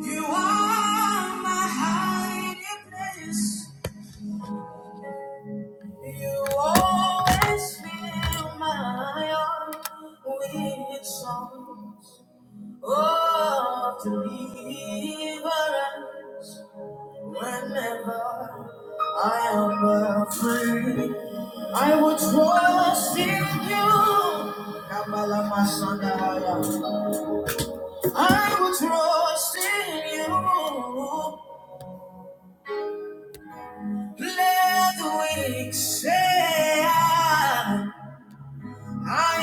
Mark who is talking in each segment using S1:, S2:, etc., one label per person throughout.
S1: You are my hiding place. You always fill my heart with songs of deliverance. Whenever I am afraid, I will trust in you. Kabbalah, my I am. I will trust in you. Let the weak say I, I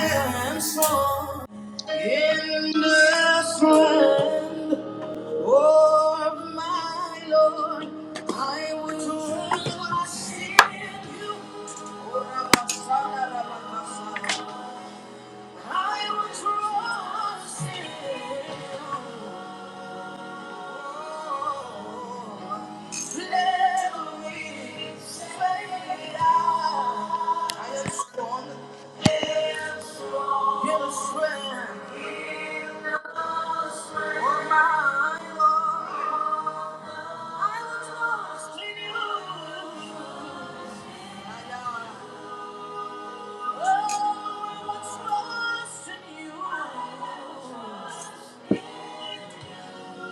S1: am strong in the strength of my Lord. I will trust in you. Oh Rabba, Sada, Rabba, Sada. I will trust in you. Oh, I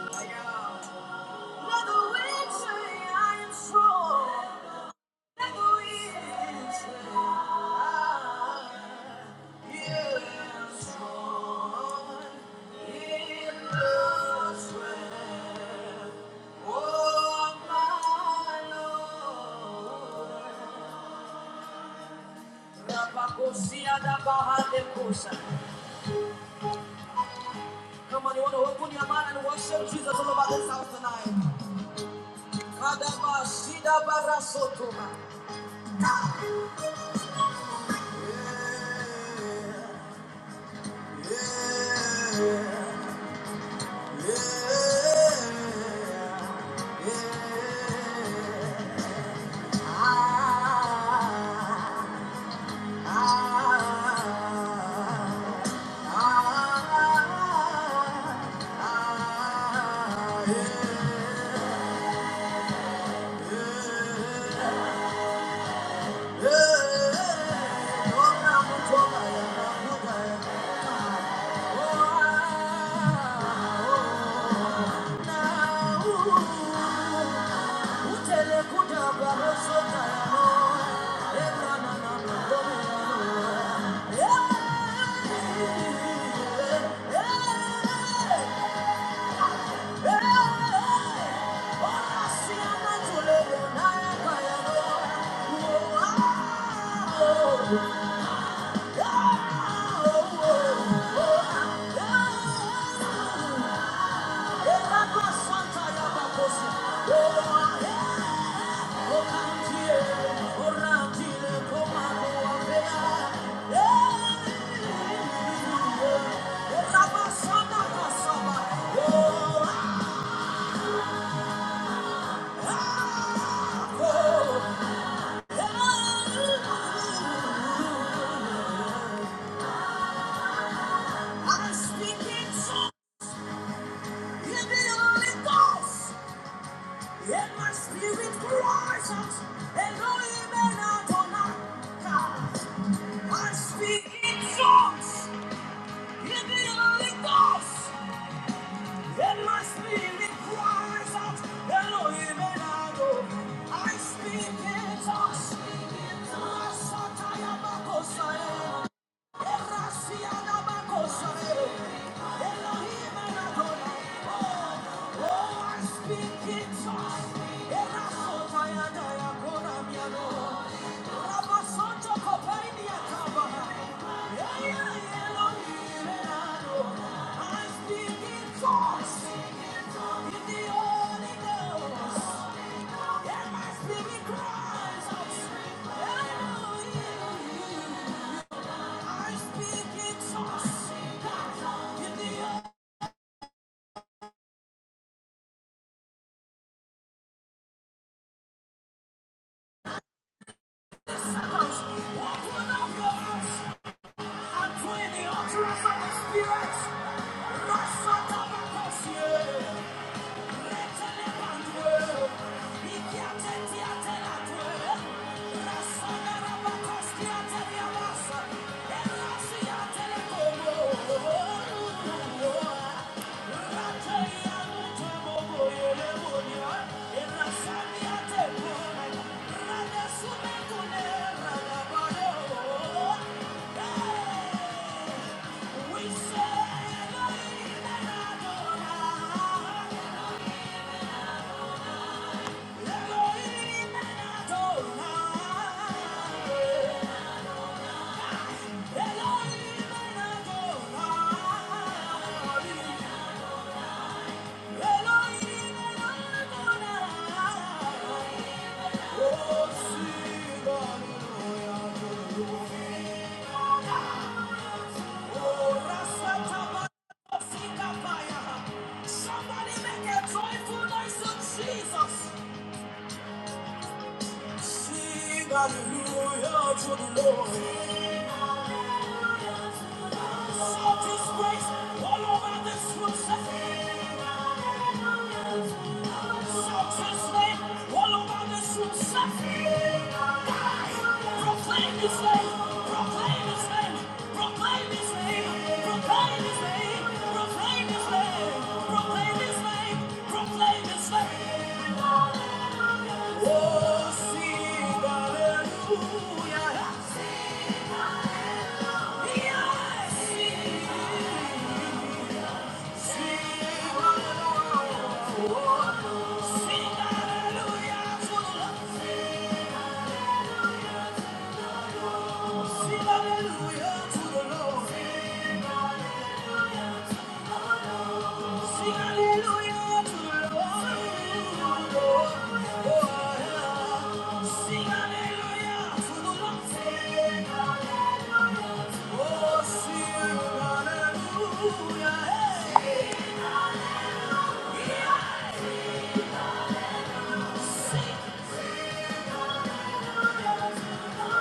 S1: was lost in you. Come on, you want to open your mind and worship Jesus all over this house tonight. Father, Bashida Barasotoma. Yeah. Oh, oh, oh, oh, oh, oh. I'm speaking to give me a ghost. Let my spirit cries I speak in songs. I speak in tongues. I speak in tongues. Yeah, my spirit cries out, Elohim, Elohim. I speak in tongues. In the earth, circles. Walk without your eyes. I'm doing the utterance of the Spirit. Rasa We say, Somebody make a joyful noise to Jesus. Sing hallelujah to the Lord. Yes! Oh, sing hallelujah. Yeah.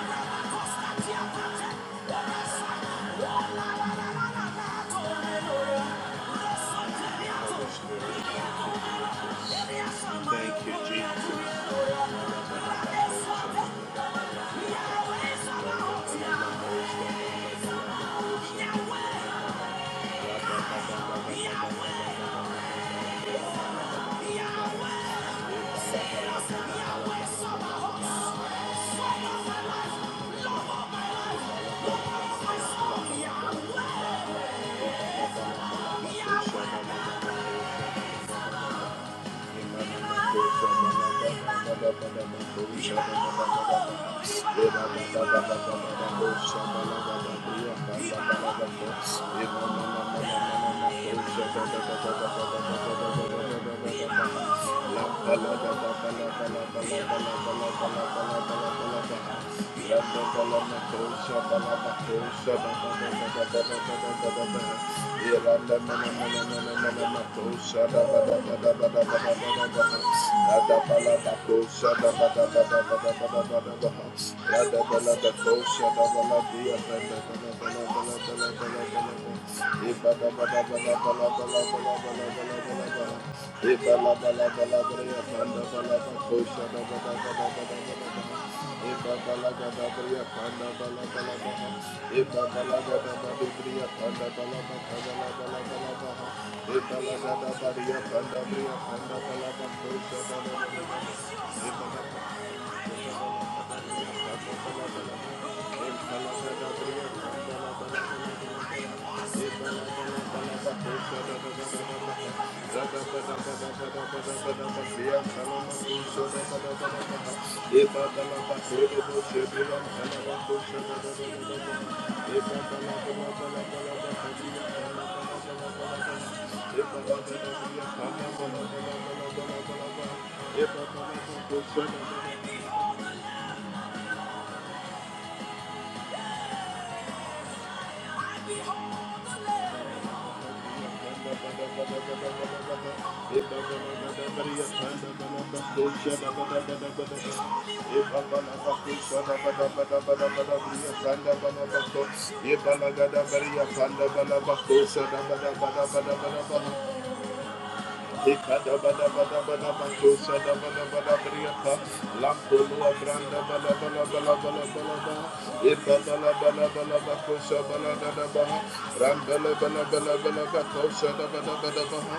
S1: Thank you, Jesus. Thank you. Thank you bala bala, Thank bala. Thank you. Thank you. Ekada bada bada bada bantu sada bada bada briata lampo lua branda bada bada bada bada bada ekada bada. bada bada bantu sada bada bada bada bala bala bada bada kosha da bada bada bala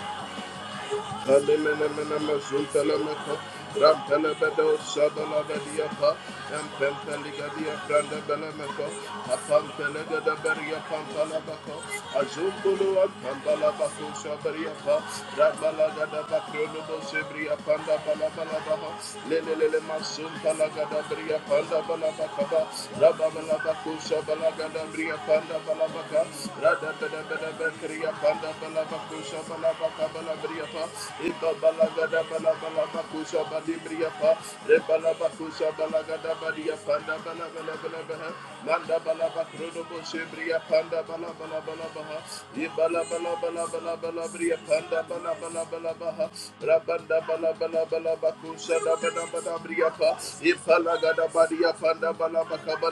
S1: Alimenemenemezuntelemeko, Rampenebedo Sadalabediapa, Empempeligadia Brandabelemeko, Apampelegadeberia Pampalabako, Azumbulu and Pandalabako Sabariapa, Rabalagadabakrionubo Sebria Panda Balabalabaha, Lelele Masum Palagadabria Panda Balabakaba, Rababalabako Sabalagada Bria Panda Balabaka, Rabanda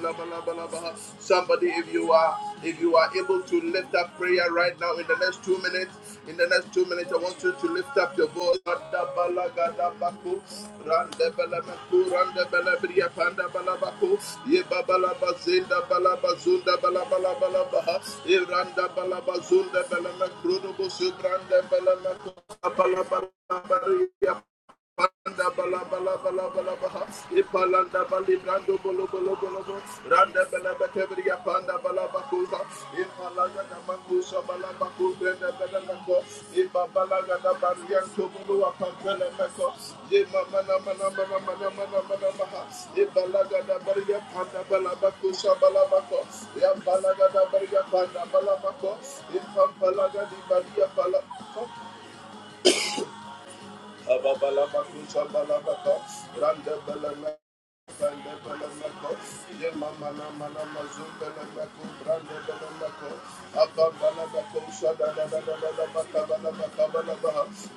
S1: Somebody, if you are if you are able to lift up prayer right now in the next two minutes, in the next two minutes, I want you to lift up your voice. Adabalagadabaku, Randa bala bala bala bala baha. Ipalanda bali brando bolo bolo bolo bolo. Randa bala batevri panda bala bakuza. Ipalanda na mangusa bala baku brenda bala nako. Ipa bala gada barian tobolo apandele meko. Yema mana mana mana mana mana mana baha. Ipala gada panda bala bakusa bala bako. Yam bala gada barian panda bala bako. Ipa bala gadi barian bala. Ababalabakusha balabaka, Randa balama- Brande Belemeko, Yemamana Manama Zumbelemeko, Brande Belemeko, Abambalabeko, Shadadadadadabakabalabakabalaba,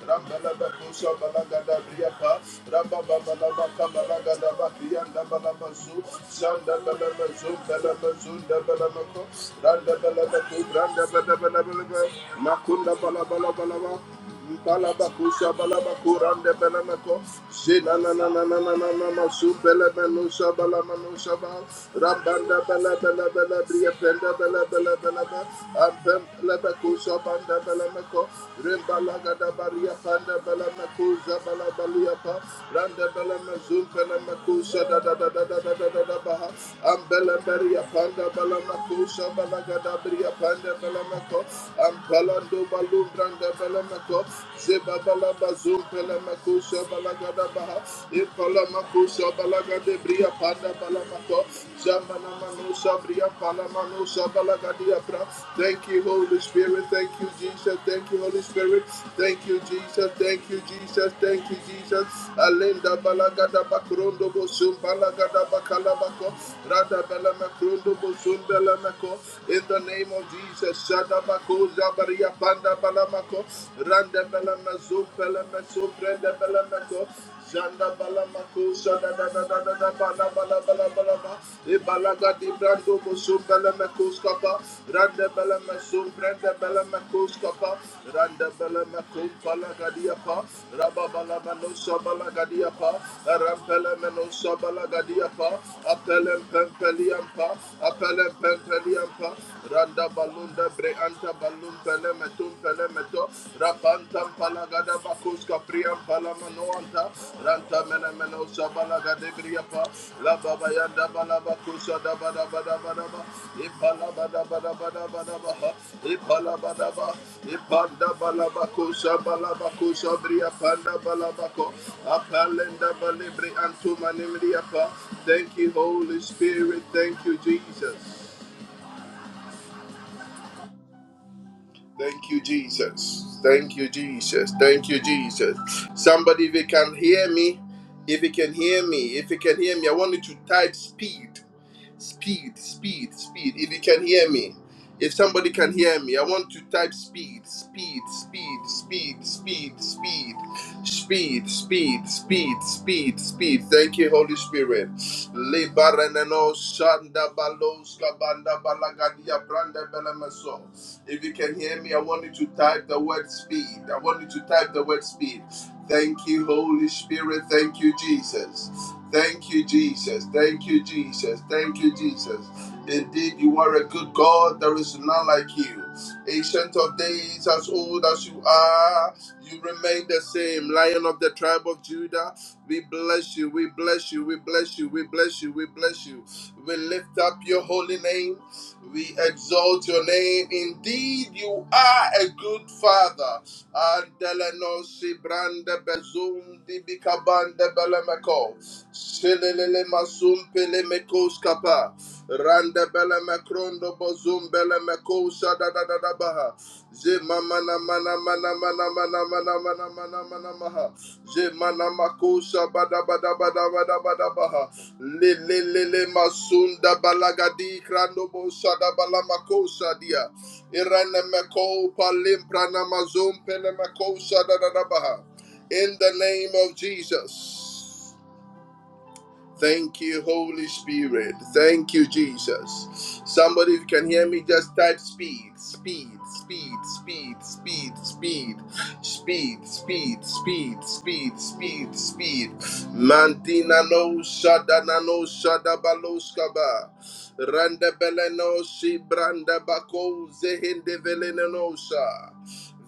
S1: Rambelebeko, Shabalagadabriapa, Rambababalabakamalagadabakiyandabalabazu, Shandabelemezu, Belemezu, Ndebelemeko, Randebelebeko, Brandebelebelebelebe, Makundabalabalaba, Balabakusha balabakurande belemeko Jina na na na na na na na masu belemenusha balamanusha ba Rambanda bele bele bele briye pende bele bele bele be Ampem lebekusha banda belemeko Rimbala gada bariye pende belemekusha balabaliye pa Rande belemezum belemekusha da da da da da da da da bah. Ambela beriya panda belamakusha belaga da baha Ambele beriye panda belemekusha balagada briye pende belemeko Ampelando balumbranda balamako, Zebabala bazum balamako, Shabalagada baha, Ipalamako, Shabalagade bria panda balamako, Shamanamano Shabria palamano Shabalagadia pra. Thank you, Holy Spirit. Thank you, Jesus. Thank you, Holy Spirit. Thank you, Jesus. Thank you, Jesus. Thank you, Jesus. Alenda balagada bakrondo bosum balagada bakalabako, Rada bela makrondo bosum bela mako. In the name of Jesus, shada Bako Jabaria Banda Balamako Randa Balamazo Balamazo Brenda Balamako Janda Balamako Shada da da da da da Bala Bala Bala Bala Ebalaga di Brando Bosu Balamako Skapa Randa Balamazo Brenda Balamako Skapa Randa Balamako Palagadiapa Rabba Balamano Shabalagadiapa Rampelamano Shabalagadiapa Apelem Pempeliampa Apelem Pempeliampa Randa balunda bre anta balum pele metum pele meto. Rapantam palagada bakus kapriam palamanoanta. Ranta mena meno sabala gade briapa. La baba yanda balaba kusa da bada bada bada ba. Ipala bada bada bada bada ba. Ipala bada ba. Ipanda balabakusa balabakusa balaba kusa bria panda balaba ko. Apalenda balibri antu manimriapa. Thank you, Holy Spirit. Thank you, Jesus. Thank you, Jesus. Thank you, Jesus. Thank you, Jesus. Somebody, if you can hear me, if you can hear me, if you can hear me, I want you to type speed. Speed, speed, speed. If you can hear me, if somebody can hear me, I want to type speed, speed, speed, speed, speed, speed, speed, speed, speed, speed, speed. Thank you, Holy Spirit. Lebaranano shanda balos kabanda balagadia branda belemeso. If you can hear me, I want you to type the word speed. I want you to type the word speed. Thank you, Holy Spirit. Thank you, Jesus. Thank you, Jesus. Thank you, Jesus. Thank you, Jesus. Indeed, you are a good God. There is none like you. Ancient of days, as old as you are, you remain the same. Lion of the tribe of Judah, we bless you. We bless you. We bless you. We bless you. We bless you. We lift up your holy name. We exalt your name. Indeed, you are a good father. Andeleno sibrande bezum di bikabande belemeko. Shilelele masum pele kapa. Rande bele bozum bele meko Je mana mana mana mana mana mana mana mana mana maha. Je mana mako bada bada bada bada bada baha. Le le le le masunda balagadi krando bo da balamako dia. Irene meko palim prana mazum pele meko da da baha. In the name of Jesus. Thank you, Holy Spirit. Thank you, Jesus. Somebody, if you can hear me, just type speed, speed, speed, speed, speed, speed, speed, speed, speed, speed, speed, speed. Mantina no shadana no shadabaloskaba. Randa beleno si branda bako zehinde velenosa.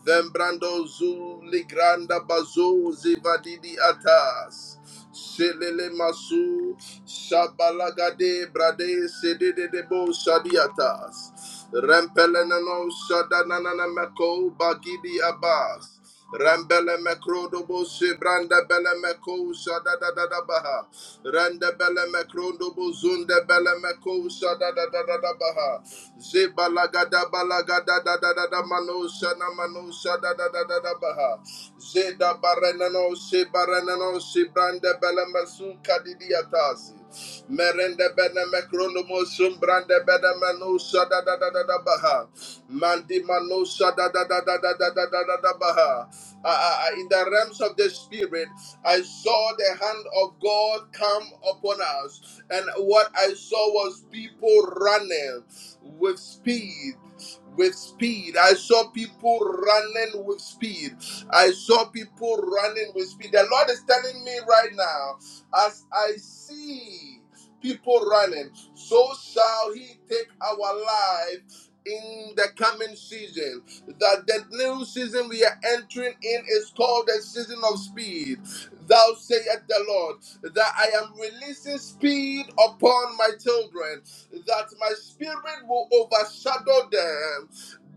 S1: Vembrando zuli granda bazo zivadidi atas. Shelele Masu Shabalagade Brade Sededebo Shadiatas Rempeleno Shadanana Meko Bagidi Abbas Rambele Mekrodobo Shebranda Bele Meko Shadadadabaha Randa bele mekrondo bozunda bele mekosa da da da da da baha. Zebalaga da balaga da da da da da manosa na manosa da da da da da baha. Zeda barenano se barenano se branda bele mesuka di diatasi. Merende bene mekrono mo sumbrande bene manusa da da da da da baha. Mandi manusa da da da da da da da da da da baha. Uh, uh, in the realms of the spirit, I saw the hand of God come upon us, and what I saw was people running with speed. With speed, I saw people running with speed. I saw people running with speed. The Lord is telling me right now, as I see people running, so shall he take our life in the coming season. That the new season we are entering in is called the season of speed. Thou sayest the Lord, that I am releasing speed upon my children, that my spirit will overshadow them,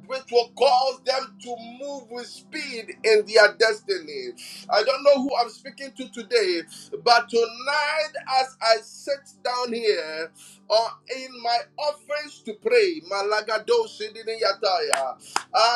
S1: which will cause them to move with speed in their destiny. I don't know who I'm speaking to today, but tonight, as I sit down here or in my office to pray, Malagado Sidini Yataya,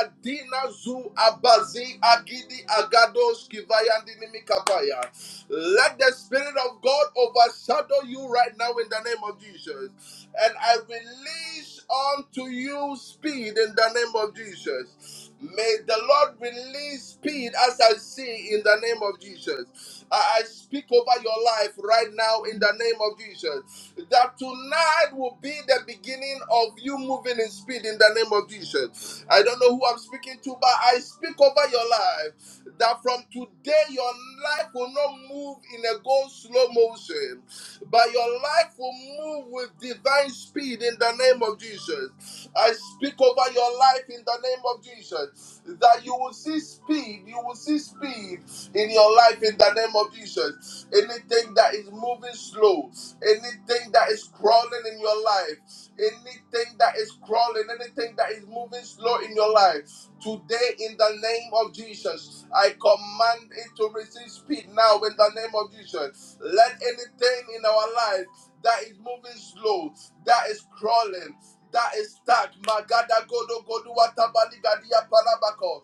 S1: Adina Zu Abazi Agidi Agados Kivayandini Mikapaya. Let the Spirit of God overshadow you right now in the name of Jesus. And I release unto you speed in the name of Jesus. May the Lord release speed as I see in the name of Jesus. I I speak over your life right now in the name of Jesus. That tonight will be the beginning of you moving in speed in the name of Jesus. I don't know who I'm speaking to, but I speak over your life that from today where your life will not move in a go slow motion, but your life will move with divine speed in the name of Jesus. I speak over your life in the name of Jesus that you will see speed, you will see speed in your life in the name of Jesus. Anything that is moving slow, anything that is crawling in your life anything that is crawling, anything that is moving slow in your life. Today, in the name of Jesus, I command it to receive speed now in the name of Jesus. Let anything in our life that is moving slow, that is crawling, that is stuck, Magada Godo Godu Watabali Gadia Palabako.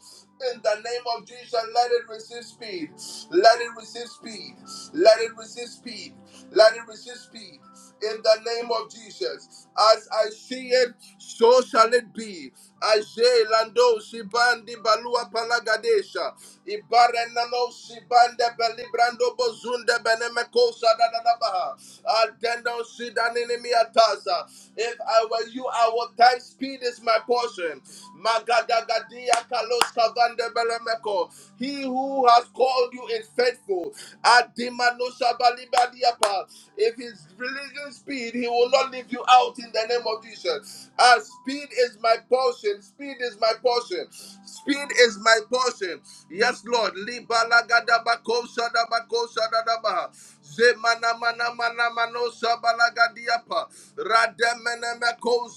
S1: In the name of Jesus, let it receive speed. Let it receive speed. Let it receive speed. Let it receive speed in the name of Jesus. As I see it, so shall it be. Aje lando sibandi balua palagadesha. Ibare nano sibande belibrando bozunde benemeko sadadadabaha. Altendo sidanini miataza. If I were you, I would time speed is my portion. Magadagadia kalos kavande belemeko. He who has called you is faithful. Adimano shabalibadiapa. If he's releasing exceeding speed. He will not leave you out in the name of Jesus. Ah, speed is my portion. Speed is my portion. Speed is my portion. Yes, Lord. Libalagadabako shadabako shadadabaha. Zemana mana mana mano shabalagadiapa. Rademenemeko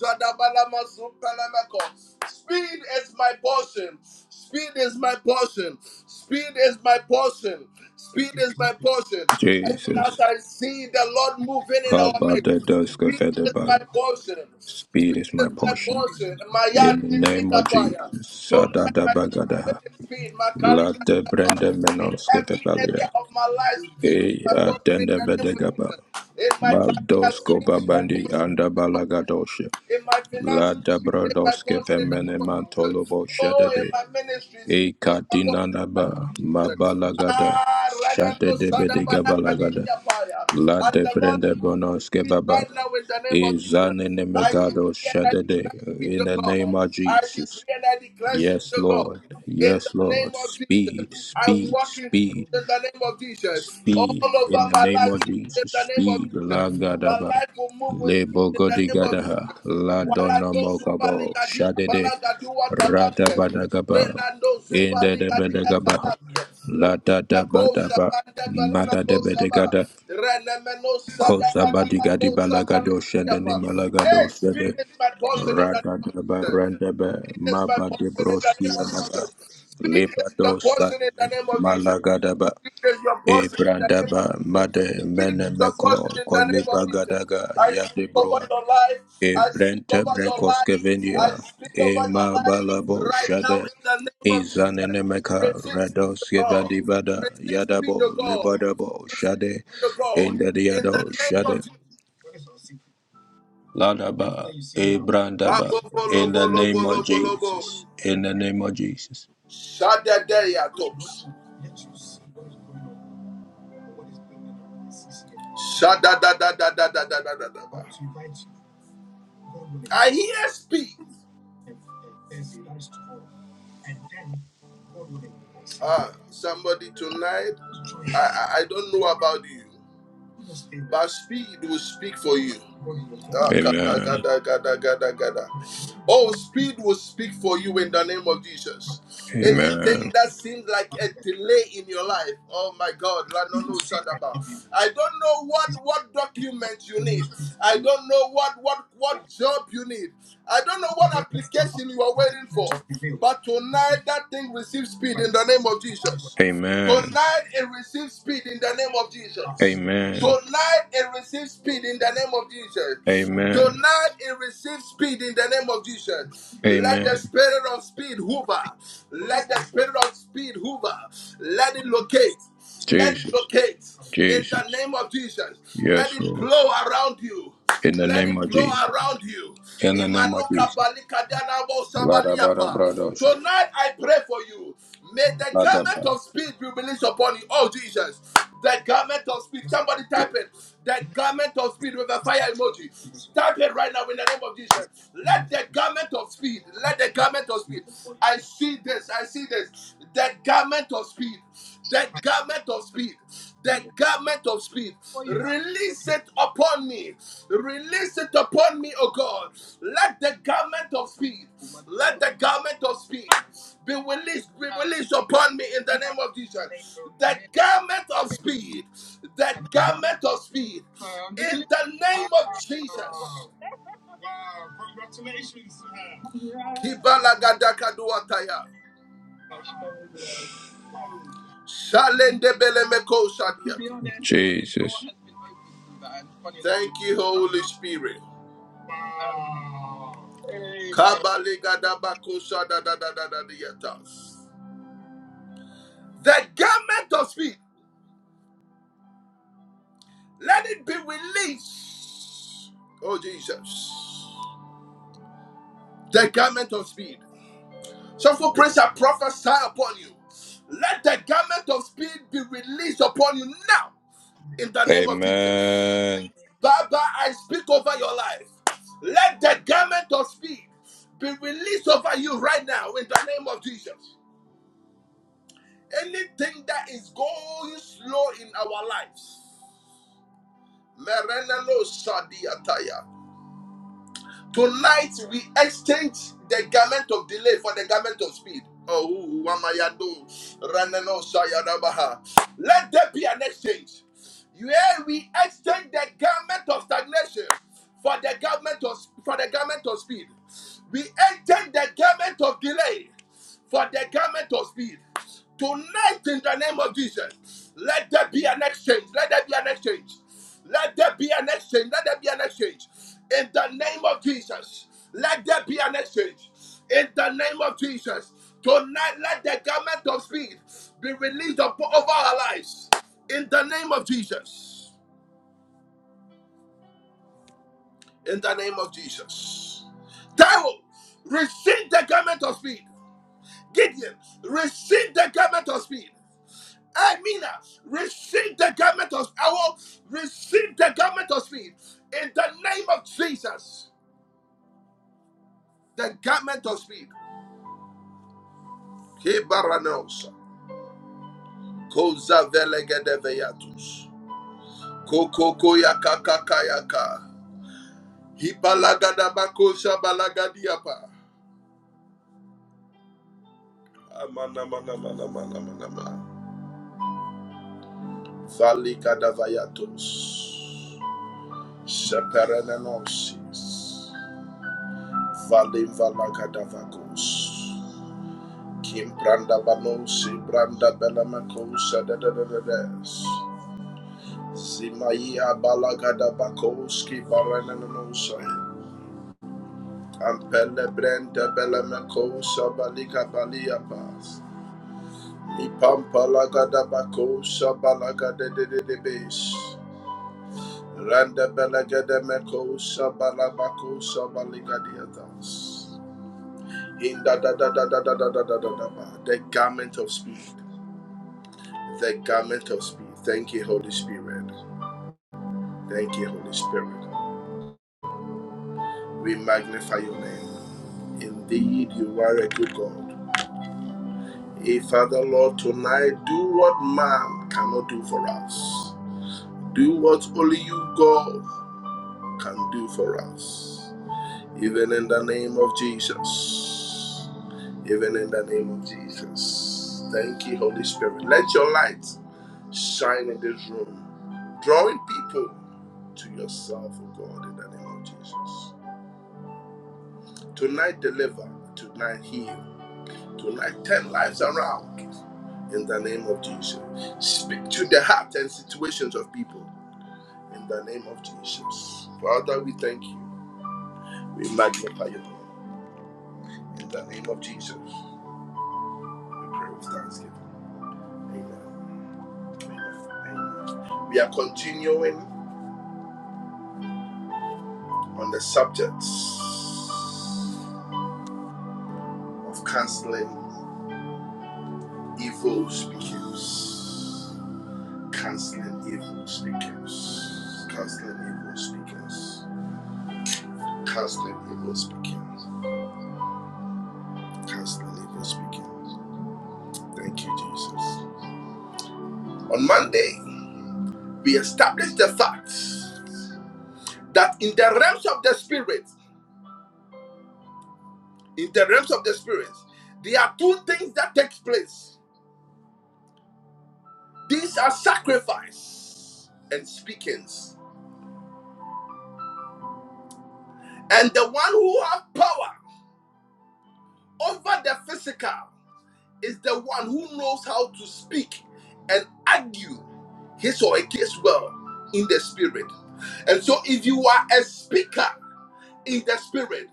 S1: Speed is my portion. Speed is my portion. Speed is my portion. Speed is my portion. Even as
S2: Jesus,
S1: I see the Lord moving in our
S2: Kabada
S1: midst,
S2: Doska
S1: speed is
S2: Fedaba,
S1: my portion.
S2: speed
S1: Speed
S2: is my
S1: is my
S2: portion.
S1: portion. My
S2: In
S1: yard
S2: the name of Jesus,
S1: minimikapaya. Tonight
S2: Sadada
S1: my portion
S2: Bagadaha,
S1: is speed. My
S2: Lata
S1: kalikapaya.
S2: Brenda
S1: In
S2: Menoska
S1: every area
S2: Fedalia,
S1: of my life, speed is
S2: E
S1: my portion in
S2: Atenda
S1: the name of
S2: Bedegaba,
S1: Jesus. In my career,
S2: Maldosko
S1: speed is my
S2: Babandi
S1: portion in the
S2: Anda
S1: name of Jesus.
S2: Balagadosha,
S1: In my finances,
S2: Lada
S1: speed in my
S2: Brodoska
S1: fortune in the
S2: Femene
S1: name of Jesus.
S2: Mantolobo
S1: Oh, in
S2: Shadade,
S1: my ministry, speed
S2: E
S1: in my fortune in the name of
S2: Katinanaba,
S1: Jesus.
S2: Mabalagada,
S1: Ah, Ranano
S2: Shadade
S1: Sadabara
S2: Bedegabalagada,
S1: Kadidia Paya. As
S2: Lada
S1: the Lord
S2: Brenda
S1: is releasing speed
S2: Bonoskevaba,
S1: right now in the name of Jesus. I
S2: Izanenemegado
S1: decree and I
S2: Shadade,
S1: declare speed
S2: in
S1: of
S2: the name
S1: God.
S2: of
S1: I
S2: Jesus.
S1: decree and I declare speed
S2: Yes,
S1: of God
S2: Lord.
S1: in
S2: Yes,
S1: the name
S2: Lord.
S1: of Jesus.
S2: Speed,
S1: I
S2: speed,
S1: walk in speed
S2: speed,
S1: in the name of Jesus. All
S2: speed. In
S1: over
S2: the
S1: my
S2: name
S1: life,
S2: of
S1: speed in
S2: Jesus.
S1: the name of
S2: Speed. La
S1: Jesus. My
S2: Gadaba.
S1: life will move with
S2: Le
S1: speed in the name of
S2: Bogodigadaha.
S1: Jesus.
S2: La
S1: Warado
S2: Donomogabo.
S1: Subaligadia
S2: Shadade.
S1: Balagadua Tabande.
S2: Radabadagaba.
S1: Zelando
S2: In the
S1: Subaligadia
S2: Debedagabaha.
S1: Talase.
S2: La
S1: Renamako
S2: Dadabadaba.
S1: Sabanda
S2: Mada
S1: Balamako Saba.
S2: Debedegada.
S1: Renameno
S2: Kosa
S1: Sadabadabako
S2: Badigadi Balagado Shadani Malagado
S1: Sabaligadiapa.
S2: Shade.
S1: Speed is my portion in
S2: Radadaba
S1: the name of Jesus.
S2: Randaba
S1: Speed is my
S2: Maba de Radadabarandaba
S1: portion in the name of Jesus.
S2: Mabadebroskiadaba
S1: Speed is your portion in the
S2: Lebadosadebe
S1: name of Jesus.
S2: Malagadaba
S1: Speed is your portion in the name of
S2: Ebrandaba
S1: Jesus.
S2: Made
S1: Speed is your
S2: Menemeko
S1: portion in the name of Jesus.
S2: Kolebagadaga
S1: I speak over
S2: Yadebroa
S1: your life. I speak
S2: Ebrente
S1: over your life. I
S2: Brekoskevenia
S1: speak over your life
S2: Emabalabo
S1: right now
S2: Shade
S1: in the name of Jesus.
S2: Izanenemeka
S1: Receive speed of God.
S2: Radoskevadibada
S1: Receive speed
S2: Yadabo
S1: of God.
S2: Lebadabo
S1: Receive
S2: Shade
S1: speed of God in the
S2: Endadiado
S1: name of
S2: Shade
S1: Jesus.
S2: Ladaba,
S1: Ah,
S2: Ebrandaba,
S1: bo, bo, lo,
S2: in
S1: bo,
S2: the
S1: lo, bo,
S2: name of
S1: lo, bo, lo, bo.
S2: Jesus, in the name of Jesus.
S1: Shadadayatos. Shadadadadadadadadadada. I hear speak. Ah, somebody tonight. I, I I don't know about you, but speed will speak for you. Ah, gada,
S2: Amen.
S1: gada, gada, gada, gada. Oh, speed will speak for you in the name of Jesus. Anything
S2: Amen.
S1: that seems like a delay in your life, oh my God, Ranono Shadaba. I don't know what what documents you need. I don't know what what what job you need. I don't know what application you are waiting for. But tonight, that thing receives speed in the name of Jesus.
S2: Amen.
S1: Tonight, it receives speed in the name of Jesus.
S2: Amen.
S1: Tonight it receives speed in the name of Jesus.
S2: Amen.
S1: Tonight it receives speed in the name of Jesus. Let the
S2: Amen.
S1: spirit of speed hover. Let the spirit of speed hover. Let it locate. Let it
S2: Jesus.
S1: locate in
S2: Jesus.
S1: the name of Jesus. Let
S2: Yes,
S1: it
S2: Lord.
S1: blow around you.
S2: In the
S1: Let
S2: name
S1: it
S2: of
S1: blow
S2: Jesus.
S1: around you.
S2: In the name of
S1: Imanuka
S2: Jesus.
S1: balika danabo
S2: Ladaba,
S1: sabaliapa.
S2: bradosh.
S1: Tonight I pray for you. May the garment
S2: Ladaba.
S1: of speed be released upon you. Oh Jesus. The garment of speed. Somebody type it. The garment of speed with a fire emoji. Type it right now in the name of Jesus. Let the garment of speed. Let the garment of speed. I see this. I see this. The garment of speed. The garment of speed. The garment of speed. Release it upon me. Release it upon me, oh God. Let the garment of speed. Let the garment of speed be released, be released upon me in the name of Jesus the garment of speed, the garment of speed, in the name of Jesus. Kibalagadakaduataya. Shalendebeleko shadiat. Thank you, Holy Spirit. Kabaligadabakoshadadadadadadiatas. The garment of speed, let it be released. Oh, Jesus. The garment of speed. Soulful Prince, I prophesy upon you. Let the garment of speed be released upon you now in the name of Jesus.
S2: Amen.
S1: Baba, I speak over your life. Let the garment of speed be released over you right now in the name of Jesus. Anything that is going slow in our lives, Merenano Sadiataya. Tonight we exchange the garment of delay for the garment of speed. Oh, ooh, Wamayado, Ranano, Sayadabaha. Let there be an exchange. Yeah, we exchange the garment of stagnation for the garment of for the garment of speed. We exchange the garment of delay for the garment of speed. Tonight, in the name of Jesus, let there be an exchange. Let there be an exchange. Let there be an exchange. Let there be an exchange. In the name of Jesus, let there be an exchange. In the name of Jesus, tonight, let the garment of speed be released upon over our lives. In the name of Jesus. In the name of Jesus. Tyrone, receive the garment of speed. Gideon, receive the garment of speed. Amina. Receive the garment of power. Receive the garment of speed. In the name of Jesus, the garment of speed. Kebaranos. Koza velegedeveyatus. Kokoko yakakaka yaka. Hipalagadabakosha balagadiapa. Amana mana mana mana mana mana. Valikadavayatos. Seperenenosis. Valim valakadavakos. Kim branda bano si branda belamakosa da da da da des. Zimaya balagada bakoski barananosa. Ampele brenda belamakosa balika balia pas. Mi pampa lagada bakosa balagada de de de bes. Randa belagada mekosa balabakosa baligadiatas. In da da da da da da da da da da da. The garment of speed. the garment of speed. Thank you, Holy Spirit. Thank you, Holy Spirit. We magnify your name. Indeed, you are a good God. Hey, Father, Lord, tonight do what man cannot do for us. Do what only you, God, can do for us. Even in the name of Jesus. Even in the name of Jesus. Thank you, Holy Spirit. Let your light shine in this room, drawing people to yourself, oh God, in the name of Jesus. Tonight, deliver. Tonight, heal. Tonight, turn lives around in the name of Jesus. Speak to the heart and situations of people in the name of Jesus. Father, we thank you. We magnify you in the name of Jesus. We pray with thanksgiving. Amen. Amen. Amen. We are continuing on the subject of canceling evil speakers. Canceling evil speakers. Canceling evil speakers. Canceling evil speakers. Canceling evil speakers. Thank you, Jesus. On Monday, we established the fact that in the realms of the spirit, in the realms of the spirit, there are two things that take place. These are sacrifice and speakings. And the one who have power over the physical is the one who knows how to speak and argue his or her case well in the spirit. And so, if you are a speaker in the spirit,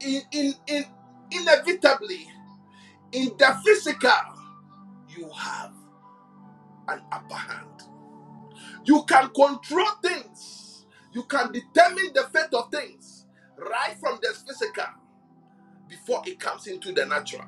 S1: in, in, in inevitably in the physical, you have an upper hand. You can control things. You can determine the fate of things right from the physical before it comes into the natural.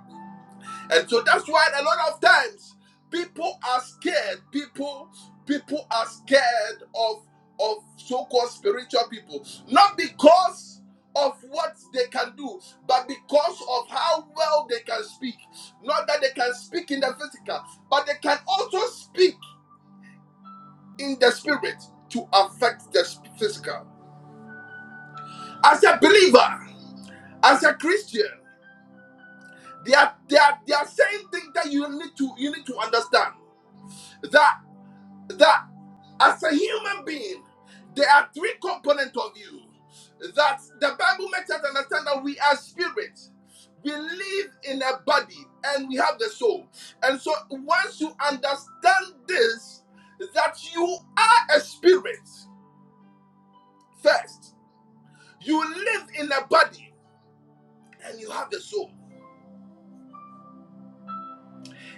S1: And so that's why a lot of times people are scared. People people are scared of of so-called spiritual people. Not because of what they can do, but because of how well they can speak. Not that they can speak in the physical, but they can also speak in the spirit to affect the sp- physical. As a believer, as a Christian, they are they are they are saying things that you need to you need to understand that. that as a human being, there are three components of you that the Bible makes us understand that we are spirit. We live in a body and we have the soul. And so once you understand this, that you are a spirit first, you live in a body and you have the soul.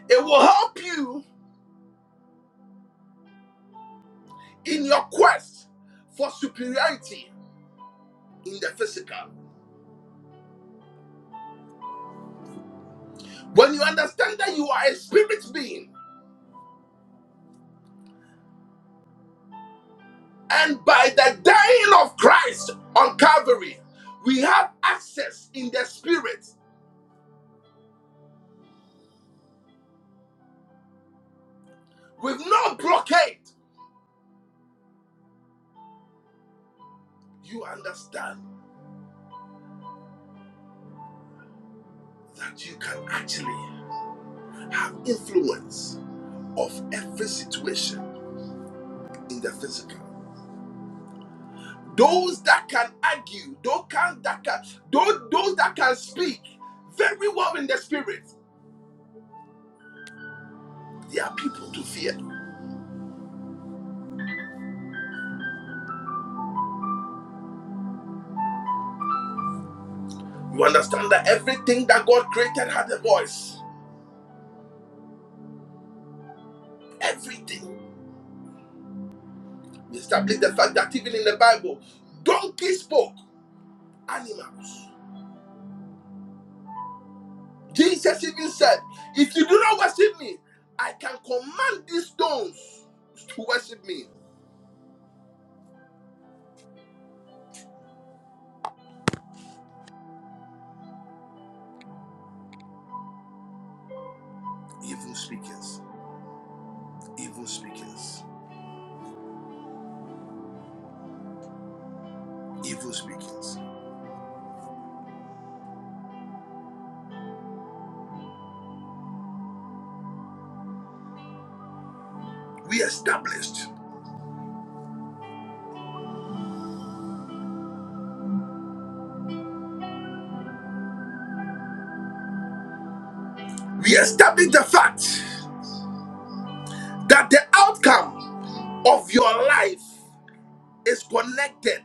S1: It will help you in your quest for superiority in the physical. When you understand that you are a spirit being, And by the dying of Christ on Calvary, we have access in the Spirit with no blockade. You understand that you can actually have influence of every situation in the physical. Those that can argue, those, can, that can, those, those that can speak very well in the Spirit, they are people to fear. You understand that everything that God created had a voice. Everything. We establish the fact that even in the Bible, donkeys spoke animals. Jesus even said, If you do not worship me, I can command these stones to worship me. Evil speakers, evil speakers, evil speakers. We established, we established the fact that the outcome of your life is connected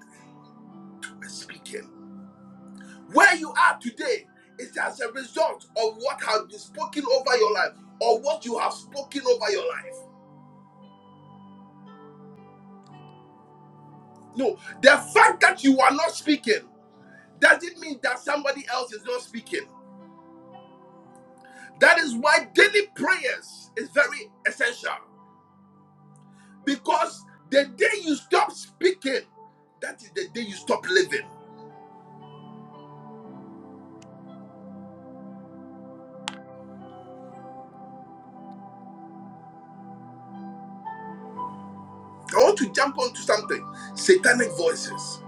S1: with speaking. Where you are today is as a result of what has been spoken over your life or what you have spoken over your life. No, the fact that you are not speaking doesn't mean that somebody else is not speaking. That is why daily prayers is very essential because the day you stop speaking, that is the day you stop living. I want to jump onto something satanic voices.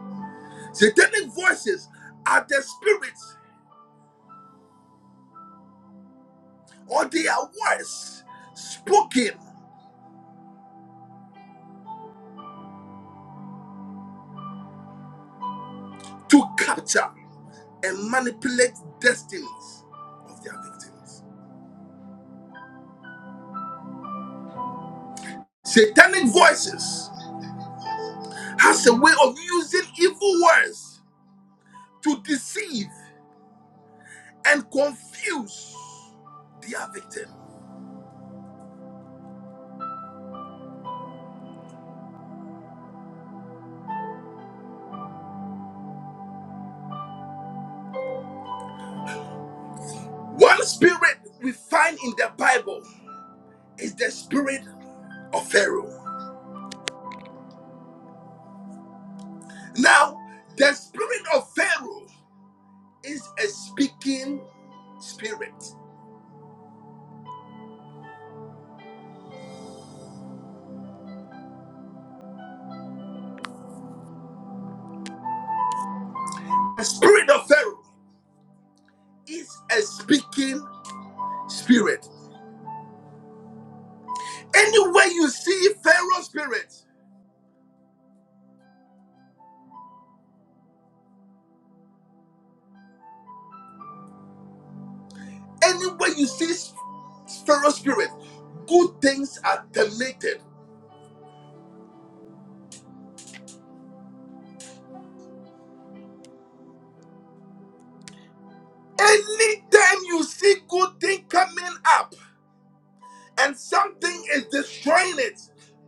S1: Satanic voices are the spirits or they are words spoken to capture and manipulate destinies of their victims. Satanic voices has a way of using evil words to deceive and confuse their victim. One spirit we find in the Bible is the spirit of Pharaoh. Now, the spirit of Pharaoh is a speaking spirit. The spirit of Pharaoh is a speaking spirit. Anywhere you see Pharaoh spirit, anywhere you see Pharaoh spirit, good things are deleted. Anytime you see good thing coming up and something is destroying it,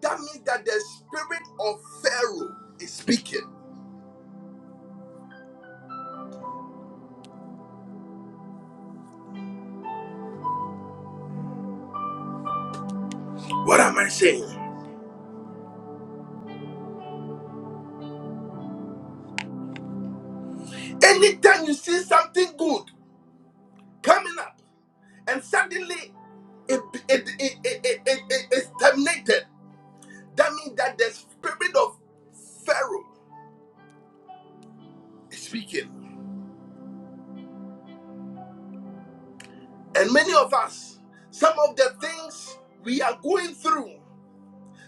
S1: that means that the spirit of Pharaoh is speaking. What am I saying? Anytime you see something good coming up and suddenly it, it, it, it, it, it, it- it's terminated, that means that the spirit of Pharaoh speaking. And many of us, some of the things we are going through,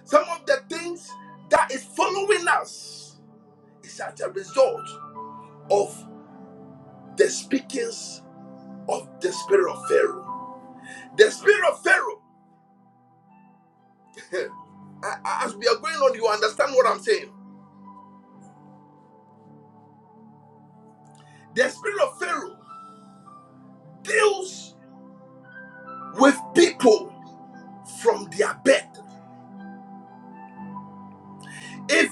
S1: some of the things that is following us is as a result of the speakings of the spirit of Pharaoh. The spirit of Pharaoh, a- a- as we are going on, you understand what I'm saying. The spirit of Pharaoh deals with people from their bed. If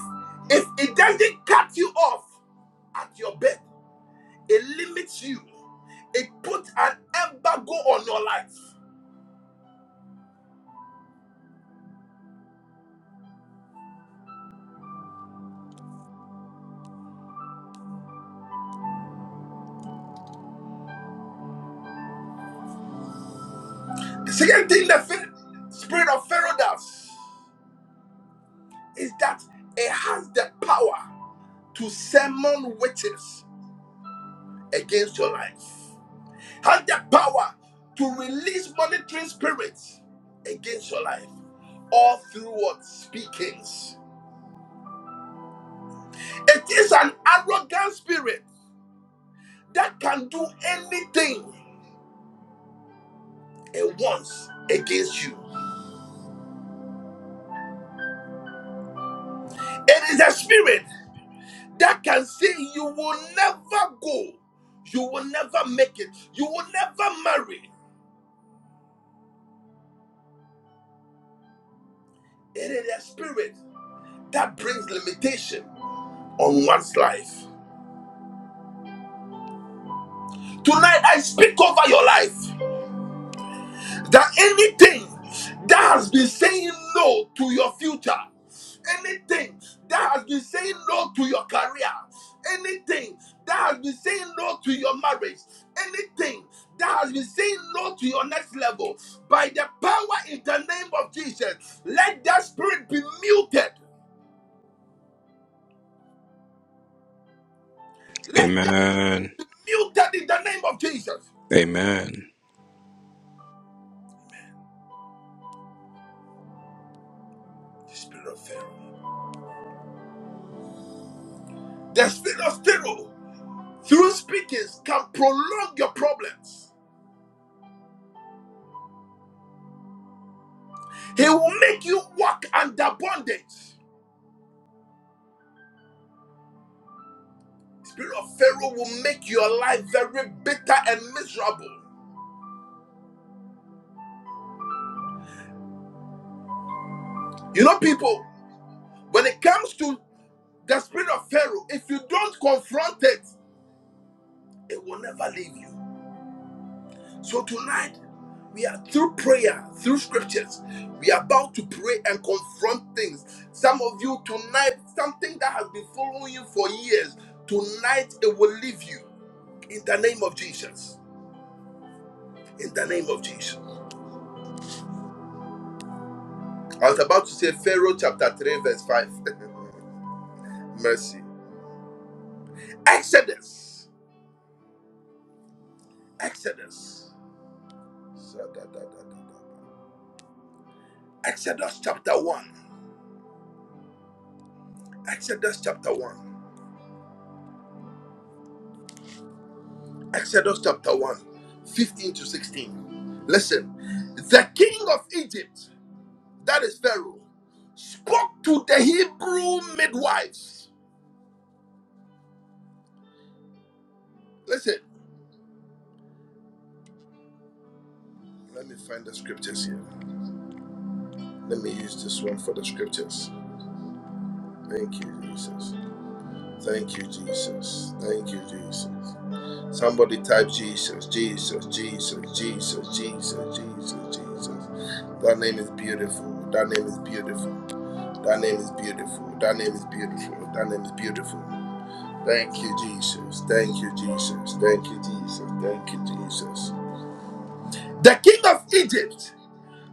S1: if it doesn't cut you off at your bed, It limits you. It puts an embargo on your life. The second thing the spirit of Pharaoh does is that it has the power to summon witches against your life. It Has the power to release monitoring spirits against your life. All through what speakings. It is an arrogant spirit that can do anything it wants against you. It is a spirit that can say you will never go, you will never make it, you will never marry. It is a spirit that brings limitation on one's life. Tonight, I speak over your life. that anything that has been saying no to your future, anything that has been saying no to your career, anything that has been saying no to your marriage, anything that has been saying no to your next level, by the power in the name of Jesus, let that spirit be muted. Let that spirit
S2: Amen.
S1: be muted in the name of Jesus.
S2: Amen.
S1: The spirit of Pharaoh. The spirit of Pharaoh, through speakings, can prolong your problems He will make you walk under bondage. Spirit of Pharaoh will make your life very bitter and miserable. You know, people, when it comes to the spirit of Pharaoh, if you don't confront it, it will never leave you. So tonight, we are through prayer, through scriptures, we are about to pray and confront things. Some of you tonight, something that has been following you for years, tonight it will leave you in the name of Jesus. In the name of Jesus. I was about to say Pharaoh chapter 3, verse 5. Mercy. Exodus. Exodus. Exodus chapter 1. Exodus chapter 1. Exodus chapter 1, 15 to 16. Listen, the king of Egypt, that is Pharaoh, spoke to the Hebrew midwives. Listen, let me find the scriptures here. Let me use this one for the scriptures. Thank you, Jesus. Thank you, Jesus. Thank you, Jesus. Somebody type Jesus, Jesus, Jesus, Jesus, Jesus, Jesus, Jesus. That name is beautiful. That name is beautiful. That name is beautiful. That name is beautiful. That name is beautiful. Thank you, Jesus. Thank you, Jesus. Thank you, Jesus. Thank you, Jesus. The king of Egypt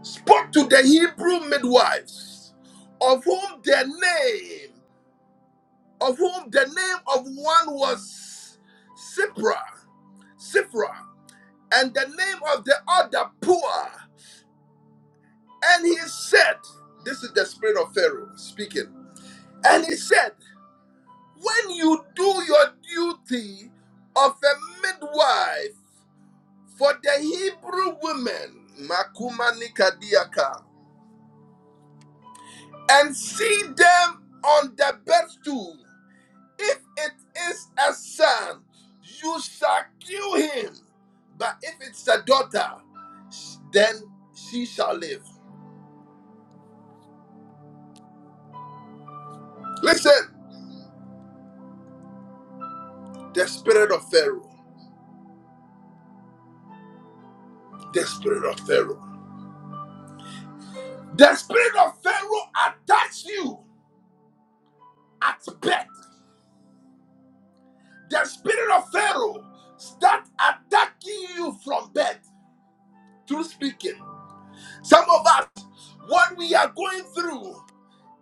S1: spoke to the Hebrew midwives, of whom the name, of whom the name of one was Sipra, Sifra, and the name of the other Pua. And he said, This is the spirit of Pharaoh speaking. And he said, When you do your duty of a midwife for the Hebrew women, Makuma Nikadiaka, and see them on the bedstool, if it is a son, you shall kill him. But if it's a daughter, sh- then she shall live. Listen, the spirit of Pharaoh, the spirit of Pharaoh, the spirit of Pharaoh attacks you at birth. The spirit of Pharaoh start attacking you from birth through speaking. Some of us, what we are going through,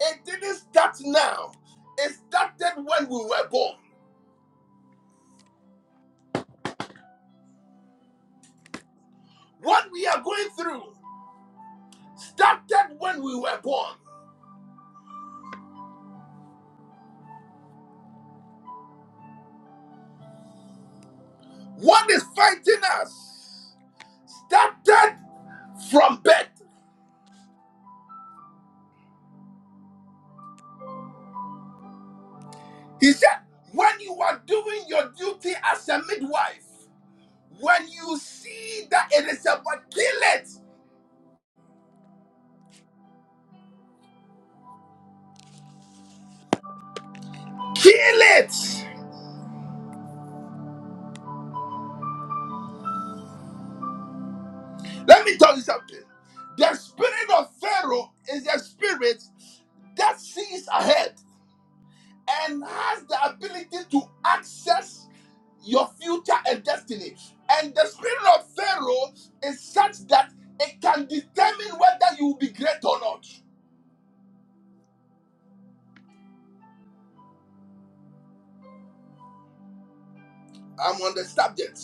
S1: it didn't start now. It started when we were born. What we are going through started when we were born. What is fighting us started from birth. He said, when you are doing your duty as a midwife, when you see that it is about kill it, kill it. Let me tell you something. The spirit of Pharaoh is a spirit that sees ahead and has the ability to access your future and destiny. And the spirit of Pharaoh is such that it can determine whether you will be great or not. I'm on the subject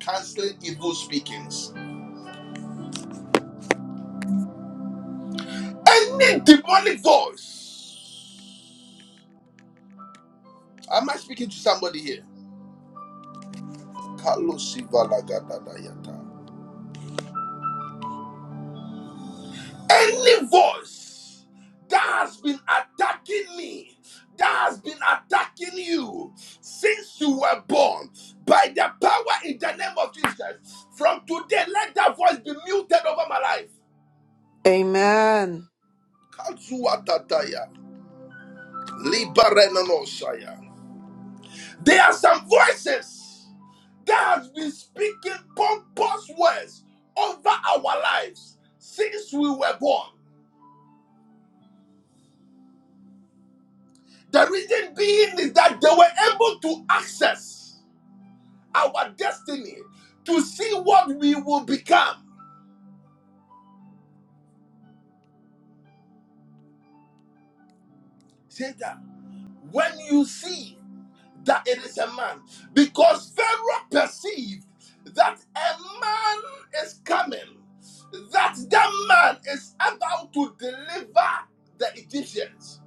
S1: canceling evil speakings. Any demonic voice. Am I speaking to somebody here? Any voice that has been attacking me, that has been attacking you since you were born, by the power in the name of Jesus, from today, let that voice be muted over my life.
S3: Amen.
S1: There are some voices that has been speaking pompous words over our lives since we were born. The reason being is that they were able to access our destiny to see what we will become. Say when you see that it is a man because Pharaoh perceived that a man is coming, that that man is about to deliver the Egyptians.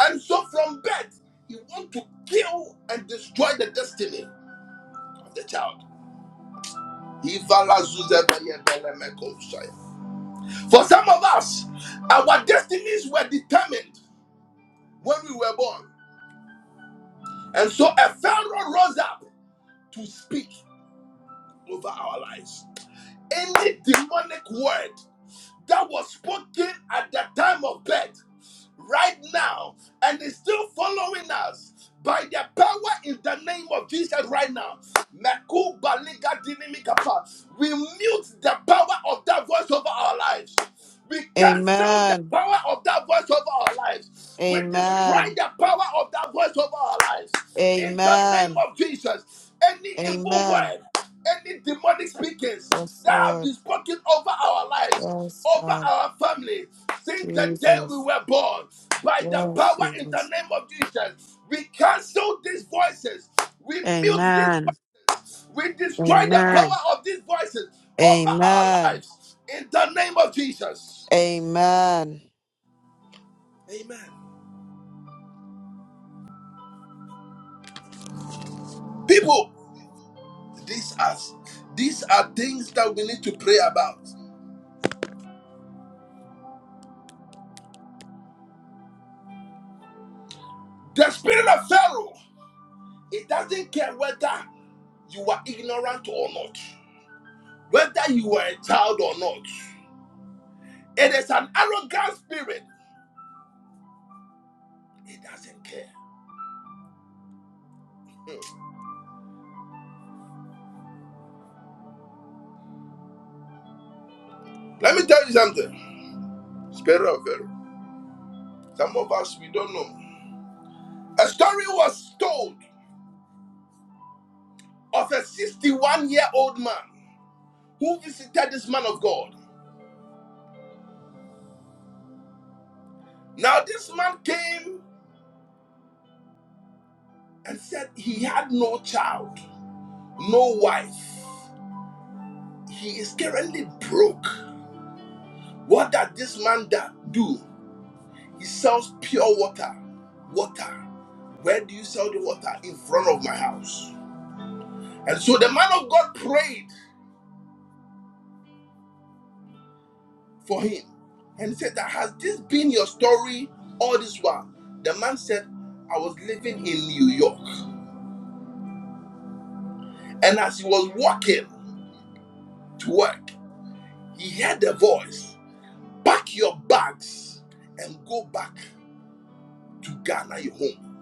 S1: And so from birth, he wants to kill and destroy the destiny of the child. For some of us, our destinies were determined when we were born. And so a Pharaoh rose up to speak over our lives. Any demonic word that was spoken at the time of birth right now and is still following us by the power in the name of Jesus right now. Meku baliga dinimikapa. We mute the power of that voice over our lives. We cancel the
S3: Amen.
S1: power of that voice over our lives. We destroy
S3: Amen.
S1: the power of that voice over our lives. In the name
S3: Amen.
S1: of Jesus, any evil
S3: Amen.
S1: word, any demonic speakings
S3: Yes,
S1: that have
S3: Lord.
S1: been spoken over our lives
S3: Yes,
S1: over
S3: God.
S1: our families since the day we
S3: Jesus.
S1: were born by the
S3: Yes,
S1: power in the
S3: Jesus.
S1: name of Jesus. We cancel these voices. We mute this.
S3: Amen.
S1: We destroy the
S3: Amen.
S1: power of these voices over our
S3: Amen.
S1: lives in the name of Jesus.
S3: Amen.
S1: Amen. People, these are these are things that we need to pray about. The spirit of Pharaoh, it doesn't care whether you are ignorant or not, whether you are a child or not. It is an arrogant spirit. It doesn't care. Hmm. Let me tell you something. Spirit of Pharaoh. Some of us, we don't know. A story was told of a 61 year old man who visited this man of God. Now, this man came and said he had no child, no wife. He is currently broke. What does this man do? He sells pure water. Water. Where do you sell the water? In front of my house. And so the man of God prayed for him and said, that, Has this been your story all this while? The man said, I was living in New York. And as he was walking to work, he heard a voice Pack your bags and go back to Ghana, your home.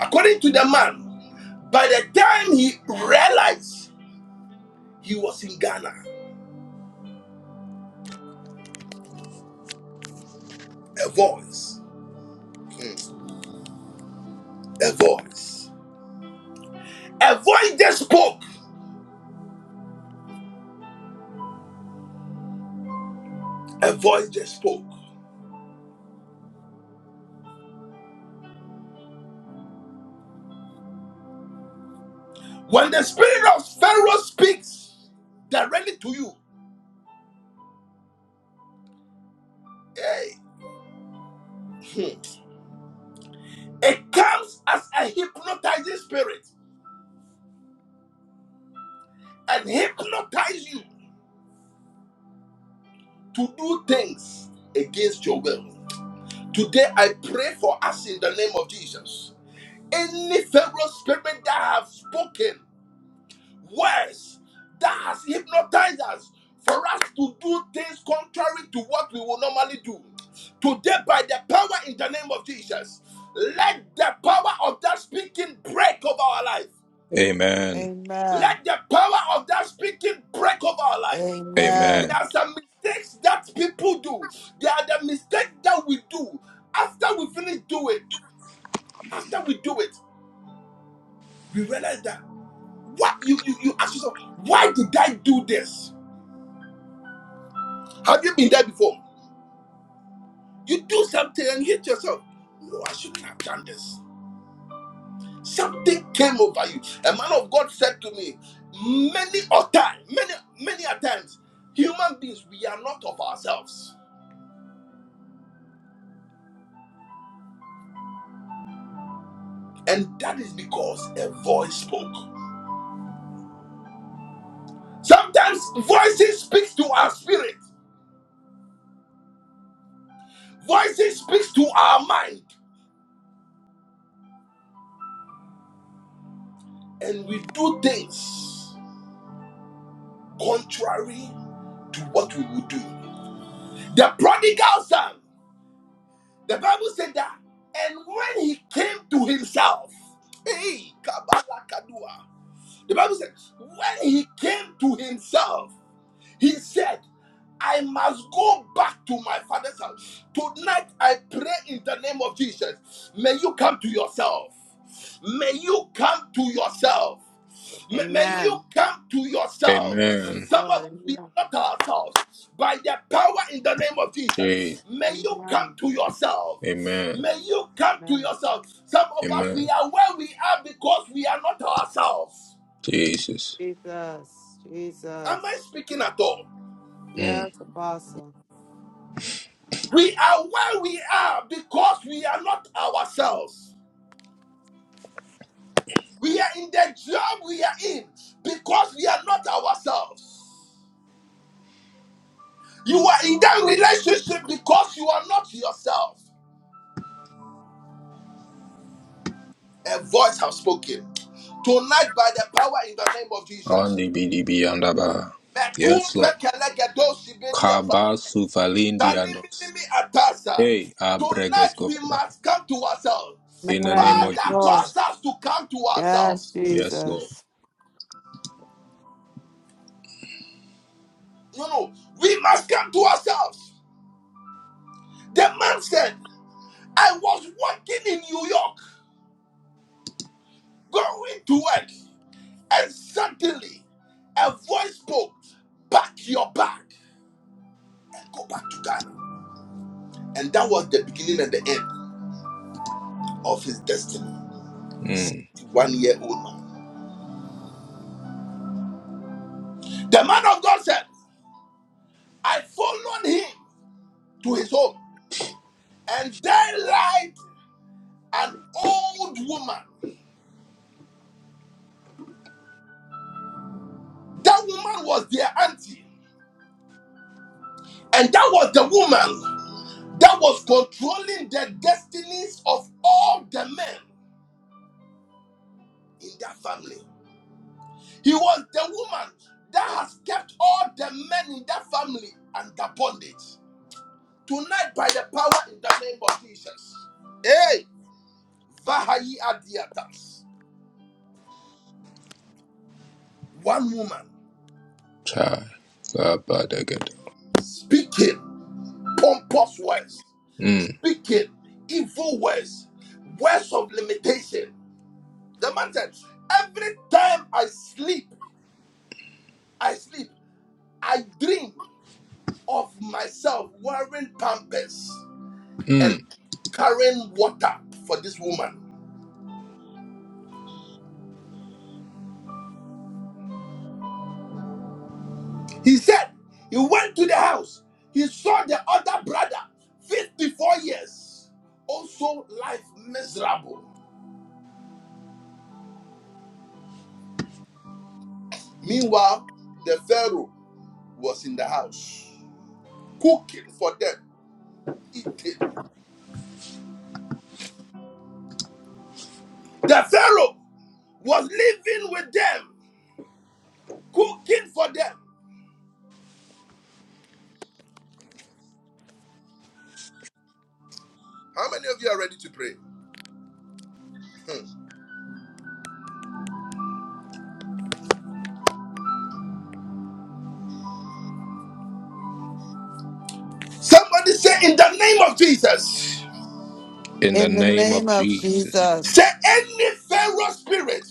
S1: According to the man, by the time he realized he was in Ghana, a voice, hmm, a voice, a voice just spoke, a voice just spoke. When the spirit of Pharaoh speaks directly to you, hey, it comes as a hypnotizing spirit and hypnotize you to do things against your will. Today I pray for us in the name of Jesus. Any Pharaoh spirit that have spoken words that has hypnotized us for us to do things contrary to what we will normally do. Today, by the power in the name of Jesus, let the power of that speaking break over our life.
S2: Amen.
S3: Amen.
S1: Let the power of that speaking break over our life.
S2: Amen.
S1: There
S3: Amen.
S1: are some mistakes that people do. There are the mistakes that we do. After we finish doing, after we do it, we realize that what you you you ask yourself, why did I do this? Have you been there before? You do something and you hate yourself. No, I shouldn't have done this. Something came over you. A man of God said to me, many a time, many, many a times, human beings, we are not of ourselves. And that is because a voice spoke. Sometimes voices speaks to our spirit, voices speaks to our mind, and we do things contrary to what we would do. The prodigal son. The Bible said that. And when he came to himself, hey, Kabbalah Kadua. The Bible said, when he came to himself, he said, I must go back to my father's house. Tonight, I pray in the name of Jesus. May you come to yourself. May you come to yourself. May, may you
S3: Amen.
S1: come to yourself.
S3: Yes,
S2: Amen.
S1: Some of
S3: Lord.
S1: us, we
S3: Amen.
S1: are not ourselves. By the power in the name of Jesus,
S2: Jesus.
S1: may you come
S3: Amen.
S1: to yourself.
S2: Amen.
S1: May you come to
S3: Amen.
S1: yourself. Some of us, we
S2: Amen.
S1: are where we are because we are not ourselves.
S2: Jesus.
S3: Jesus.
S1: Am I
S3: Jesus.
S1: speaking at all?
S2: Mm.
S3: Yes, Apostle.
S1: We are where we are because we are not ourselves. We are in the job we are in because we are not ourselves. You are in that relationship because you are not yourself. A voice has spoken. Tonight, by the power in the name of Jesus.
S2: Andi bidi bi andaba.
S1: Mekum
S2: Yes, Lord.
S1: pekelegedo sibediafa.
S2: Kaba suvalindi andos.
S1: Taniminimi atasa.
S2: Hey, abreges
S1: Tonight, we
S2: govada.
S1: must come to ourselves.
S2: In the
S3: Amen.
S2: name
S3: Yes,
S2: of
S1: Father,
S3: Lord.
S1: cause
S2: Jesus.
S1: us to come to
S3: Yes,
S1: ourselves.
S2: Yes, Lord.
S3: Jesus.
S1: No, no, we must come to ourselves. The man said, I was walking in New York, going to work, and suddenly a voice spoke, Pack your bag and go back to Ghana. And that was the beginning and the end of his destiny.
S2: Mm.
S1: One year old man. The man of God said, I followed him to his home, and there lied an old woman. That woman was their auntie, and that was the woman that was controlling the destinies of all the men in that family. He was the woman that has kept all the men in that family under bondage. Tonight, by the power in the name of Jesus. Hey, Vahayi Adiatas. One woman
S2: Chai. Sabadagedo.
S1: speaking pompous words,
S2: Mm.
S1: speaking evil words, words of limitation. The man said, Every time I sleep, I sleep, I dream of myself wearing pampers A
S2: Mm.
S1: carrying water for this woman. He said he went to the house. He saw the other brother, 54 years, also life miserable. Meanwhile, the Pharaoh was in the house, cooking for them, eating. The Pharaoh was living with them, cooking for them. How many of you are ready to pray? Hmm. Somebody say, In the name of Jesus,
S2: In the
S3: In the
S2: name of
S3: name of
S2: Jesus.
S1: say,
S3: Jesus,
S1: Any Pharaoh spirit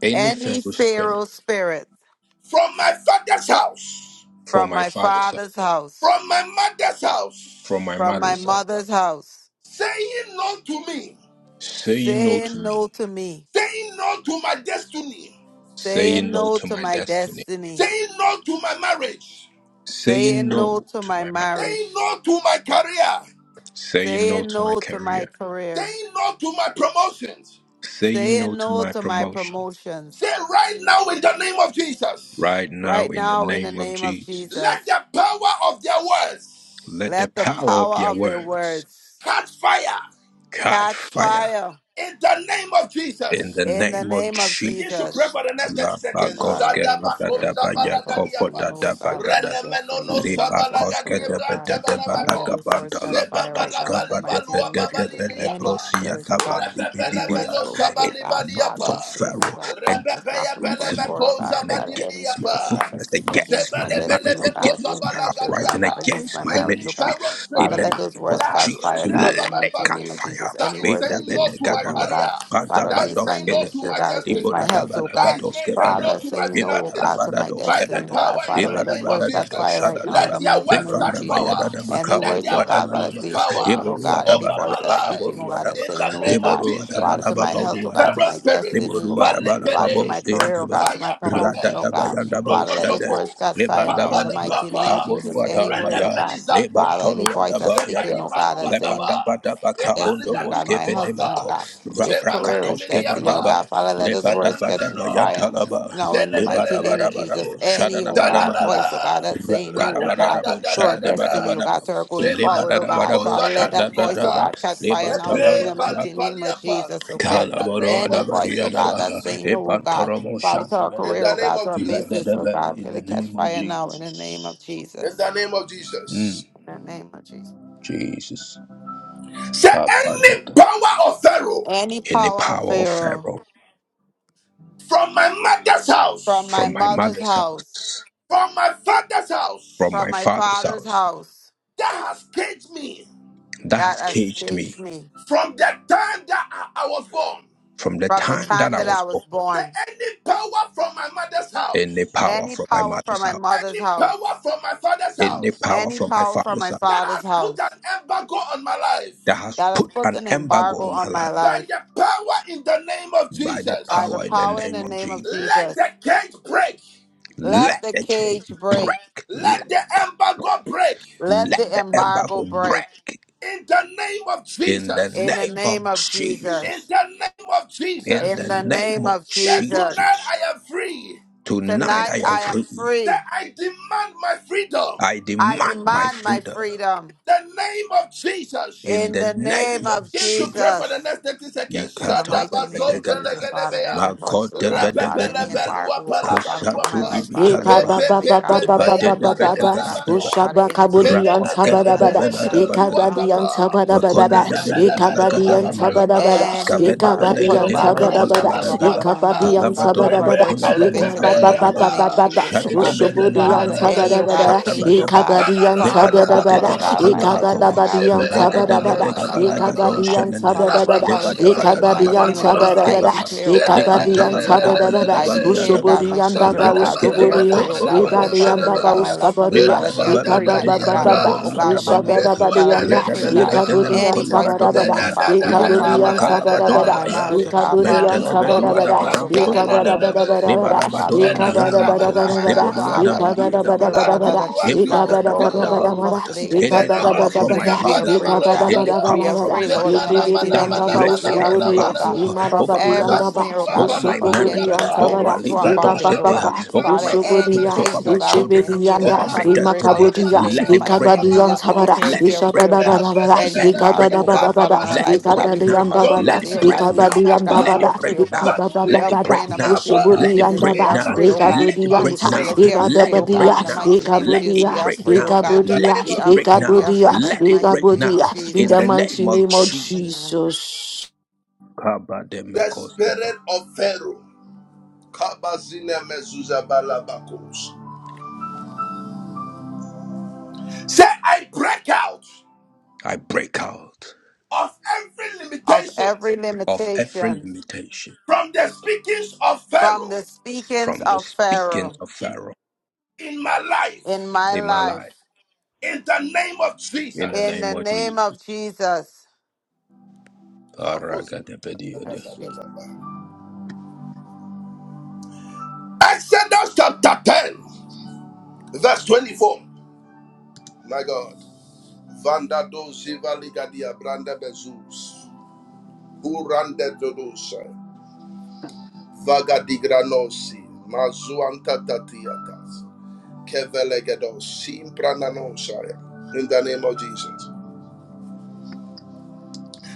S2: Any
S3: any
S2: feral spirit
S3: Pharaoh spirit
S1: from my father's house.
S2: from
S3: from
S2: my
S3: my
S2: father's house,
S3: father's house,
S1: from my mother's
S2: from my
S1: house,
S3: from my
S2: mother's house,
S3: mother's house,
S1: saying no to me,
S2: saying no to
S3: saying
S2: me,
S3: no to me,
S1: saying no to my destiny,
S3: saying
S2: saying no
S3: no
S2: to
S3: to
S2: my
S3: my
S2: destiny,
S3: destiny,
S1: saying no to my marriage,
S2: saying
S3: saying no
S2: no
S3: to
S2: to
S3: my
S2: my ma-
S1: saying
S3: marriage,
S1: no to my career,
S2: saying no
S3: saying
S2: to my
S3: no to my
S2: career,
S3: career,
S1: saying no to my promotions.
S2: saying no
S3: saying
S2: to
S3: no
S2: my
S3: to my
S2: promotion
S1: Say
S3: promotions,
S1: right now in the name of Jesus,
S2: right now
S3: right
S2: in the
S3: now in the
S2: name of
S3: name of
S2: Jesus.
S1: let
S3: Jesus,
S1: the power of their
S2: Let
S1: words
S2: the
S3: let the
S2: power of
S3: power
S2: their
S3: of their
S2: words
S3: words
S1: catch fire
S2: catch
S3: catch
S2: fire
S3: fire
S1: in the name of
S2: in
S1: Jesus.
S2: the
S3: in the
S2: name of
S3: name of
S1: Begin to pray
S3: Jesus.
S2: Jesus.
S1: for the next 30 seconds.
S3: Father,
S2: Labagoske
S3: any
S1: Shadabako
S3: spirit, oh
S2: patadaba
S3: God, Father,
S1: sabalagadiapa.
S3: saying no, oh God, to
S2: yakopotadabagada.
S3: my destiny,
S1: Renemenono
S3: saying no to my
S2: Libakoske
S3: career, oh
S1: sabalagadiebra
S3: God.
S2: debedeba
S3: Father, let
S1: tebalameko.
S3: those words catch fire right now
S2: labatoska
S3: in the mighty
S1: Sebabalabalibalua
S3: name of Jesus.
S2: padebedebe
S3: Any
S1: babalibiapa.
S2: leprosia
S3: spirit, oh God,
S2: tabandi
S3: any words
S1: Rebebelemeno
S2: bidibia.
S3: spoken,
S2: It
S3: oh God, Father,
S2: of
S3: that's
S1: sabalibadiapa.
S3: saying, oh
S2: Pharaoh
S3: God, that's blocking my going
S2: Against my
S3: forward,
S1: Rebebeyebelebeko
S3: oh God,
S2: children,
S3: Father, any
S2: against my
S1: zabadibiapa.
S3: spirit, oh God,
S2: fruitfulness,
S3: that's speaking
S2: against
S3: against
S2: my
S3: my
S2: marriage,
S3: destiny, oh
S1: Sebelebelebeko
S3: God,
S2: against
S3: against
S2: my
S3: my children, oh
S2: uprising,
S1: sabalagadiapa.
S3: God, against
S2: against
S3: my
S2: my
S3: marriage,
S1: Any
S3: oh
S2: ministry.
S3: God.
S1: pharaoh
S2: In
S3: Father,
S2: the
S1: spirit
S3: let those
S2: name
S3: words
S1: that
S2: of
S1: has
S3: catch
S2: Jesus,
S3: fire,
S1: risen
S3: God, in
S1: over
S3: the
S2: let
S1: my
S2: it
S3: mighty
S2: catch
S3: name
S1: family
S3: of
S2: fire.
S3: Jesus.
S1: that
S3: Any
S1: is
S3: words
S1: saying
S2: Beda
S3: that are being
S1: no
S2: beda
S1: to my
S3: spoken, oh
S2: gadaba.
S3: God,
S1: career,
S2: Kata
S3: Father,
S1: that is
S3: against my
S2: bados
S1: saying no to
S2: kebebe,
S3: ministry, oh
S1: my
S3: God,
S1: destiny,
S3: against my
S2: ibada da
S3: health, oh
S2: bada
S1: that
S3: God.
S1: is
S2: gados
S1: saying
S2: kebada,
S1: no
S3: Father,
S1: to
S3: say
S1: my
S3: no, oh
S2: ibada da
S1: finances.
S3: God, to
S2: bada
S3: my
S2: dos
S1: By the
S3: destiny,
S2: kebada,
S3: oh God.
S1: power in
S3: Father,
S1: the
S3: let
S2: ibada
S3: us
S1: name of
S3: worship
S2: bada da
S3: that
S2: dos
S3: fire
S1: Jesus,
S3: right
S2: shada
S3: now in
S1: let
S2: ba,
S3: the
S1: their
S3: mighty
S1: words
S3: name of
S1: catch
S2: ibranda ba ya
S3: Jesus.
S2: da
S1: power.
S2: da ba
S3: Any
S1: Let
S3: words,
S2: kaboru wa
S1: their
S3: oh
S2: da
S3: God,
S1: word
S2: ba
S3: that
S2: la
S1: lose
S3: has
S2: ba,
S1: its
S3: been spoken,
S1: power
S3: oh
S2: iboru wa
S3: God.
S2: da
S3: Any
S2: ba
S1: over
S2: da ba
S3: voice
S1: my
S2: ba
S3: that's
S2: la
S1: life.
S3: speaking,
S2: boru
S3: oh
S2: wa
S3: God,
S2: da ba,
S3: that's
S1: In
S3: saying
S1: the
S3: no, oh
S1: name of
S3: God.
S2: iboru wa da
S1: Jesus,
S2: ba
S3: Father,
S2: la
S3: to
S2: ba
S3: my health,
S1: any
S2: boru
S3: oh
S2: wa
S3: God, to
S2: ba.
S1: feral
S3: my
S1: spirit,
S3: destiny, oh God.
S2: Leboruadabala
S3: Father, to my
S2: babos
S1: palipene,
S2: de
S3: career, oh
S2: anaba,
S3: God, to my
S1: paya
S3: promotion, oh
S1: pape,
S3: God.
S2: Radadabayandabo
S3: Father, let us
S2: shade,
S1: Rododobo,
S3: words catch fire now
S1: Papa
S3: in the
S1: ni
S2: Lebandabadaba,
S3: mighty name of
S1: Papa,
S3: Jesus. Any
S2: Kaboruada
S3: word,
S1: Renda
S3: oh
S2: maya,
S3: God.
S1: Pelizadua,
S3: Father, any voice that's
S2: Lebatoruadaba
S1: Zeba
S3: speaking,
S2: yada,
S3: oh God, that's saying
S1: Yibaluataba,
S2: Lebadabadaba kabondo
S3: destiny, oh
S1: Epaligadu
S3: God.
S2: boske
S3: My husband, oh
S1: Baguata,
S2: vendemako,
S3: God. His
S1: Zema
S3: career
S1: Mani
S3: is
S2: Raprakatoske
S3: destiny, oh
S1: Miniapa,
S2: banaba,
S3: God. Father, let his words catch
S2: Lebadabadaba
S3: fire.
S1: Senanano,
S2: yantalaba,
S3: Now, in the mighty name of Jesus,
S1: Senelele,
S2: Lebadabadabadabo,
S3: any, oh God, voice,
S2: Shadabadabadaba.
S3: oh God,
S1: Salalala,
S3: that's saying no,
S1: Rada
S3: oh
S1: da
S3: God,
S1: da
S2: Rapkarabadabo,
S1: da,
S3: to our destiny, oh
S1: Radadadadadadada,
S2: Shadabadabadaba,
S3: God, to our going forward, oh
S1: Zemanama
S3: God.
S2: Lebadabadabo,
S3: Father,
S1: Kosa
S3: let that voice, oh
S1: Dadidiata,
S2: Shadabadaba,
S3: God, catch fire now, Lord, in
S1: Epe
S3: the
S2: Lebatalabadaba,
S1: Pali
S3: mighty name of
S1: Paliapa,
S3: Jesus, oh God.
S1: in the
S2: Kalaboro
S1: name
S3: Any
S1: of
S2: adabadi
S3: voice, oh God,
S2: adabaha
S3: that's
S1: Jesus,
S3: saying no, oh God.
S2: epantoromo
S3: Father, to our
S1: in
S3: career,
S2: shandebelebe
S1: the
S3: oh
S1: name
S3: God, to
S1: of
S3: our business,
S1: Jesus.
S3: oh
S2: radadebe
S3: God, we're
S2: in
S3: going
S2: the
S3: to catch
S2: name of
S3: fire now in the name of
S2: Jesus.
S1: in the
S3: Jesus.
S1: name of Jesus.
S2: Mm,
S3: In the name of Jesus.
S2: Jesus.
S1: Say any
S2: Kapadada.
S1: power of Pharaoh
S3: Any
S2: Any
S3: power of
S2: power of
S3: Pharaoh
S2: Pharaoh
S1: from my mother's
S3: from my
S2: from
S1: house,
S2: my
S3: mother's
S2: mother's
S3: house,
S2: house,
S1: from my father's
S2: from
S1: house,
S3: from
S2: my
S3: my
S2: father's
S3: father's
S2: house,
S3: house
S1: that has caged me
S2: that
S3: that
S2: has caged me
S3: escaped me
S1: from the time that I, I was born.
S2: from the
S3: from the
S2: time that
S3: time
S2: I
S3: that
S2: was
S3: I was
S2: born.
S1: Say
S3: born.
S1: any power from my mother's
S2: Any
S1: house,
S2: power
S3: Any
S2: from my
S3: power from
S2: mother's
S3: my
S2: house,
S3: mother's
S1: any power
S3: house,
S1: from my father's
S2: any
S1: house,
S2: power
S3: any
S2: from my
S3: power from
S2: father's
S3: my
S2: house,
S1: that
S3: father's
S1: has put
S3: house
S1: an embargo on my life,
S2: that has
S3: that has
S2: put
S3: put
S2: an
S3: an
S2: embargo
S3: embargo
S2: on my
S3: on
S2: life
S3: my
S1: by
S3: life
S1: the power in the name of
S2: by the
S3: by
S1: Jesus,
S3: the
S2: power in the
S3: power in
S2: name
S3: the
S2: of
S3: name of
S2: Jesus.
S1: let
S3: Jesus.
S1: the cage break,
S3: Let
S2: Let
S3: the
S2: the chain
S3: cage break.
S2: break. Let,
S1: let the embargo break.
S3: Let
S2: let
S3: the
S2: the
S3: embargo
S2: embargo
S3: break
S2: break.
S1: In the name of
S2: In the
S3: in the
S1: Jesus.
S2: name
S3: name
S2: of
S3: of
S1: In
S2: Jesus.
S3: Jesus.
S1: the name of
S2: In
S3: In
S2: the
S3: the
S1: Jesus.
S2: name
S3: name
S2: of
S3: of
S1: Say tonight
S3: Jesus.
S2: Jesus.
S1: I am free.
S2: Tonight
S3: Tonight
S2: I am
S3: I am
S2: free.
S1: Say
S3: free.
S1: I demand my freedom.
S2: I
S3: I
S2: demand my
S3: demand my
S2: freedom.
S3: freedom.
S1: In the name of Jesus.
S2: In
S3: In
S2: the
S3: the name
S2: name
S3: of
S2: of
S1: Begin to
S2: Jesus.
S1: pray for the
S3: Jesus.
S1: next 30 seconds.
S3: In the mighty name
S1: Shadabazon
S3: of Jesus,
S2: Ikatodebedegaba,
S3: Father, every
S1: pelegedebea.
S3: voice, oh God, Father, any
S2: makodebedegedibiha,
S1: Repepelebelua
S3: embargo, oh God, Father, put on my life,
S1: palabaduapa.
S3: Father, I
S4: Eka
S3: break
S4: ba
S3: it
S2: kosatudibikalabaha,
S4: ba
S3: today,
S4: ba
S3: God,
S4: ba
S3: in the
S4: ba ba
S3: mighty
S1: Pepepepepea
S4: ba
S3: name
S4: ba
S3: of
S4: ba
S3: Jesus,
S4: ba.
S3: oh God,
S1: palabalabako.
S2: ibadedebedegabadabaha,
S3: Father,
S4: Ushaba
S3: any
S4: kabudi
S3: cage, oh God,
S4: anta
S3: put
S4: ba
S3: on
S4: da
S3: my
S4: ba
S3: life,
S4: da.
S3: oh God,
S1: Zelelelelelelelelo
S4: Eka ba
S2: rakoskebedebeladabadegedebaha.
S4: di
S3: Father, I
S4: anta
S3: break
S1: zuatata.
S4: ba
S3: it
S4: da ba
S3: today,
S4: da
S2: Makonde
S3: in
S4: ba.
S3: the
S2: bede be
S3: mighty
S4: Eka
S3: name
S4: ba
S3: of
S1: Repepelebelo
S4: di
S2: malagada na
S3: Jesus.
S4: anta ba
S1: bababai
S4: da
S2: mahada.
S4: ba da.
S1: baba.
S3: Any
S2: Skavede
S4: Eka ba
S3: embargo
S4: di
S3: put,
S2: belega
S3: oh
S2: de na
S3: God,
S4: anta
S3: on
S4: ba
S3: my
S4: da
S1: Repepelebea
S2: makole
S4: ba da.
S3: children, oh God,
S2: badagada.
S1: bababua
S3: on
S4: Eka
S3: my
S4: ba di
S1: baba.
S3: marriage, oh
S4: anta
S3: God,
S2: Kalabato
S4: ba
S2: na
S4: da
S3: Father, I
S4: ba da.
S3: break
S2: makoni
S3: out of it
S4: Eka
S2: mabona
S3: today,
S4: ba
S3: in
S4: ba
S3: the
S1: Repepelepepea
S4: ba
S2: balagada.
S3: mighty
S4: ba ba
S3: name of
S1: pa.
S4: ba ba.
S3: Jesus, oh
S2: Shade de
S3: God,
S2: bede
S4: Ushobo
S2: menana
S3: Father,
S4: anta ba
S2: mako.
S3: any,
S4: da
S3: oh
S4: ba
S3: God,
S4: da.
S1: Zelelelelelelele.
S2: Shada
S3: cage, oh
S2: badaba.
S4: Eka ba
S3: God,
S4: di anta
S3: Father, oh
S4: ba
S2: Lebadaba
S4: da
S3: God,
S2: de
S4: ba
S3: put,
S4: da.
S2: de
S3: oh God, on my
S2: makole
S4: Eka
S3: life,
S4: ba
S3: on
S4: da
S3: my
S2: mako.
S4: ba di
S3: marriage, oh God,
S4: anta
S3: on
S2: Rede
S4: ba
S3: my
S4: da
S2: de
S4: ba
S3: career,
S4: da.
S3: oh God,
S2: bedega
S3: my
S4: Eka ba
S2: balagado
S3: finances, oh
S4: di
S3: God.
S4: anta
S2: shenene.
S4: ba
S3: Father, I
S4: da ba
S3: break
S4: da.
S3: out of it
S2: Lebadaba
S3: today
S4: Eka
S2: de
S3: in
S4: ba
S3: the
S2: na
S4: di
S3: mighty
S2: mana
S3: name of
S4: anta ba
S3: Jesus.
S4: da
S2: manoske
S4: ba
S3: I
S4: da.
S2: baba.
S3: declare, oh
S4: Eka
S3: God, that
S4: ba
S3: I am
S4: di
S2: Lebantala
S3: free, oh
S4: anta ba
S3: God.
S2: badama
S4: da ba da.
S3: I
S2: yadabali
S3: declare, oh God,
S2: yadaba.
S4: Ushobori
S3: my
S4: and
S3: children,
S4: Baba
S3: oh God,
S2: Rebeke
S3: that
S2: de
S3: we are
S4: Uskoboria,
S3: free, oh
S2: makombo
S3: God, of my
S2: lobo
S4: Ibadi and
S3: family, oh
S2: shedede
S4: Baba
S3: God, my
S2: beya.
S3: loved ones, oh
S4: Uskaboria,
S3: God,
S2: Ribada
S3: that
S2: da
S3: they
S1: Edua
S3: are
S1: da
S3: free,
S1: da
S2: balaba de
S4: Ikababa
S3: mighty
S2: na
S3: God.
S4: Baba,
S1: diata,
S2: balabo
S3: Oh
S2: ruwa
S3: God,
S2: da
S3: of my
S2: balaba.
S4: Ishabada
S3: ministry, oh
S1: Edua
S3: God, that
S1: da
S3: we
S1: da
S4: Badianda,
S3: are
S2: Reda
S3: free, oh
S2: bele
S3: God.
S2: bede ne
S1: diata,
S4: Ikabudi and
S3: Any
S2: makole
S3: voice putting
S2: badona
S4: Sabarabada,
S3: any
S1: Zeda
S2: maya.
S1: da
S3: embargo,
S1: da
S3: oh
S1: da
S3: God,
S2: Ibona
S1: da
S2: na
S1: da
S4: Ikabudi
S3: Father, oh
S4: and
S1: da
S3: God,
S2: makala
S1: da da
S2: badona
S3: on
S1: da
S4: Sabarabada,
S3: my
S1: ba.
S3: marriage,
S2: mayande.
S3: oh God,
S4: Ikabudi and
S3: Father,
S2: Mentele
S1: Elon
S3: on my
S1: tolu
S3: going
S2: bedua da
S4: Sabarabada,
S3: forward, oh
S2: manam
S1: atante
S3: God,
S1: le le
S2: tolua
S3: Father,
S1: le
S2: de
S4: Ikabada
S1: le
S3: on
S2: na.
S3: the
S1: be.
S3: ministry, oh
S4: Badabada,
S2: Ribala
S3: God, Father, on
S2: badona
S3: my
S1: Zeda
S3: church
S2: mayana
S4: Ikabada
S1: mana
S3: family, oh
S1: mana
S2: mako.
S3: God.
S1: mana
S4: Badabada,
S2: Ribodua da
S3: Father, I
S1: Zedamanamanamanamanama.
S3: decree
S2: balia
S4: Ikabada
S3: and
S2: da
S4: Badabada,
S3: declare, oh God,
S4: Ikabada
S2: malagado.
S3: that
S1: Adu,
S4: Badabada,
S3: the cage,
S1: adu,
S3: God,
S2: Impanda
S3: is
S2: da
S4: Ikabada
S3: broken
S2: banda
S3: off of
S1: adu.
S3: us
S2: banduata.
S3: today in the
S2: Any
S3: mighty name
S2: power
S3: of
S2: from
S3: Jesus,
S2: my
S1: Selabalibria
S3: and
S4: Badabada,
S3: we are
S2: father's
S3: free,
S2: house,
S3: oh God.
S4: Ikabada
S2: any
S1: Panamanosaya.
S3: We
S2: power
S3: are
S2: from
S4: Badabada,
S2: my
S3: free, Lord, in
S2: mother's
S3: the
S1: Zemana
S2: house
S3: mighty
S4: Ikabidi
S2: that
S1: mana
S3: name
S4: and
S2: has
S3: of
S1: mana
S4: Baba
S3: Jesus.
S2: placed
S1: mana
S3: We are
S2: the
S1: mana
S3: free, oh
S1: mana
S3: God,
S2: embargo
S1: maha.
S3: from
S2: over my
S4: Uskoboria,
S3: every
S2: life,
S4: baba,
S3: snare, oh
S1: Sambunua
S3: God, on
S2: over
S3: top
S2: my
S3: of the
S2: marriage.
S4: ushobodi
S3: enemy, oh
S4: and
S3: God,
S1: palabadiapa.
S2: Oh,
S3: every
S4: Tabara,
S2: Ali
S3: form of
S2: Bato
S4: Iba
S3: bondage, oh
S4: Baba,
S2: Sedeha,
S3: God.
S2: over
S3: Father,
S2: my
S1: Zebalabadibranta
S3: any
S2: goodness,
S4: Ushubudia,
S3: cage,
S2: over
S3: oh
S2: my
S1: balamanuataba.
S3: God, of the
S2: children, uh,
S3: enemy, oh
S4: Ishibidianda,
S2: over
S3: God,
S2: my
S3: Father, we
S1: Zemamana
S3: break out
S1: mana
S2: destiny.
S3: of it
S1: mana
S4: Imakabudia,
S3: today
S2: Let
S3: in the
S2: it
S1: mania
S3: mighty
S2: break
S3: name of
S4: Ikabadi and
S2: now.
S3: Jesus. We
S4: Tabara,
S1: palabako.
S3: declare
S2: Let
S3: we are
S2: it
S3: free, oh
S4: Ishabada
S2: break
S1: Rebede
S3: God.
S2: now.
S4: Badabada,
S1: bede
S3: Any
S2: Let
S1: bede
S2: it
S1: bria
S3: embargo,
S4: Ikabada
S2: break
S3: oh God,
S2: now.
S3: Father,
S4: Badabada,
S3: on our
S2: Let
S3: lives,
S2: it
S3: oh God,
S1: padabalabako.
S2: break
S3: we
S4: Ikabadi
S3: break
S4: and
S2: now.
S3: out of it
S4: Dabada,
S2: Let
S3: today,
S1: Domene
S2: it
S3: oh God,
S2: break
S3: and we
S2: now.
S4: Ikabadi
S3: declare,
S4: and
S3: God, that
S2: Let
S3: we
S1: menimiapa.
S2: it
S3: are
S4: Dabada,
S3: free, oh
S2: break
S3: God.
S2: now.
S4: Ikabada
S3: We
S2: Let
S3: are
S1: Zanumini
S2: it
S3: free
S4: Baba,
S3: in
S2: break
S3: the
S2: now.
S3: mighty name of
S2: Let
S4: Ushubudi
S2: it
S4: and
S3: Jesus. We
S1: In
S2: break
S4: Baba,
S3: are
S1: the
S2: now.
S3: free, oh God.
S1: name
S2: Let it
S4: Ikabudi
S3: We
S1: of
S4: and
S2: break
S4: Ta,
S3: declare that
S2: now.
S3: we are
S1: Jesus.
S3: free,
S2: Let
S3: oh
S2: it
S4: Ibadabadia,
S3: God,
S2: break
S3: in the
S2: now.
S3: mighty name of
S2: Let
S3: Jesus.
S2: it
S3: We
S4: Ikabudia,
S3: are
S2: break now.
S3: free, oh
S1: In
S3: God.
S1: the
S4: Ikabudia,
S2: Let
S1: name
S3: We
S1: of
S2: it
S3: are
S2: break
S3: free.
S1: Jesus.
S3: We
S2: now.
S3: are
S4: Ikabudia,
S3: free by the
S2: Let it
S3: mighty
S2: break
S3: name of
S2: now.
S4: Ikabudia, in
S2: In
S3: Jesus.
S4: the
S2: the
S1: Thank you,
S4: mighty
S2: name of
S4: name of
S1: Jesus.
S2: Jesus.
S3: Amen.
S4: Jesus.
S1: The
S2: Kabademekosiva.
S1: spirit of Pharaoh. Kabazine mezuzabalabakus. Say, I break out
S2: I break out.
S1: of every
S3: Of
S1: limitations
S3: every
S2: of every
S3: limitation
S2: limitation
S1: from the speakings of
S3: from
S1: Pharaoh
S3: the speakings
S2: from the
S3: of
S2: speakings
S3: Pharaoh
S2: of Pharaoh
S1: in my
S3: in
S1: life
S3: my
S2: in my
S3: life,
S2: life.
S1: in the name of
S2: In the
S3: in
S1: Jesus.
S2: name
S3: the
S2: of
S3: name
S2: Jesus.
S3: of Jesus.
S1: Kavuz-
S2: Paragadabadiyoda.
S3: Yes, Jesus.
S1: Exodus chapter 10, verse 24. My God. Vanda do ziva ligadia branda bezus. Urande dodosa. Vagadigranosi, Mazuanta Tatiatas, Simprananosaya. In the name of Jesus.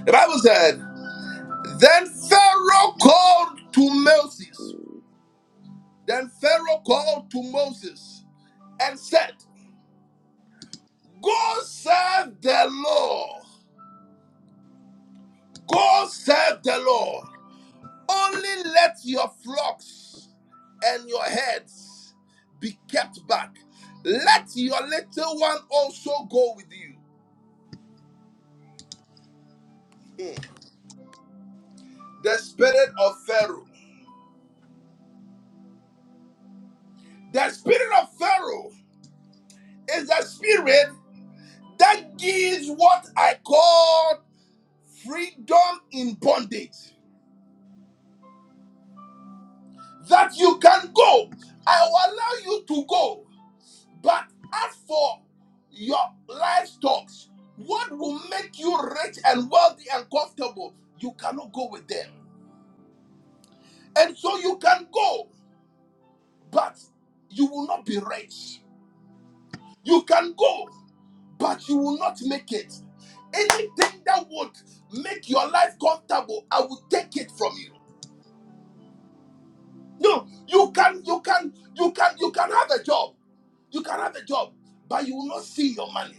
S1: The Bible said, Then Pharaoh called to Moses. Then Pharaoh called to Moses and said, Go serve the Lord. Go serve the Lord. Only let your flocks and your herds be kept back. Let your little one also go with you. Mm. the spirit of Pharaoh. The spirit of Pharaoh is the spirit that gives what I call freedom in bondage. That you can go. I will allow you to go. But as for your livestock, what will make you rich and wealthy and comfortable, you cannot go with them. And so you can go, but you will not be rich. You can go, but you will not make it. Anything that would make your life comfortable, I will take it from you. No, you can, you can, you can, you can have a job. You can have a job, but you will not see your money.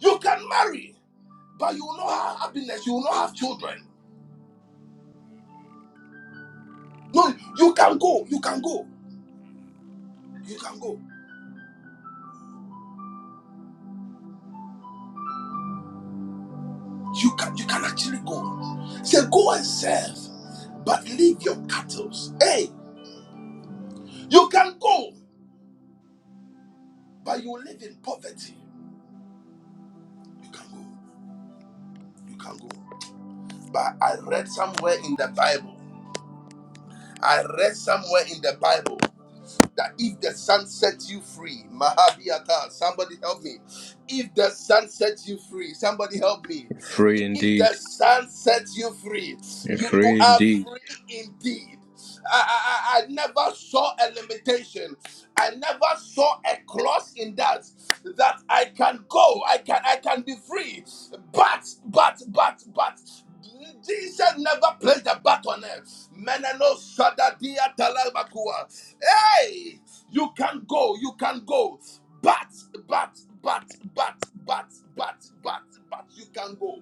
S1: You can marry, but you will not have happiness. You will not have children. No, you can go. You can go. You can go. You can. You can actually go. Say go and serve, but leave your cattle. Hey, you can go, but you will live in poverty. You can go. you can go. But I read somewhere in the Bible, I read somewhere in the Bible that if the sun sets you free, Mahabiata, somebody help me. If the sun sets you free, somebody help me.
S2: Free
S1: If the
S2: indeed.
S1: sun sets you free, you, you
S2: Free
S1: are
S2: indeed.
S1: free indeed. I, I, I I never saw a limitation. I never saw a clause in that that I can go, I can I can be free. But but but but Jesus never placed a bat on it. Menano Sadadia Talabakua. Hey, you can go, you can go. But but but but but but but but you can go.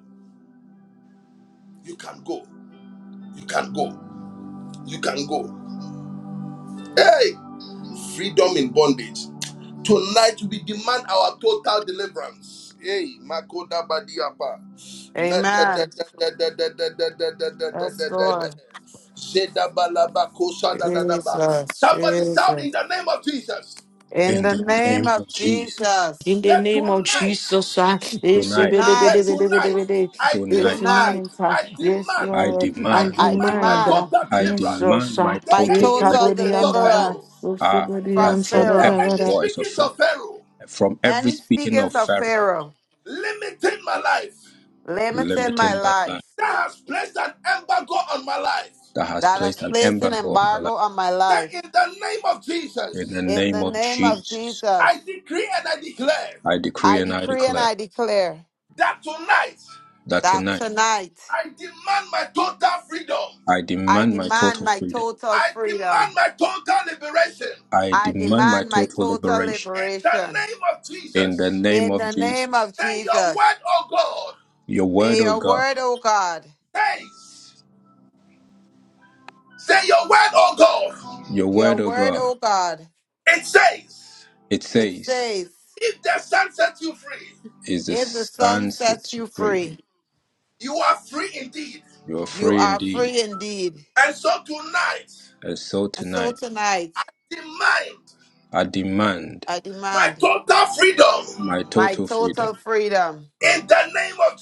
S1: You can go. You can go. You can go. Hey, freedom in bondage. Tonight we demand our total deliverance. Hey, Makoda Badiapa.
S3: Amen. Yes, Lord. Jesus,
S1: Somebody shout in
S3: Jesus.
S1: the name of Jesus.
S3: In
S2: In
S3: the
S2: the
S3: name
S2: name
S3: of
S2: of Jesus.
S4: In
S3: Jesus,
S4: the
S1: Say
S4: name of
S1: tonight,
S4: Jesus, ah, eh, she-
S2: Tonight,
S4: be- de- be-
S1: say
S4: de-
S3: tonight,
S4: be- de- be- de-
S1: tonight,
S4: be-
S1: I
S4: Eh,
S2: tonight,
S1: demand,
S3: tonight,
S4: tonight, ah,
S1: I
S4: yes,
S1: demand,
S2: I
S4: Lord, I
S1: I
S2: demand,
S3: I
S2: I
S1: demand my
S4: demand
S2: demand,
S4: ah,
S3: demand
S1: total
S2: I
S1: deliverance.
S4: Jesus,
S2: demand my
S4: ah,
S1: The
S3: my
S2: total
S4: eh,
S1: any
S2: deliverance.
S3: total
S4: kabodi
S1: speakings of
S4: andaba,
S1: Pharaoh,
S3: deliverance
S4: oh,
S2: Ah,
S4: somebody
S2: uh,
S3: from
S2: from
S1: the
S3: Pharaoh.
S2: every
S1: any
S4: answer,
S2: voice of
S1: speakings
S2: Pharaoh,
S1: of Pharaoh,
S2: from every
S3: Any
S2: speaking
S3: speakings
S2: of
S3: of
S2: Pharaoh,
S3: Pharaoh
S1: limiting my life.
S3: limiting my
S2: limiting my life
S3: life,
S1: that has placed an embargo on my life.
S2: that has
S3: that has
S2: placed an
S3: placed an
S2: embargo on my
S3: embargo
S2: life.
S3: on my
S1: Say
S3: life.
S1: in the name of
S2: In the
S1: Jesus,
S3: In
S2: name
S3: the
S2: of
S3: name of
S2: Jesus.
S3: Jesus,
S1: I decree and I declare
S2: I decree
S3: I
S2: and I
S3: decree and
S2: declare
S3: I declare
S1: that tonight
S2: that
S3: that
S2: tonight
S3: tonight
S1: I demand my total freedom.
S2: I
S3: I
S2: demand my
S3: demand
S2: total
S3: my
S2: freedom.
S3: total
S1: I
S3: freedom.
S1: demand my total liberation.
S2: I
S3: I
S2: demand my
S3: demand my
S2: total
S3: total
S2: liberation
S1: In the
S3: liberation.
S1: name of
S2: in the
S1: Jesus,
S2: name
S3: In the
S2: of
S3: name
S2: Jesus.
S3: of
S1: say your
S3: Jesus,
S1: word, oh God,
S2: Your word,
S3: may
S2: O
S3: your
S2: God,
S3: word, O God,
S1: says, say your word, oh God.
S2: your
S3: your
S2: word, O
S3: word,
S2: God,
S3: O God,
S1: It says,
S2: it
S3: it
S2: says,
S3: says,
S1: if the sun sets you free,
S2: is the
S3: if the
S2: sun
S3: sun sets
S2: sets you
S3: you
S2: free.
S3: free,
S1: you are free indeed.
S2: You are
S3: you
S2: free
S3: are
S2: indeed.
S3: free indeed.
S1: And so tonight,
S2: And so
S3: And so
S2: tonight
S3: tonight
S1: demand
S2: I demand
S3: I
S1: my
S3: demand
S1: total freedom.
S2: my
S3: my
S2: total freedom.
S3: total freedom
S1: In the name of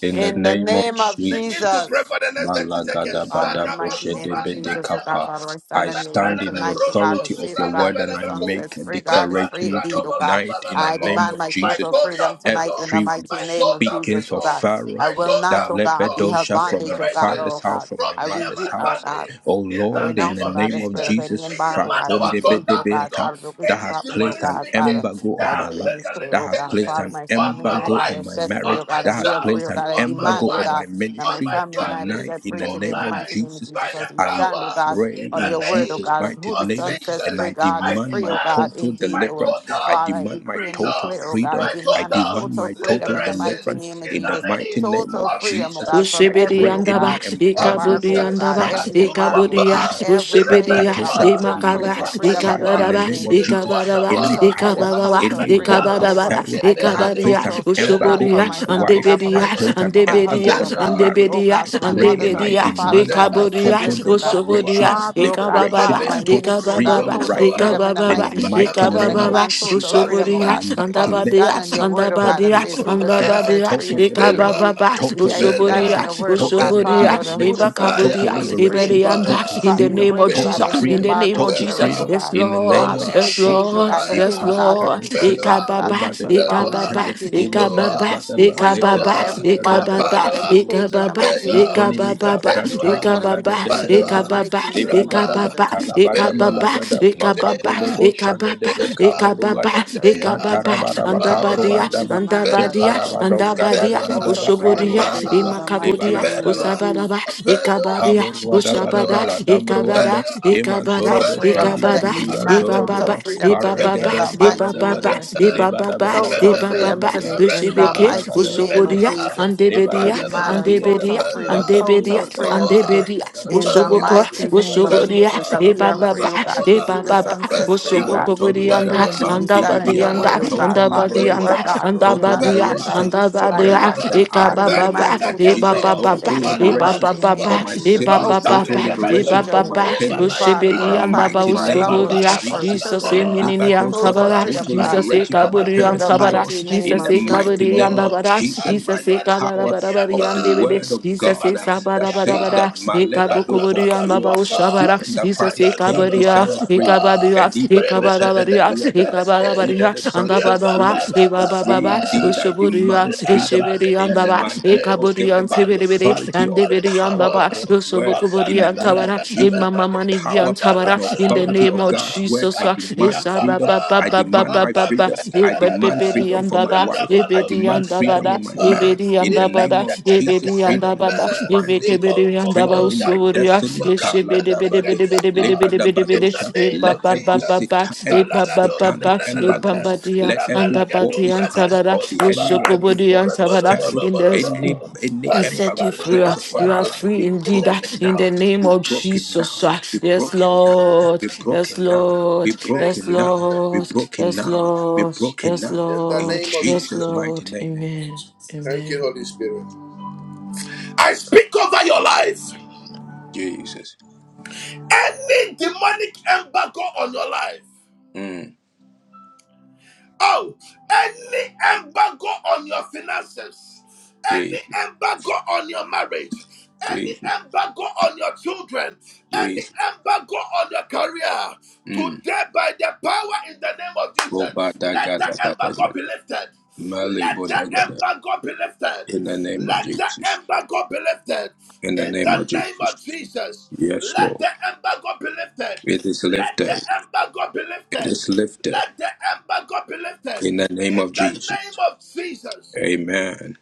S2: In the
S3: In the
S2: name of
S3: name of
S1: begin to
S2: Jesus.
S1: pray
S3: Jesus.
S1: for the next 30 seconds.
S3: Father, in the mighty name of Jesus, oh God,
S2: Malagadabadaboshedebedekapa.
S1: Shadabazubaligadiyapa.
S3: Father, I
S1: My
S3: stand
S2: I
S3: on your
S2: stand
S3: word
S2: in the
S3: tonight, oh God, and
S2: authority of
S3: says, oh
S2: your
S3: God,
S2: word
S3: who
S2: and
S3: the
S2: I
S3: Son
S2: make
S3: sets
S2: a
S3: free, God is free
S2: declaration
S3: indeed, oh God.
S2: tonight in the
S3: I
S2: name
S3: demand
S2: of
S3: my
S2: Jesus.
S3: total
S1: total
S3: freedom tonight
S1: freedom,
S3: in the
S2: Every
S3: mighty
S1: my
S3: name of
S1: total
S2: speakings
S3: Jesus, oh
S2: of
S1: freedom,
S3: God.
S2: Pharaoh
S3: I
S1: my
S3: will not,
S2: that
S1: total
S3: oh God, be
S1: freedom,
S3: held
S2: lepedosha from
S3: bondage,
S2: my
S3: oh God,
S1: liberation
S2: father's
S3: oh
S2: house,
S3: God.
S2: from my
S1: from
S3: I
S1: me
S3: will
S1: and
S2: mother's
S1: my
S3: be, oh
S2: house.
S3: God,
S1: family.
S2: Oh
S1: In
S3: I
S1: the
S2: Lord, in
S1: name
S2: the
S3: renounce, oh
S1: of
S3: God, the
S2: name of
S3: spirit of
S1: Jesus,
S3: any
S2: Jesus,
S1: we
S3: embargo,
S1: demand
S3: God, any
S1: our
S3: cage, oh
S1: total
S3: God,
S2: fratondebedebeata,
S1: freedom.
S3: Father, don't be
S2: that
S1: Any
S2: has
S3: stop me, oh
S2: placed
S1: demonic
S2: an
S3: God, Father.
S1: speaking
S2: embargo on
S3: I
S2: my
S1: that has
S3: decree and
S1: placed
S2: life,
S1: a
S3: declare,
S2: that
S3: oh
S2: has
S3: God,
S1: limitation
S2: placed
S3: Father,
S2: an
S3: my
S1: on
S3: family and
S1: my
S3: I,
S2: embargo
S3: God,
S2: on
S3: are
S1: life,
S2: my
S3: set
S2: my
S3: free, oh
S2: marriage,
S1: on my
S3: God,
S2: that has
S3: we are free,
S1: child,
S2: placed
S3: oh
S2: an
S3: God. I
S1: on my
S2: embargo
S3: demand, oh
S2: on my
S3: God,
S1: wife,
S3: that my
S1: on
S2: ministry
S1: my
S3: family and I be
S1: family
S2: tonight.
S3: set
S2: In
S3: free
S2: the
S3: today in
S2: name
S3: the
S2: of
S3: mighty
S1: tonight
S3: name of
S2: Jesus,
S1: by
S3: Jesus
S1: the
S3: as we
S2: I
S3: stand, oh
S1: power
S3: God.
S1: in
S2: pray
S3: On
S2: in
S3: your
S1: the
S3: word, oh
S1: name
S2: Jesus'
S3: God, and who
S2: mighty
S3: the
S1: of
S2: name
S3: Son sets
S2: and
S3: free,
S1: Jesus.
S2: I
S3: God
S1: I
S3: is
S2: demand
S3: free,
S2: my
S3: oh
S1: demand
S3: God,
S2: total
S3: indeed,
S1: my
S3: Lord.
S2: deliverance. I
S1: total
S3: Father, I
S2: demand my
S3: decree and
S2: total
S1: freedom,
S3: declare, oh God, I
S2: freedom.
S1: my
S2: I
S3: demand a
S1: total
S2: demand
S3: total
S2: my
S3: freedom
S2: total
S3: in the
S1: liberation
S3: mighty
S2: deliverance
S3: name of
S1: in
S2: in the
S3: Jesus.
S1: the
S2: mighty
S1: name
S2: name of
S3: Total
S1: of
S3: freedom, oh
S2: Jesus.
S3: God,
S1: Jesus.
S3: from
S2: I
S4: Ushibidi
S3: every,
S2: pray
S3: oh God
S2: any
S4: yandabash,
S1: Of
S2: embargo
S3: embargo,
S4: ikabudi
S2: from
S3: oh
S2: the
S1: Jesus.
S3: God,
S2: side
S4: yandabash,
S3: every
S2: of my
S3: embargo,
S4: ikabudi
S3: oh
S2: marriage,
S3: God,
S1: Asunuapa,
S4: yash,
S3: every
S4: ushibidi
S3: cage, oh
S4: yash,
S3: God, I
S2: Frakatosha
S1: Repelipa,
S3: demand
S2: from my
S3: total
S4: imakabash,
S2: wife's
S3: freedom in the
S2: side in
S1: Ipapaipa,
S2: the
S3: mighty
S4: ikabadabash,
S2: name
S3: name
S2: of
S3: of Jesus.
S2: Jesus.
S4: ikabadabash,
S2: any
S3: Total
S1: Iluatapa,
S2: power,
S3: freedom,
S4: ikabadabash,
S3: total
S2: any
S3: freedom,
S2: voice
S1: Asibelia,
S2: of
S3: Jehovah.
S4: ikabadabash,
S2: Pharaoh
S3: I
S2: that has
S3: demand
S1: Ebe,
S4: ikabadi
S2: placed
S4: yash,
S2: an
S3: total freedom, oh
S1: Belua,
S3: God,
S2: embargo
S4: ushubudi
S3: for
S2: on
S4: yash,
S2: my
S3: myself, oh
S2: wife,
S3: God, for
S4: andebedi
S2: has
S3: my
S4: yash,
S2: placed
S3: children,
S2: an
S3: for my
S4: andebedi
S2: embargo
S3: husband, oh
S4: yash,
S2: on our
S3: God,
S1: Belua,
S2: marriage,
S3: oh
S4: andebedi
S2: I
S3: God,
S4: yash,
S3: for my
S2: pray
S3: mother's
S2: and
S4: andebedi
S3: house,
S2: I
S3: my
S4: yash,
S3: father's
S2: demand
S3: house, my
S1: Zeba,
S2: our
S4: ikabudi
S2: total
S4: yash,
S3: siblings, oh God.
S4: ushubudi
S2: liberation,
S1: Papua,
S4: yash,
S3: Father, oh God,
S2: liberation,
S3: Father,
S4: ikabababash,
S2: our
S3: my
S1: Repepea,
S2: total
S3: ministry, oh God,
S2: freedom
S4: ikabababash,
S3: total
S2: right
S1: Romonua,
S2: now
S3: freedom in the
S2: in the
S3: mighty
S4: ikabababash,
S3: name of
S2: mighty
S3: Jesus. I
S1: Ibalabalaba,
S2: name of
S3: demand
S4: ikabababash,
S3: total
S2: Jesus.
S3: freedom, oh
S4: ushubudi
S2: In the
S3: God,
S4: yash,
S1: Bazumbaniapa,
S3: as
S2: mighty
S3: we
S2: name
S4: andabadi
S3: stand
S2: of
S4: yash,
S3: on your
S2: Jesus,
S3: word, oh God,
S2: total
S4: andabadi
S3: that
S4: yash,
S3: says, Who the
S2: liberation,
S3: Son
S1: Kobabaya,
S4: andabadi
S3: says
S4: yash,
S3: free
S2: total
S3: is free
S1: Belua,
S3: indeed.
S2: liberation,
S3: We
S2: total
S3: ask
S4: ikabababa,
S3: that
S4: Osogoria,
S3: on
S1: Belua,
S2: liberation,
S3: your word, oh
S2: total
S3: God,
S2: re-
S1: Belua,
S4: Osogoria,
S3: Father, that who the
S2: liberation,
S3: Son sets
S1: Paya,
S2: total
S4: Ibakaburia,
S3: free is free
S2: liberation,
S3: indeed.
S4: Iberianda,
S2: total
S1: Paya,
S4: in the
S3: Father, we
S2: freedom,
S4: name
S3: break,
S4: of
S3: oh God,
S2: total
S4: Jesus,
S1: Belua,
S3: every
S4: in
S2: freedom,
S4: the name
S3: embargo
S4: of
S2: total
S3: spirit,
S4: Jesus,
S3: oh
S1: Belua,
S2: freedom.
S4: yes,
S3: God.
S2: In the name
S4: Lord,
S3: Father,
S2: of
S3: every
S1: Belua,
S4: yes,
S3: cage, oh
S2: Jesus.
S4: Lord,
S3: God, look in,
S4: yes,
S3: oh
S1: Paya,
S3: God, to
S4: Lord,
S2: Ipadikado
S3: keep us
S2: shende,
S3: trapped, oh
S1: Belua,
S3: God, to
S4: Ikababa,
S3: keep
S2: lebade
S3: us
S2: bako
S3: bound in the
S1: Belua,
S4: Ikababa,
S2: shende,
S3: mighty name of
S2: leba da
S3: Jesus.
S2: da
S4: Ikababa,
S2: ba
S1: Azua,
S2: da
S3: We
S2: ba
S3: break
S2: le
S3: out
S2: da
S3: of
S4: Ikababa,
S2: da ba, lemandada
S3: every
S1: Azua,
S2: badaba,
S3: embargo, oh
S2: ledada badadada,
S4: Ikababa,
S3: God,
S1: Apalua,
S3: every cage
S2: kaburuada,
S3: in the
S4: Ikababa, Ikababa,
S3: mighty name
S1: Apelua,
S3: of Jesus.
S2: litonimika
S4: Ikababa,
S3: We
S2: branta,
S3: break
S1: Atenua,
S3: out of it
S4: Ikababa,
S2: malabede
S3: today
S4: Ikababa,
S3: in the
S1: Apalua,
S2: belebede,
S4: Ikababa,
S3: mighty name of
S2: lebagadaga,
S1: Araba,
S3: Jesus.
S2: da,
S1: Apelua,
S2: malagada,
S4: Ikababa,
S1: Sea,
S2: makadolobo shande
S4: Ikababa,
S2: debe
S1: Jaya,
S3: Every
S4: Ikababa,
S2: kaburuada,
S3: embargo,
S1: Jaya,
S3: every cage, oh
S4: Ikababa,
S3: God, we break
S2: matarabaraba
S3: out of it, oh
S4: Andabadia,
S1: Power,
S3: God, we
S2: kabruandaba,
S3: demand, oh God,
S4: Andabadia,
S1: Belua,
S3: total freedom,
S2: imparabadoska
S4: Andabadia,
S1: Belua,
S3: total
S2: badabadaba kabruandaba, ba. da ba
S3: freedom
S2: kaburu
S1: Apa,
S3: today
S2: anda
S4: Usuburia,
S3: in
S2: ba
S3: the mighty
S2: impara ba doska ba da ba da ba kaburu
S4: imakabudia,
S2: anda ba leba da ba da
S3: name
S2: ba
S3: of
S1: Apelua,
S3: Jesus.
S4: usabadaba,
S1: Apelua,
S4: ikabadia,
S2: Tabor
S4: ushabada,
S1: Asulua,
S2: Badabala Dambro
S4: ikabada,
S2: anda
S1: Jaya,
S4: ikabada,
S3: total
S2: Imantorobo
S3: freedom
S1: Asulua,
S2: Shanti
S3: today.
S4: ikabada,
S3: We
S2: Bidibi
S3: demand
S1: Arambe,
S3: total
S4: ibababa,
S2: Antoroboa
S3: freedom today
S4: ibababa,
S1: Arambe,
S3: in the
S2: Paragedos
S3: mighty
S4: ibababa,
S3: name
S2: Kavadabada
S3: of
S1: Arambe,
S3: Jesus.
S2: Lebada
S4: ibababa,
S2: Bada
S3: Total
S2: Bada
S1: Arambe,
S2: Bada
S3: freedom
S4: ibababa,
S2: Bada
S3: today in the
S1: Arenua,
S4: usibike,
S2: Lebada
S3: mighty
S2: Bada Bada
S3: name of
S4: usubudia,
S2: Yadaba
S1: Arenua,
S3: Jesus. We
S2: Lebada
S4: andebedia,
S2: Bada
S1: Apalua,
S3: demand
S2: Bada
S3: a total
S4: andebedia,
S2: Yadaba
S1: Apelua,
S3: freedom,
S2: Lata Bru
S4: andebedia,
S3: total
S2: anda
S3: freedom
S2: Balaba
S3: today
S1: Asoa,
S4: andebedia,
S2: Yadabo
S3: in the
S4: usuboko,
S2: Ebo
S1: Asoa,
S3: mighty name of
S2: Adabadaba
S4: usubudia,
S3: Jesus.
S1: Asolua,
S3: That we are
S2: Alaborobo
S3: free,
S4: ibababa,
S3: oh God,
S2: Shanti
S3: because
S1: Avalua,
S3: who the
S2: Bidibi
S4: ibababa,
S3: Son
S2: Anta
S3: says free, oh
S1: Selua,
S4: usuboko
S3: God, is
S2: Libantoruada
S3: free
S4: budianda,
S1: Selua,
S3: and we
S2: Manti
S3: stand on your
S1: Apa.
S2: Dibiada
S4: andabadianda,
S3: word, oh God.
S2: Total
S3: Father, you
S4: andabadianda,
S3: are
S2: Liberation
S1: Benua,
S3: God, Lord. You're
S2: Total
S3: not a
S4: andabadia,
S3: man,
S1: Benua,
S3: God,
S2: liberation
S3: that you should
S2: for
S3: lie,
S2: my
S4: andabadia,
S3: oh God.
S2: wife and
S1: Renua.
S2: I
S3: Father, we
S2: in the
S1: 30
S4: ikabababa
S3: demand
S2: name of
S4: ba, e
S3: total
S1: seconds
S4: ba
S2: Jesus.
S4: ba
S3: freedom
S1: more.
S4: ba ba,
S3: today
S2: Total
S3: in the
S4: e ba
S2: liberation
S4: ba
S3: mighty
S4: ba
S3: name
S1: Balabaliapa.
S2: for
S4: ba,
S3: of
S2: my
S4: e
S3: Jesus.
S4: ba ba
S2: siblings.
S3: Total
S4: ba
S1: Total
S2: Total
S4: ba,
S3: freedom
S4: e
S3: today,
S4: ba
S2: liberation
S1: liberation.
S2: for
S4: ba
S2: my
S4: ba.
S3: Jehovah.
S2: parents
S3: Father,
S2: in
S3: for
S2: the
S4: Ushibidi
S3: our
S1: Ibabayaba.
S4: anda
S3: family,
S2: mighty
S3: for our
S2: name
S3: loved
S2: of
S3: ones, oh God, for our
S2: Jesus.
S4: Jesus
S3: children,
S4: e
S3: oh
S1: Yepapalabalabako.
S3: God.
S4: minini
S2: Nendibadoska,
S3: Total
S2: but
S4: antabara.
S3: freedom,
S2: Total
S3: God,
S4: Jesus e
S2: liberation
S1: Bayabayada.
S2: for my
S4: kaburi
S3: in
S2: parents
S3: the
S2: in
S4: antabara.
S2: laws
S3: mighty name
S2: in
S4: Jesus
S2: the
S3: of
S4: e
S3: Jesus.
S2: mighty
S1: Adimaniminiapa.
S4: kaburi
S2: name of
S4: andabara.
S2: Jesus by
S4: Jesus
S2: the
S4: e kabara
S2: power
S4: bara bari
S1: Adimaniminiapa.
S2: of the
S4: andebede.
S2: word of
S4: Jesus
S2: God
S4: e
S2: uh, that
S4: sabara bara
S1: Sebabiniapa.
S2: says
S4: bara.
S2: that
S4: E
S2: Malebado for
S4: kabukuri
S2: it
S4: andaba
S2: was for
S1: Randodododuapa.
S4: ushabara.
S2: freedom that
S4: Jesus e
S2: Christ came to
S4: kabaria.
S2: set us us
S4: E
S1: ba.
S2: free.
S4: kabadia.
S2: And he
S4: E
S2: but don't
S4: kabara
S2: the bed
S4: baria.
S2: the
S4: E
S2: other. And
S4: kabara
S2: he
S1: Rebelebelebelebelebe.
S2: that
S4: baria.
S2: the Son sets
S1: ba
S4: Andabadaba.
S1: ba
S2: free
S4: E
S1: ba
S4: ba
S2: is
S4: ba
S1: ba
S4: ba
S2: free
S4: ba.
S2: indeed. I
S4: Ushuburia.
S2: demand
S4: E
S2: freedom
S4: shibiri
S2: in
S4: andaba.
S2: my
S4: e
S2: deep throats,
S4: Aburian
S2: given by the
S4: Tiberi
S2: authority
S4: and
S2: of the
S1: bale,
S4: Dibirian
S2: power
S1: baba.
S4: Baba,
S2: of God's word.
S1: Baba,
S2: In the
S4: Usobukuburian
S1: lebe,
S2: name of
S4: Tabara,
S1: lebe,
S2: Jesus, by
S4: Imama
S1: lebe.
S2: the power
S4: Manigian
S1: Papa la
S4: Tabara,
S2: and
S1: ba la
S4: in the
S1: ba
S2: authority
S1: la
S4: name
S1: ba.
S2: of
S4: of
S2: God's word,
S4: Jesus,
S2: I
S4: uh,
S1: Apia
S2: demand
S4: Isa
S2: freedom.
S1: papa.
S4: Baba
S2: I
S4: Baba
S2: demand
S4: Baba
S2: my
S1: Apam
S4: Baba,
S2: freedom.
S1: pele
S2: I
S1: bele be.
S2: demand
S4: Ebebebedi
S2: freedom
S4: and
S2: for my
S4: Baba,
S1: Rada
S2: wife. I
S1: balom
S4: Ebedi
S2: demand
S4: and
S1: pele bele
S2: freedom
S4: Dabada,
S2: in my
S1: ba.
S2: marriage.
S4: Ebedi and
S2: In the
S4: Dabada,
S2: name of
S1: Ilanda da da da
S4: Ebedi
S2: Jesus,
S1: da
S4: and
S1: da
S2: freedom
S1: be.
S2: in
S4: Dabada,
S2: my finances,
S1: Ikon
S4: Ebekebedi and
S1: koko
S4: Daba
S2: freedom in my
S1: yandu
S4: Usuria,
S2: destiny.
S1: gadua kandela
S4: Eshebede
S1: da
S4: Bede
S2: Kaladabade,
S4: Bede
S1: gadia
S4: Bede
S1: ba.
S4: Bede Bede Bede
S1: In
S4: Bede,
S1: the
S2: lebadabadosha.
S1: name of
S4: Ebaba
S2: Let
S4: Baba
S2: every
S1: Jesus.
S4: Baba,
S2: satan, and
S4: Ebaba
S1: Salalalonda
S2: satanic
S4: Baba,
S1: la la la me.
S2: embargoes,
S4: Ebambadia,
S2: let
S4: and
S2: every
S1: Rabela
S4: Dabadi
S2: voice
S1: gadumbra
S4: and
S1: da
S2: uh,
S1: me
S4: Tabada,
S1: no
S2: of the
S1: saba.
S2: enemy, every
S4: Ushokobodi and
S2: voice of
S1: Rebolo
S4: Tabada,
S2: Pharaoh,
S1: bolo
S4: in
S1: bolo
S4: the
S2: any,
S1: bolo,
S2: any
S4: and
S1: Pali
S4: set
S2: embargo
S4: you
S1: pali
S4: free. uh,
S2: placed
S1: pali
S2: upon
S4: You
S2: our
S4: are
S1: apa.
S2: life
S4: free
S2: be
S1: In
S4: indeed
S1: the
S4: uh,
S2: broken
S1: name
S4: in the
S1: of
S2: now,
S1: Jesus.
S4: name
S2: be
S4: of
S2: broken now,
S4: Jesus. uh,
S2: be
S4: Yes,
S2: broken now,
S4: Lord.
S2: be
S4: Yes,
S2: broken now, be
S4: Lord.
S1: Thank
S4: Yes,
S2: broken
S1: you,
S2: now,
S1: Jesus.
S2: be
S4: Lord.
S2: broken
S4: Yes,
S2: now, be
S4: Lord.
S2: broken
S4: Yes,
S2: now.
S1: In the
S2: In
S4: Lord.
S1: name of
S4: Yes,
S2: Jesus'
S1: Jesus.
S2: mighty
S4: Lord.
S2: name.
S4: Amen.
S1: Thank you,
S4: Amen.
S1: Holy Spirit. I speak over your life.
S2: Jesus.
S1: Any demonic embargo on your life.
S2: Mm,
S1: Oh, any embargo on your finances.
S2: Jesus.
S1: Any embargo on your marriage. any
S2: Jesus.
S1: embargo on your children, any
S2: Jesus.
S1: embargo on your career,
S2: Mm.
S1: today by the power in the name of Jesus, let the embargo be
S2: Robadagadabadagada.
S1: lifted. Let the
S2: Malibodagada.
S1: embargo be lifted.
S2: In the name of
S1: Let the
S2: Jesus.
S1: embargo be lifted.
S2: In the
S1: In
S2: name
S1: the
S2: of
S1: name
S2: Jesus.
S1: of Jesus,
S2: Yes,
S1: let
S2: Lord.
S1: the embargo be lifted.
S2: It is
S1: Let the
S2: lifted.
S1: embargo be
S2: It
S1: lifted.
S2: is lifted.
S1: Let the embargo be lifted.
S2: In the name of
S1: In the
S2: Jesus.
S1: name of Jesus,
S2: Amen.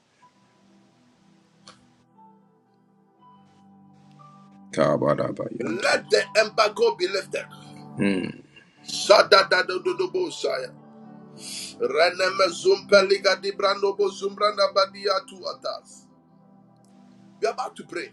S2: Kabadabayanto.
S1: let the embargo be lifted.
S2: Mm.
S1: Shadadadadodobosaya. Renemezumpeliga tu atas. We're about to pray.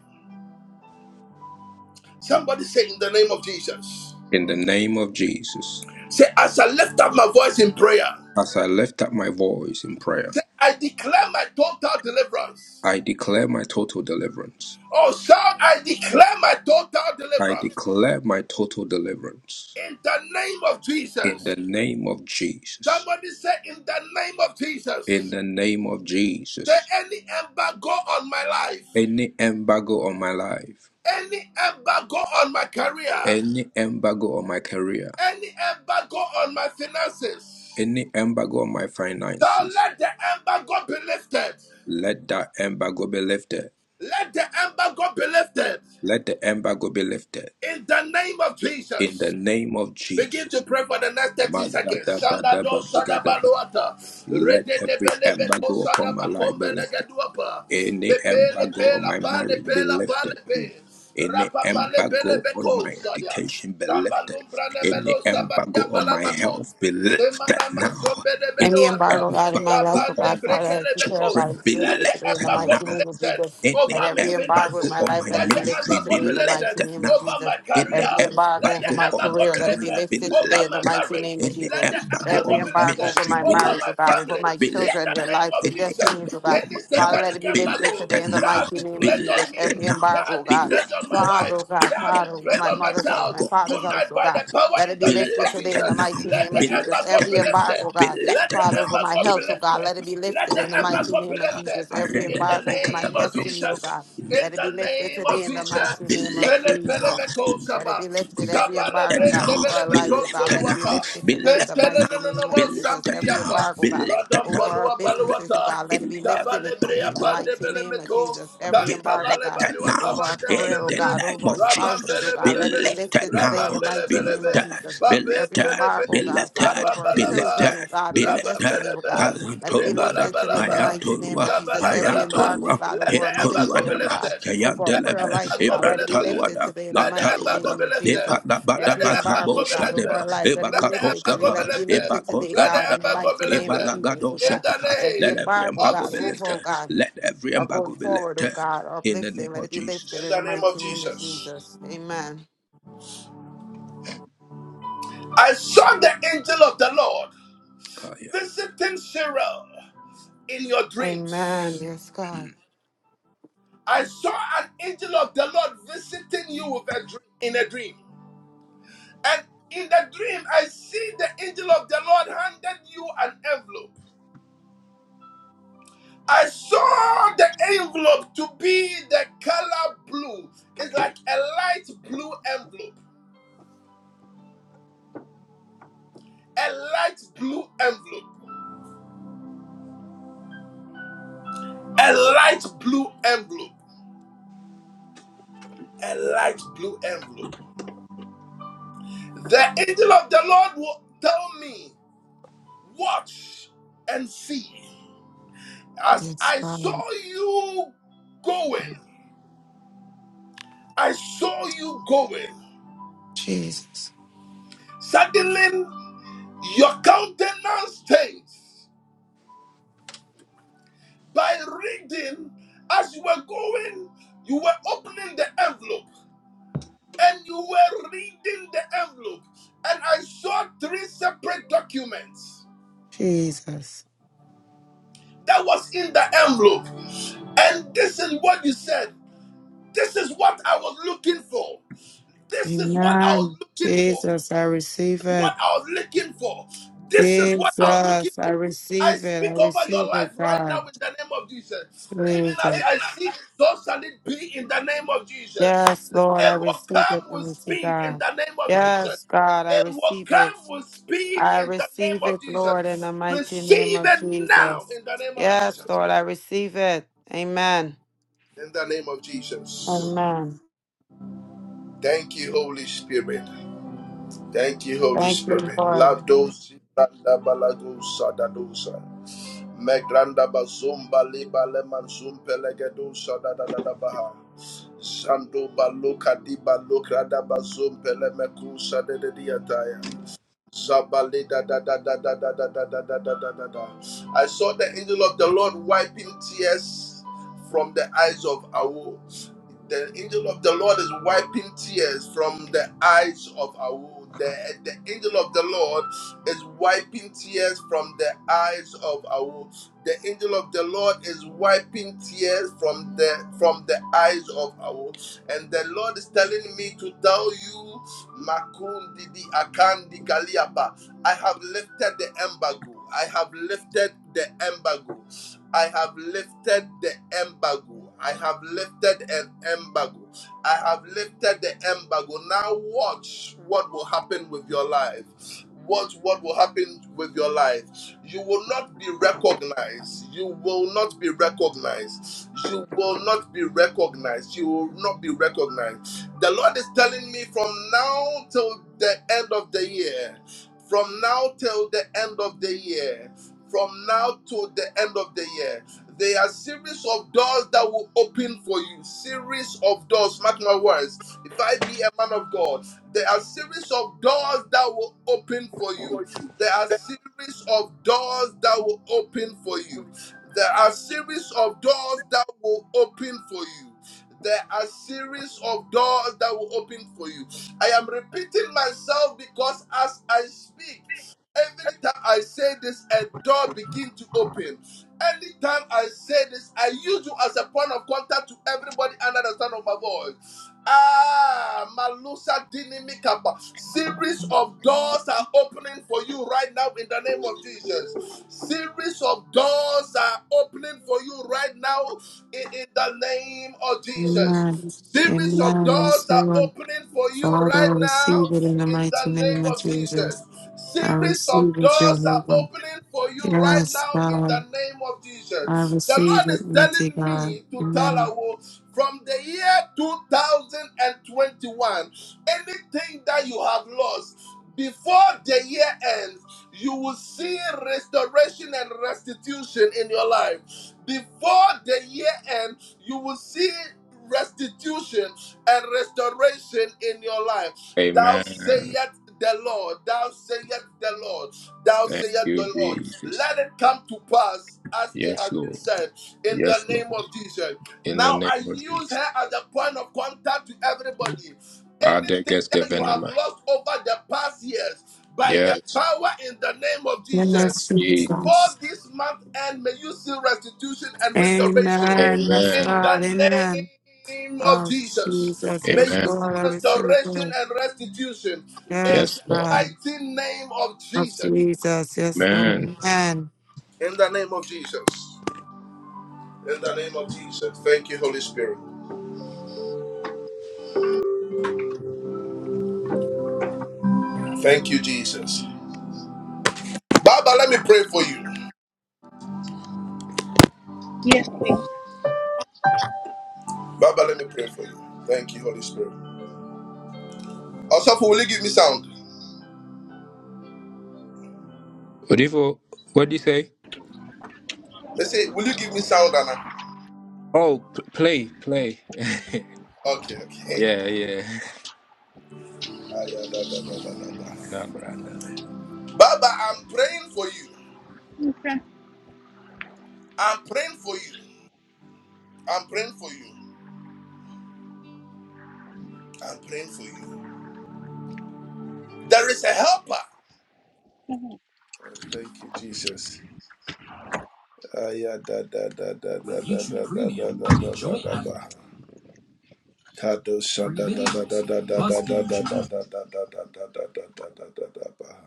S1: Somebody say in the name of Jesus.
S2: In the name of Jesus.
S1: Say, as I lift up my voice in prayer,
S2: As I lift up my voice in prayer,
S1: say, I declare my total deliverance.
S2: I declare my total deliverance.
S1: Oh, shout, I declare my total
S2: I
S1: deliverance
S2: declare my total deliverance.
S1: in the name of
S2: In the
S1: Jesus.
S2: name of Jesus.
S1: Somebody say, in the name of
S2: In
S1: Jesus.
S2: the name of
S1: Say,
S2: Jesus.
S1: any embargo on my life,
S2: any embargo on my life,
S1: any embargo on my career,
S2: any embargo on my career,
S1: Any embargo on my finances,
S2: any embargo on my
S1: So
S2: finances.
S1: let the embargo be lifted.
S2: Let that embargo be lifted.
S1: Let the embargo be lifted.
S2: Let the embargo be lifted
S1: In the name of
S2: in the
S1: Jesus.
S2: name of
S1: Begin
S2: Jesus.
S1: to pray for the next 30 seconds. Shanda do
S2: Magadabadabadagadaba. Let
S1: Rede de
S2: every
S1: bele be do
S2: embargo upon
S1: shada
S2: my life
S1: bakombe
S2: be lifted.
S1: lege duapa.
S2: Any embargo
S1: pe
S2: on my marriage be lifted. Any
S1: Rapa pa le
S2: embargo on my
S1: saya.
S2: education be
S1: Shamba
S2: lifted.
S1: lumbra
S2: Any embargo
S1: sabalia
S2: on my health
S1: balamako.
S2: be lifted
S1: Semanama
S2: now.
S1: zombede
S2: Any
S3: Any
S1: bedoata.
S3: embargo, God, in my life,
S2: embargo
S3: oh
S1: Zabande
S3: God,
S2: on my
S3: Father, I take care of
S1: brekelebeko.
S2: children
S3: God, it's
S2: be
S1: Let
S3: lifted
S1: the
S3: today in the
S2: lifted
S1: embargo
S3: mighty
S1: be
S2: now.
S3: name of
S1: lifted
S3: Jesus.
S2: Any
S3: Let
S1: over my
S3: every embargo in
S2: embargo
S1: finances.
S3: my
S2: on
S3: life,
S2: my
S3: let
S1: Let
S3: it be
S1: the
S3: lifted
S2: ministry
S1: embargo
S2: be
S3: today in
S1: be
S3: the mighty
S1: lifted
S2: lifted
S3: name of
S2: now.
S1: over
S3: Jesus.
S1: my
S2: Any
S1: career.
S3: Every embargo
S1: Let the
S3: over
S2: embargo
S3: my
S2: on
S1: embargo
S2: my
S3: career,
S1: be
S3: let it be
S2: career
S1: lifted
S2: be
S3: lifted
S1: over
S3: today in the
S1: my
S2: lifted.
S3: mighty
S1: marriage.
S3: name of
S2: Any
S1: Let the
S3: Jesus.
S2: embargo
S1: embargo
S3: Every
S2: on my
S1: be
S3: embargo
S1: lifted
S3: over
S2: ministry
S3: my
S2: be
S1: over
S3: marriage, oh
S1: my
S3: God,
S2: lifted.
S3: over
S1: family.
S3: my
S2: Be
S1: In
S3: children,
S1: the
S3: their
S2: lifted.
S1: name
S3: lives, their
S1: of
S2: Any
S1: Jesus,
S3: destinies, oh God.
S2: embargo on
S1: any
S2: my
S3: Father,
S2: health
S3: let it
S1: satanic
S3: be
S2: be
S3: lifted
S1: embargo
S3: today
S2: lifted
S3: in the
S1: that
S2: now.
S1: has
S3: mighty
S1: been
S3: name
S2: Be
S3: of
S1: placed
S3: Jesus.
S1: on
S2: lifted
S1: me
S3: Every
S2: now.
S1: that
S3: embargo,
S1: has
S3: oh
S1: been
S2: Be
S3: God.
S1: placed on
S2: lifted
S1: my
S2: now.
S1: wife,
S3: Father, oh God,
S1: that has
S2: Any
S1: been
S3: Father, over
S1: placed
S3: my
S1: on my
S3: mother's house,
S1: child,
S3: my
S2: embargo
S3: father's house,
S1: tonight
S3: oh
S1: by
S3: God.
S1: the power
S3: Let it
S1: in
S3: be
S1: the
S2: be
S1: name
S3: lifted
S1: of
S3: today in
S2: lifted
S3: the
S2: now.
S1: Jesus,
S3: mighty
S1: let
S3: name
S1: the
S3: of
S2: Be
S3: Jesus.
S1: embargo
S3: Every
S2: lifted
S1: be
S2: now.
S1: lifted.
S3: embargo,
S2: Be
S3: God,
S1: Let
S2: lifted
S1: the
S3: Father,
S2: now.
S3: over my
S1: embargo be
S3: health, oh
S2: Any
S3: God,
S1: lifted.
S3: let it be
S1: Let
S3: lifted
S1: the
S3: in the mighty
S2: goal.
S1: embargo be
S3: name of
S1: lifted.
S3: Jesus.
S2: I
S3: Every
S2: read
S1: In
S2: the
S1: the
S3: embargo
S2: back
S3: over
S2: of
S3: my
S2: the
S1: name of
S2: battle.
S3: destiny, oh God,
S1: Jesus. In
S3: let
S2: sheet.
S3: it
S1: the
S3: be lifted
S1: name
S2: Be
S3: today
S1: of
S3: in the
S1: Jesus.
S3: mighty name of
S2: lifted
S1: Selepele
S2: now.
S1: me
S3: Jesus.
S2: Be
S1: ko
S2: lifted
S3: Let it
S1: saba.
S3: be lifted, every
S1: Saba
S3: embargo, God,
S2: now.
S1: lebrente
S3: over our
S1: bele me
S2: Be
S3: lives, oh
S1: tonto
S3: God,
S2: lifted
S3: let it be
S2: now.
S1: luata.
S3: lifted
S2: Be
S3: today in the
S2: lifted now. Be lifted
S1: Tentele
S2: now.
S1: no
S3: mighty
S1: no no
S3: name of
S1: mo
S2: Be
S3: Jesus.
S2: lifted
S3: Every
S2: now.
S1: sampiapa.
S2: Be
S3: embargo, God,
S2: lifted
S1: Radon
S2: now.
S3: over our
S1: palua
S3: businesses, oh God,
S1: paluata.
S3: let it
S2: In
S3: be
S2: heaven.
S3: lifted today
S1: Shabalebrea
S3: in the
S2: Be
S3: mighty name of
S1: pandebelemeto,
S3: Jesus. Every embargo, God
S2: lifted
S1: tantabalebaliwa
S2: now.
S3: over our
S2: In
S3: career, oh
S2: the
S1: kabandebeleme,
S3: God,
S2: name
S3: over our
S2: of
S3: spouses, oh
S2: Jesus. Be
S3: God. Let it
S1: rabambelebelebe,
S3: be
S2: lifted
S3: lifted today
S2: now.
S3: in the mighty
S2: Be
S3: name
S1: rabambelebelebe,
S3: of
S2: lifted.
S3: Jesus.
S2: Be
S3: Every
S2: lifted.
S1: babebelebe,
S3: embargo, oh
S2: Be
S3: God, Father,
S2: lifted.
S3: over our
S2: Be
S1: rabambalaba,
S3: children, oh
S2: lifted.
S3: God,
S2: Be
S3: their destiny,
S2: lifted.
S3: oh
S1: rabambelebe,
S3: God.
S2: La
S3: Let it be
S2: antoruada.
S3: lifted today
S2: My
S3: in the
S1: rebalabalaba,
S3: mighty name
S2: antorua.
S3: of Jesus.
S2: My
S3: Every
S1: shabalabalaba.
S3: embargo, oh
S2: antorua.
S3: God,
S1: Let
S3: over
S1: the
S3: our ministry,
S1: embargo be
S3: oh
S2: Etoruada.
S3: God,
S1: lifted.
S3: over our
S1: Let the
S3: prayer
S2: Yandelebe,
S3: life, oh
S1: embargo
S3: God.
S1: be
S3: Let it be
S1: lifted.
S3: lifted
S2: Ibrantaluada,
S3: today in the
S1: Let the
S3: mighty
S1: embargo
S2: Bantaluada,
S3: name
S1: be
S3: of
S1: lifted.
S3: Jesus.
S2: Epata Bata
S1: Let the
S3: Every embargo,
S1: embargo
S2: Bakabo
S3: oh
S1: be
S3: God, over
S2: Shadeba,
S1: lifted.
S3: our lives, let it be
S1: Let the
S3: lifted today.
S1: embargo be
S2: Ebakatoskaba,
S3: Let it be
S1: lifted.
S3: lifted today,
S1: Let the
S3: God, in the
S2: Ebakoskabadaba,
S1: embargo
S3: mighty
S1: be
S3: name of
S1: lifted.
S3: Jesus,
S2: Ebalagado
S3: oh
S1: In
S3: God.
S1: the
S2: Shadeha.
S3: Every
S2: Let
S1: name
S2: every
S3: embargo, oh
S1: of
S2: embargo
S3: God,
S2: be
S3: over,
S2: lifted.
S1: Jesus.
S3: oh God
S2: Let every
S3: are going
S2: embargo be
S3: forward, oh
S2: lifted.
S3: God,
S2: In the
S3: uplifting.
S2: name
S3: Let
S2: of
S3: it be lifted
S1: In
S3: in
S2: Jesus.
S3: the
S1: the name of
S3: mighty name of
S1: Jesus.
S3: Jesus. Amen.
S1: I saw the angel of the Lord
S2: Kaya.
S1: visiting Cheryl in your
S3: Amen.
S1: dreams.
S3: Yes, God.
S1: I saw an angel of the Lord visiting you with a dream, in a dream. And in the dream, I see the angel of the Lord handed you an envelope. I saw the envelope to be the color blue. It's like a light blue envelope. A light blue envelope. A light blue envelope. a light blue envelope. The angel of the Lord will tell me, Watch and see. As
S3: Yes,
S1: I
S3: God.
S1: saw you going, I saw you going.
S3: Jesus.
S1: Suddenly, your countenance changed. By reading, as you were going, you were opening the envelope and you were reading the envelope. And I saw three separate documents.
S3: Jesus.
S1: that was in the envelope. And this is what you said. This is what I was looking for. This is what I was
S3: Amen.
S1: looking for.
S3: Jesus, I
S1: This
S3: receive
S1: is
S3: it.
S1: what I was looking for. This is what I was looking
S3: Jesus, I
S1: for. I
S3: receive it. I
S1: speak over your
S3: receive
S1: life
S3: it,
S1: right now
S3: God.
S1: in the name of Jesus. Even as
S3: Jesus.
S1: I see so shall it be in the name of Jesus.
S3: Yes, Lord, I
S1: It will
S3: receive it,
S1: come with
S3: mighty
S1: speed in
S3: God.
S1: the name of Jesus.
S3: Yes, God, I
S1: It will
S3: receive it.
S1: come with speed
S3: I
S1: in the name
S3: receive
S1: of
S3: it, Lord, in
S1: Jesus.
S3: the mighty name
S1: Receive
S3: of
S1: it now
S3: Jesus.
S1: in the name of
S3: Yes,
S1: Jesus.
S3: Lord, I receive it. Amen.
S1: In the name of Jesus.
S3: Amen.
S1: Thank you, Holy Spirit. Thank you, Holy
S3: Thank you,
S1: Spirit.
S3: Lord.
S1: Lados Sanda Balago Sadadosa. Megranda Bazumba Liba Leman Zumpelegedo Sadadadabaha. Sando Baluka Diba Lukrada Bazumpele Mekusa de Diataya. Zabaleda da da da da da da da da da da da da da. I saw the angel of the Lord wiping tears from the eyes of Awu. The angel of the Lord is wiping tears from the eyes of Awu. The, the angel of the Lord is wiping tears from the eyes of Awu the angel of the Lord is wiping tears from the from the eyes of our and the Lord is telling me to tell you Makundi di Akandi Kaliaba. I have lifted the embargo. I have lifted the embargo. I have lifted the embargo. I have lifted an embargo. I have lifted the embargo. Now watch what will happen with your life what what will happen with your life you will not be recognized you will not be recognized you will not be recognized you will not be recognized the lord is telling me from now till the end of the year from now till the end of the year from now to the end of the year there are series of doors that will open for you series of doors mark my words if i be a man of god there are series of doors that will open for you. There are series of doors that will open for you. There are series of doors that will open for you. There are series of doors that will open for you. I am repeating myself because as I speak, every time I say this, a door begins to open. Anytime I say this, I use you as a point of contact to everybody under the sound of my voice. Ah, Malusa Dinimikapa. Series of doors are opening for you right now in the name of Jesus. Series of doors are opening for you right now in, in the name of Jesus.
S3: Amen.
S1: Series of
S3: Amen. Yes,
S1: doors are
S3: Lord.
S1: opening for you
S3: Father,
S1: right
S3: I
S1: now
S3: receive it in the
S1: in the
S3: mighty name
S1: name
S3: of
S1: of Jesus.
S3: Jesus. I
S1: Series of
S3: receive it,
S1: doors are
S3: Jehovah.
S1: opening for you right
S3: Yes,
S1: now in the
S3: God.
S1: name of
S3: I
S1: Jesus. The
S3: receive
S1: Lord
S3: it,
S1: is
S3: mighty
S1: telling
S3: God.
S1: me to tell
S3: Amen.
S1: you from the year 2021, anything that you have lost before the year ends, you will see restoration and restitution in your life. Before the year ends, you will see restitution and restoration in your life. Thou
S2: Amen.
S1: sayest the Lord, thou sayest the Lord, thou
S2: Thank
S1: sayest
S2: you,
S1: the Lord.
S2: Jesus.
S1: Let it come to pass as it
S2: Yes,
S1: has been
S2: Lord.
S1: said in the
S2: Yes,
S1: name
S2: Lord.
S1: of Jesus.
S2: In the
S1: Now
S2: name
S1: I use her as a point of contact to everybody.
S2: Father, of
S1: Anything
S2: Jesus.
S1: that you have lost over the past years, by the
S2: Yes.
S1: power in the name of
S3: Yes,
S1: Jesus,
S2: Jesus.
S3: Jesus.
S1: before this month end, may you see restitution and restoration
S3: Amen. Yes,
S1: in
S2: Amen.
S3: God.
S1: the
S3: Amen.
S1: name of
S3: Oh,
S1: Jesus.
S3: Jesus.
S1: May
S3: Yes,
S2: Amen.
S1: you see
S3: Lord, I receive
S1: restoration
S3: it.
S1: and restitution in
S2: Yes,
S1: the
S3: Yes,
S2: Lord.
S3: God.
S1: mighty name of
S3: Of
S1: Jesus.
S3: Jesus. Yes,
S2: Amen.
S3: Lord. Amen.
S1: In the name of Jesus. In the name of Jesus. Thank you, Holy Spirit. Thank you, Jesus. Baba, let me pray for you.
S5: Yes, please.
S1: Baba, let me pray for you. Thank you, Holy Spirit. Also, will you give me sound?
S2: What do you What do you say?
S1: They say, will you give me sound, Anna?
S2: Oh, p- play, play.
S1: Okay, okay.
S2: Yeah, yeah.
S1: Ah, yeah, da, da, da, da, da, da.
S2: Cabranda.
S1: Baba, I'm praying for you.
S5: Okay.
S1: I'm praying for you. I'm praying for you. I'm praying for you. There is a helper.
S5: Mhm.
S1: Oh, thank you, Jesus. Ah, yeah, da, da, da, da, With da, da, YouTube da, da, Premium, da, da, enjoy da, da, ad- da. Kado sha da, da, da, da, da, da, Must da, be da, da, da, da, da, da, da, da, da, da, da, da, da, ba.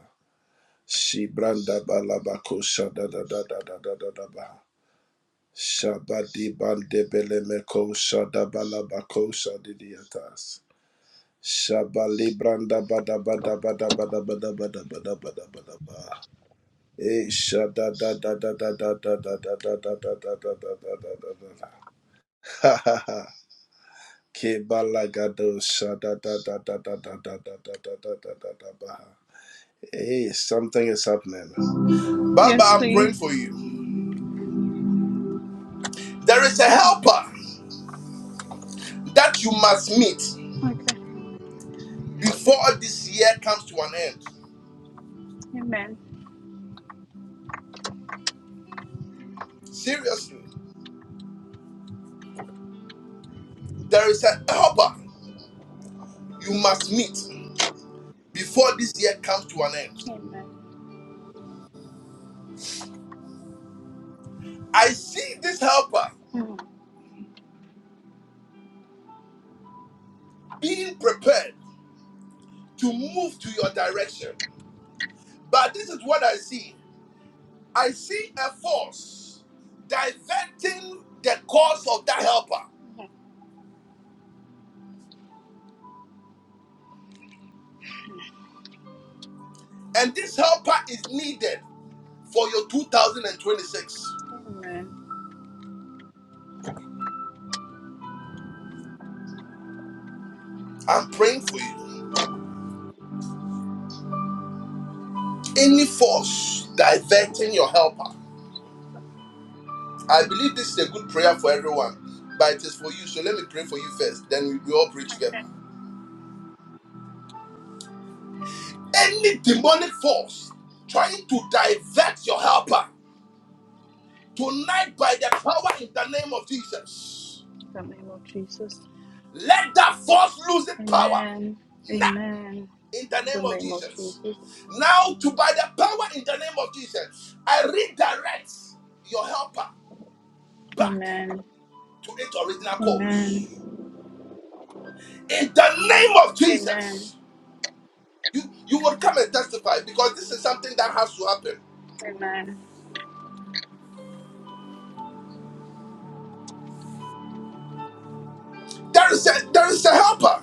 S1: Shi branda balabako sha da, da, da, da, da, da, da, da, ba. Shabadi bande bele meko sha da balabako sha di di atas. Shabali branda bada bada bada bada bada bada bada bada bada ba. Eh, sha da da da da da da da da da da da da da da da da da da da da. Ha ha ha. Ke sha da da da da da da da da da da da da da da ba. Hey, something is happening. Baba,
S5: Yes,
S1: I'm praying
S5: please.
S1: for you. There is a
S5: Mhm.
S1: helper that you must meet
S5: Okay.
S1: before this year comes to an end.
S5: Amen.
S1: Seriously, there is a helper you must meet before this year comes to an end.
S5: Amen.
S1: I see this helper
S5: Mhm.
S1: being prepared to move to your direction. But this is what I see I see a force diverting the course of that helper. And this helper is needed for your 2026.
S5: Amen.
S1: I'm praying for you. Any force diverting your helper. I believe this is a good prayer for everyone, but it is for you. So let me pray for you first, then we all pray
S5: Okay.
S1: together. Any demonic force trying to divert your helper Tonight, by the power in the name of Jesus,
S5: In the name of Jesus.
S1: let that force lose its power.
S5: Amen.
S1: Now,
S5: Amen.
S1: in the
S5: In
S1: name
S5: the
S1: of
S5: name of
S1: Jesus.
S5: Jesus.
S1: Now, to by the power in the name of Jesus, I redirect your helper back to
S5: Amen.
S1: its original course.
S5: Amen.
S1: In the name of
S5: Amen. Amen.
S1: Jesus, you, you will come and testify because this is something that has to happen. There is a, there is a helper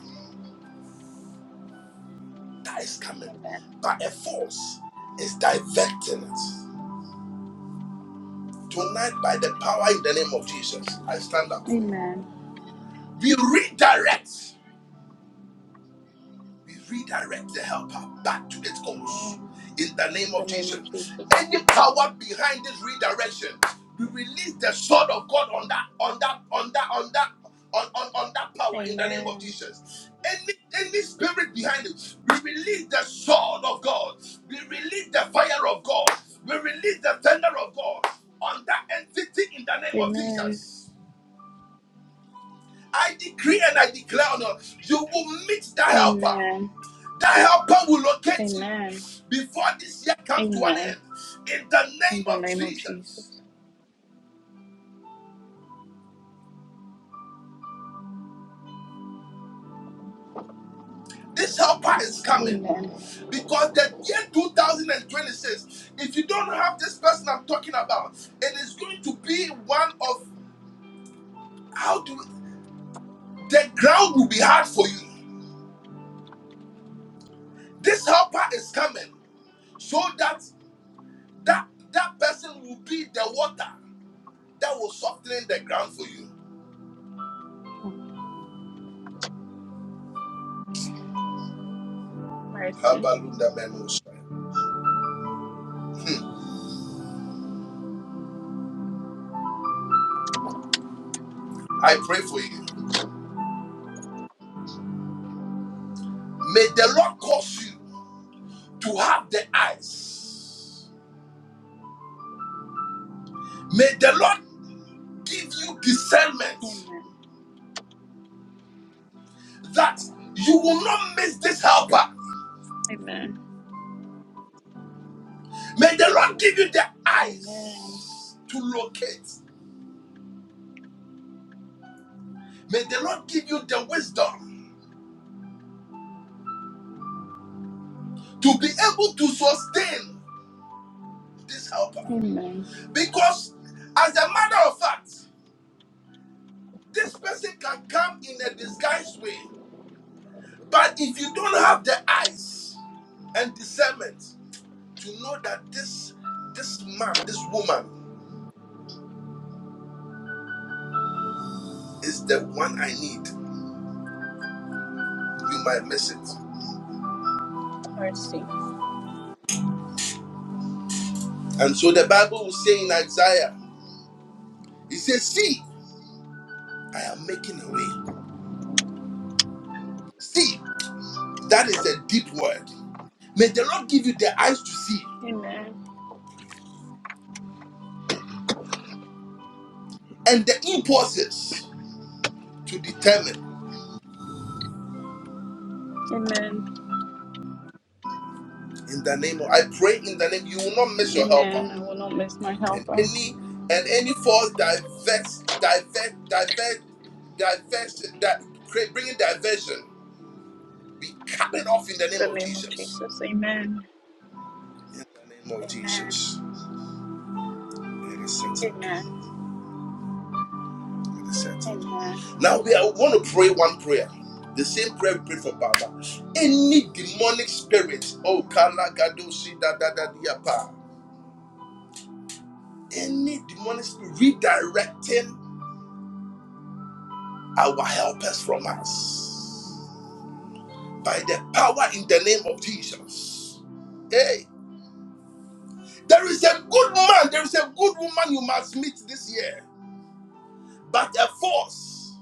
S1: that is coming,
S5: Amen.
S1: but a force is diverting it. Tonight, by the power in the name of Jesus, I stand up for you.
S5: Amen.
S1: We redirect. We redirect the helper back to its course,
S5: Amen.
S1: In the name
S5: In the
S1: of
S5: name of
S1: Jesus.
S5: Jesus.
S1: Any power behind this redirection, we release the sword of God on that, on that, on that, on that. On, on, on that power in the name of
S5: Amen.
S1: Jesus. Any any spirit behind it, we release the sword of God. We release the fire of God. We release the thunder of God on that entity in the name of
S5: Amen.
S1: Jesus. I decree and I declare on you, you will meet that helper.
S5: Amen.
S1: That helper will locate you
S5: Amen.
S1: before this year comes to an
S5: Amen.
S1: end. In the
S5: In
S1: name
S5: the
S1: of
S5: name of
S1: Jesus,
S5: Jesus.
S1: this helper is coming.
S5: Amen.
S1: Because the year 2026, if you don't have this person I'm talking about, it is going to be one of how do the ground will be hard for you. This helper is coming so that that that person will be the water that will soften the ground for you.
S5: Mercy.
S1: I pray for you. May the Lord cause you to have the eyes. May the Lord give you discernment
S5: Amen.
S1: that you will not miss this helper.
S5: Amen.
S1: May the Lord give you the eyes
S5: Amen.
S1: to locate. May the Lord give you the wisdom to be able to sustain this helper.
S5: Amen.
S1: Because, as a matter of fact, this person can come in a disguised way But if you don't have the eyes and discernment to know that this this man, this woman is the one I need, you might miss it.
S5: Mercy.
S1: And so the Bible will say in Isaiah, it says, See, I am making a way. See, that is a deep word. May the Lord give you the eyes to see
S5: Amen.
S1: and the impulses to determine.
S5: Amen.
S1: In the name of I pray in the name you will not miss your helper.
S5: Amen. I will not miss my
S1: and
S5: helper. In
S1: any and any false diverse divert divert diversion that create bringing diversion we cut it off in the name
S5: the
S1: of
S5: name of
S1: jesus
S5: Jesus. Amen.
S1: in the name of
S5: Amen.
S1: jesus it is settled
S5: Amen.
S1: it is settled
S5: Amen.
S1: now we are want to pray one prayer the same prayer we prayed for Baba. Any demonic spirit, oh Kala Gadoshi da da da diapa. Any demonic spirit redirecting our helpers from us by the power in the name of Jesus. Hey, there is a good man, there is a good woman you must meet this year, but a force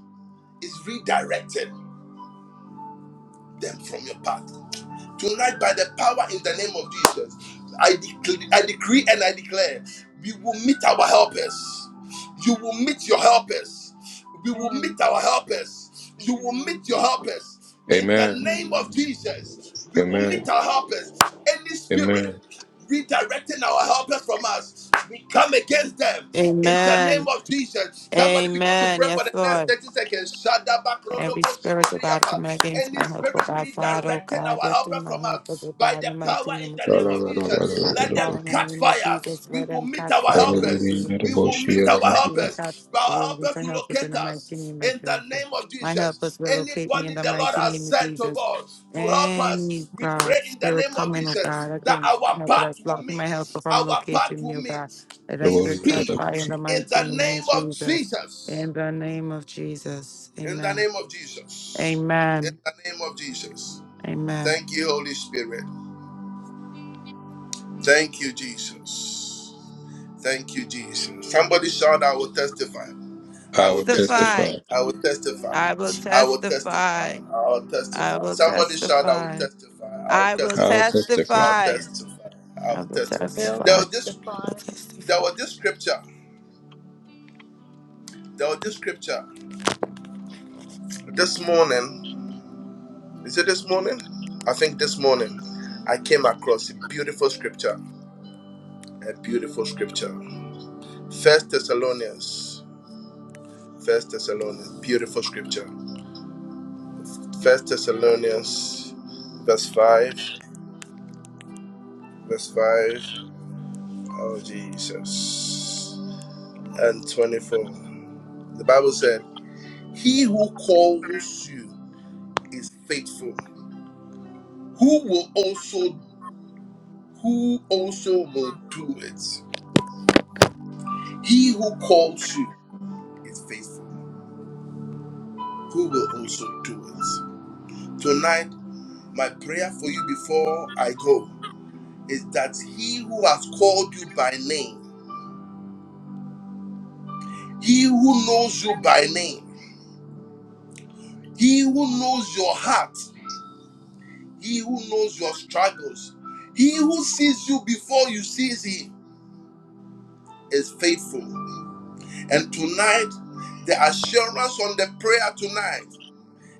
S1: is redirecting them from your path. Tonight, by the power in the name of Jesus, I, decree, I decree and I declare we will meet our helpers. You will meet your helpers. We will
S5: Amen.
S1: meet our helpers. You will
S5: Amen.
S1: meet your helpers. In the
S2: Amen.
S1: name of
S5: Amen.
S1: Jesus, we will
S5: Amen.
S1: meet
S2: Amen.
S1: our helpers. Any spirit
S2: Amen.
S1: redirecting our helpers from us, we come against them. In the name
S3: Amen.
S1: of Jesus, somebody begin to
S3: Amen.
S1: pray for
S3: Yes,
S1: the next
S3: Lord.
S1: 30 seconds. Shada bakrodo
S3: Every
S1: boshi
S3: spirit, oh God,
S1: dibriya
S3: coming against
S1: any
S3: my help,
S1: spirit
S3: oh God, Father, oh
S1: redirecting
S3: God,
S1: our
S3: within
S1: helpers
S3: my
S1: from
S3: heart,
S1: us
S3: oh
S1: by
S3: God, in
S1: the
S3: the mighty
S1: power in
S3: name of
S1: the name
S3: Jesus.
S1: of
S2: I'll
S1: Jesus.
S3: Father,
S1: Let them
S3: Father, in the
S1: catch
S3: name of
S1: fire.
S3: Jesus,
S1: We
S3: let
S1: will
S3: them
S1: meet
S3: catch
S1: our
S3: fire in the mighty
S1: helpers.
S3: name of
S1: We will meet
S3: Jesus.
S1: our
S3: We will catch,
S1: helpers.
S3: we
S1: Our
S3: will look
S1: helpers
S3: for
S1: will
S3: helpers in
S1: locate
S3: the mighty
S1: us
S3: name of
S1: in the
S3: Jesus.
S1: name of
S3: My
S1: Jesus.
S3: helpers will locate me in
S1: Anybody
S3: the
S1: the Lord
S3: mighty
S1: has
S3: name of
S1: sent to
S3: Jesus.
S1: God to help
S3: Any
S1: us, we pray
S3: God,
S1: in the
S3: spirit
S1: name of
S3: coming, oh
S1: Jesus
S3: God,
S1: that
S3: against
S1: our
S3: my helper
S1: path
S3: that's
S1: will
S3: blocking my
S1: meet.
S3: helper from
S1: Our path
S3: locating
S1: will
S3: me, oh God.
S1: meet
S3: Let us
S1: in
S3: catch
S1: speed
S3: fire in the
S1: in
S3: mighty
S1: the
S3: name of
S1: name of
S3: Jesus.
S1: Jesus.
S3: In the name of Jesus,
S1: In the
S3: amen.
S1: name of Jesus. In
S3: Amen.
S1: the name of Jesus.
S3: Amen.
S1: Thank you, Holy Spirit. Thank you, Jesus. Thank you, Jesus. Somebody shout, I will testify. I will testify.
S2: testify.
S3: Testify.
S1: I will testify.
S3: I will
S1: I will testify.
S3: testify.
S1: I will
S3: I
S1: testify.
S3: will
S1: Somebody shout, I will
S3: testify.
S1: testify. I will
S3: I will
S2: I'll
S1: testify.
S2: testify.
S1: I will
S3: testify.
S1: testify. I
S3: I
S1: will
S3: will
S1: testify.
S5: I will
S1: There
S3: testify.
S1: was
S3: I
S1: this,
S3: will
S5: testify
S1: there
S3: testify.
S1: was this scripture. There was this scripture. This morning, is it this morning? I think this morning, I came across a beautiful scripture. A beautiful scripture. First Thessalonians First Thessalonians, beautiful scripture. First Thessalonians, verse five, verse five. Oh Jesus, and twenty-four. The Bible said, "He who calls you is faithful, who will also who also will do it. He who calls you is faithful, who will also do it." Tonight, my prayer for you before I go is that He who has called you by name He who knows you by name, he who knows your heart, he who knows your struggles, he who sees you before you see him is faithful. And tonight, the assurance on the prayer tonight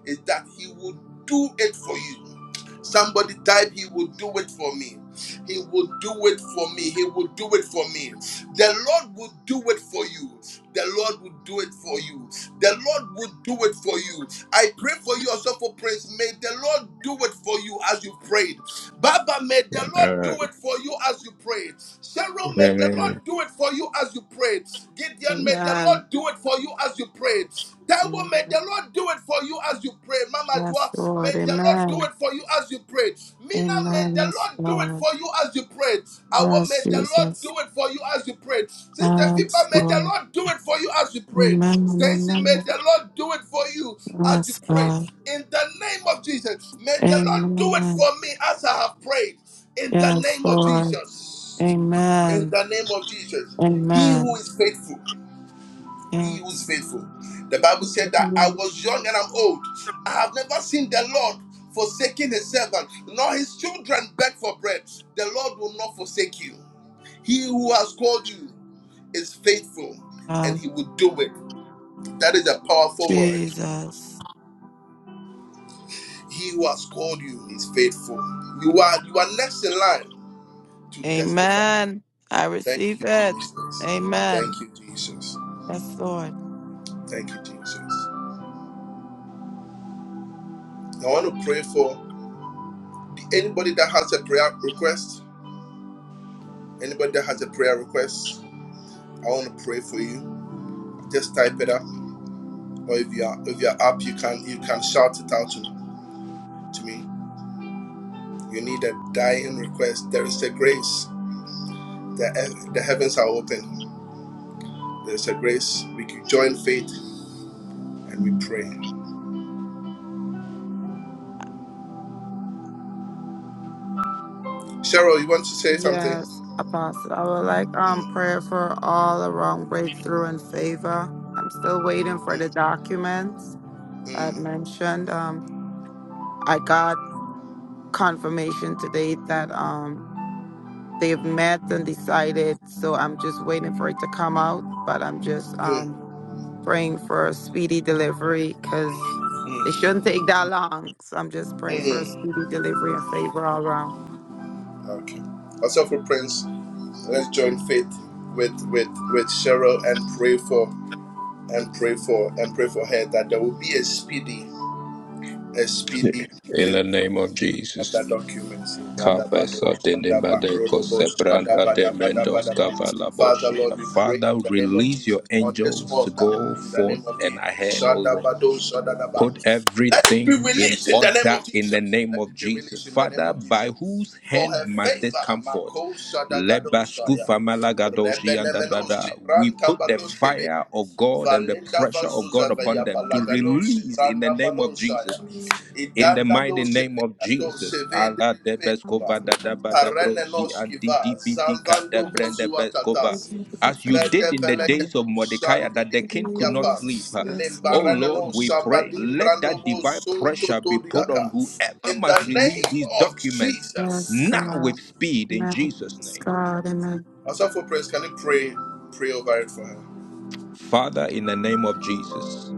S1: is that He will do it for you. Somebody type, He will do it for me. He will do it for me. He will do it for me. The Lord will do it for you. The Lord will do it for you. The Lord will do it for you. I pray for you also for praise. May the Lord do it for you as you prayed. Baba, may the Lord do
S2: Amen.
S1: it for you as you pray. Cheryl, may the Lord
S2: Amen.
S1: do it for you as you pray. Gideon, may the
S3: Amen.
S1: Lord do it for you as you pray. Taiwo, may the
S3: Amen.
S1: Lord do it for you as you pray. Mama Joa,
S3: Yes,
S1: may
S3: Lord.
S1: the Lord do
S3: Amen.
S1: it for you as you pray. Mina, may
S3: Amen.
S1: the
S3: Yes,
S1: Lord do it
S3: Lord.
S1: for you as you pray. Awo, may
S3: Yes,
S1: the Lord do
S3: Jesus.
S1: it for you as you pray. Sister
S3: Yes,
S1: Fipa, may the
S3: Lord.
S1: Lord do it for you as you pray.
S3: Amen.
S1: Stacy, may the
S3: Amen.
S1: Lord do it for you as you
S3: Yes,
S1: pray.
S3: God.
S1: In the name of Jesus, may the Lord do it
S3: Amen.
S1: for me as I have prayed. In the
S3: Yes,
S1: name of
S3: Lord.
S1: Jesus. In
S3: Amen.
S1: the name of Jesus. He who
S3: Amen.
S1: is faithful, he who is
S3: Yes.
S1: faithful. The Bible said that I was young and I'm old. I have never seen the Lord forsaking his servant, nor his children beg for bread. The Lord will not forsake you. He who has called you is faithful and
S3: Oh,
S1: he will do it. That is a powerful word.
S3: Jesus.
S1: He who has called you is faithful. You are you are next in line to testify.
S3: Amen. I
S1: Thank
S3: receive
S1: you,
S3: it.
S1: Jesus.
S3: Amen.
S1: Thank you, Jesus.
S3: Yes, Lord.
S1: Thank you, Jesus. I want to pray for anybody that has a prayer request. Anybody that has a prayer request, I want to pray for you. Just type it up, or if you are if you are up, you can you can shout it out to, to me. You need a dying request. There is a grace. The, the heavens are open. There is a grace. We can join faith and we pray. Cheryl, you want to say something?
S3: Yes, Apostle. I would like um
S1: Mm,
S3: prayer for all around breakthrough and favor. I'm still waiting for the
S1: mm,
S3: documents I
S1: mm,
S3: mentioned. Um, I got confirmation today that um they've met and decided, so I'm just waiting for it to come out. But I'm just
S1: mm,
S3: um praying for a speedy delivery because
S1: mm,
S3: it shouldn't take that long. So I'm just praying for a
S1: mm.
S3: speedy delivery and favor all around.
S1: Okay. Also for Prince, let's join faith with with with Cheryl and pray for and pray for and pray for her that there will be a speedy a speedy
S2: In the
S1: delivery
S2: name of
S1: of
S2: Jesus.
S1: that document. Dadabado,
S2: Kabesa dendembade
S1: shadabakrodobo,
S2: kosebranda demendos
S1: shadabadabadabadaba. Father,
S2: kavalaboshia.
S1: Lord, we pray
S2: Father,
S1: in the name of
S2: release your
S1: Jesus on this
S2: angels to
S1: altar,
S2: go
S1: in the name
S2: forth
S1: of
S2: and
S1: Jesus.
S2: ahead, O Lord.
S1: Shadabado, shadadaba.
S2: Put
S1: Let it be
S2: everything in
S1: released in the name
S2: order
S1: of
S2: in the
S1: Jesus.
S2: name
S1: Let
S2: of
S1: it be
S2: Jesus.
S1: released in the name
S2: Father,
S1: of
S2: by
S1: Jesus.
S2: whose
S1: For
S2: hand
S1: her
S2: must
S1: favor,
S2: this come forth?
S1: Mako Shadagadosaya.
S2: Lebaskufa malagadoshi and da da
S1: Rebelemenos,
S2: da. We put the
S1: Sibran
S2: fire of God and the
S1: Valenda
S2: pressure of God
S1: Vazuza
S2: upon
S1: Vaya
S2: them to
S1: Balagado
S2: release in the
S1: Sebranda
S2: name of Jesus
S1: Balosaya
S2: in the
S1: Idanda do
S2: mighty name of
S1: Seveato
S2: Jesus,
S1: Seve de
S2: Allah de Beskova
S1: Deveva
S2: da da ba da, Dadabadabrosi and
S1: Arenenoskiva
S2: Didibidika
S1: Zanvando Vozua
S2: Debrendebeskova.
S1: Tatasi
S2: As you did
S1: Vede
S2: in the days of
S1: Velegado
S2: Mordecai,
S1: Sandi
S2: that
S1: di
S2: the king could not
S1: Yapa
S2: sleep.
S3: Jesus, yes,
S2: Oh
S3: Lord.
S2: Lord,
S1: Limbaranano
S2: we pray,
S1: Sabadim
S2: let
S1: Brando
S2: that divine
S1: Sunto
S2: pressure be put on
S1: Todiaka
S2: whoever
S1: In
S2: must
S1: the
S2: release
S1: name
S2: these
S1: of
S2: documents
S3: Yes,
S1: Jesus.
S2: now with
S3: God.
S2: speed in
S3: Amen.
S2: Jesus'
S3: Yes,
S2: name.
S3: God. Amen.
S1: Also for praise, can you pray? Pray over it for her.
S2: Father, in the name of Jesus,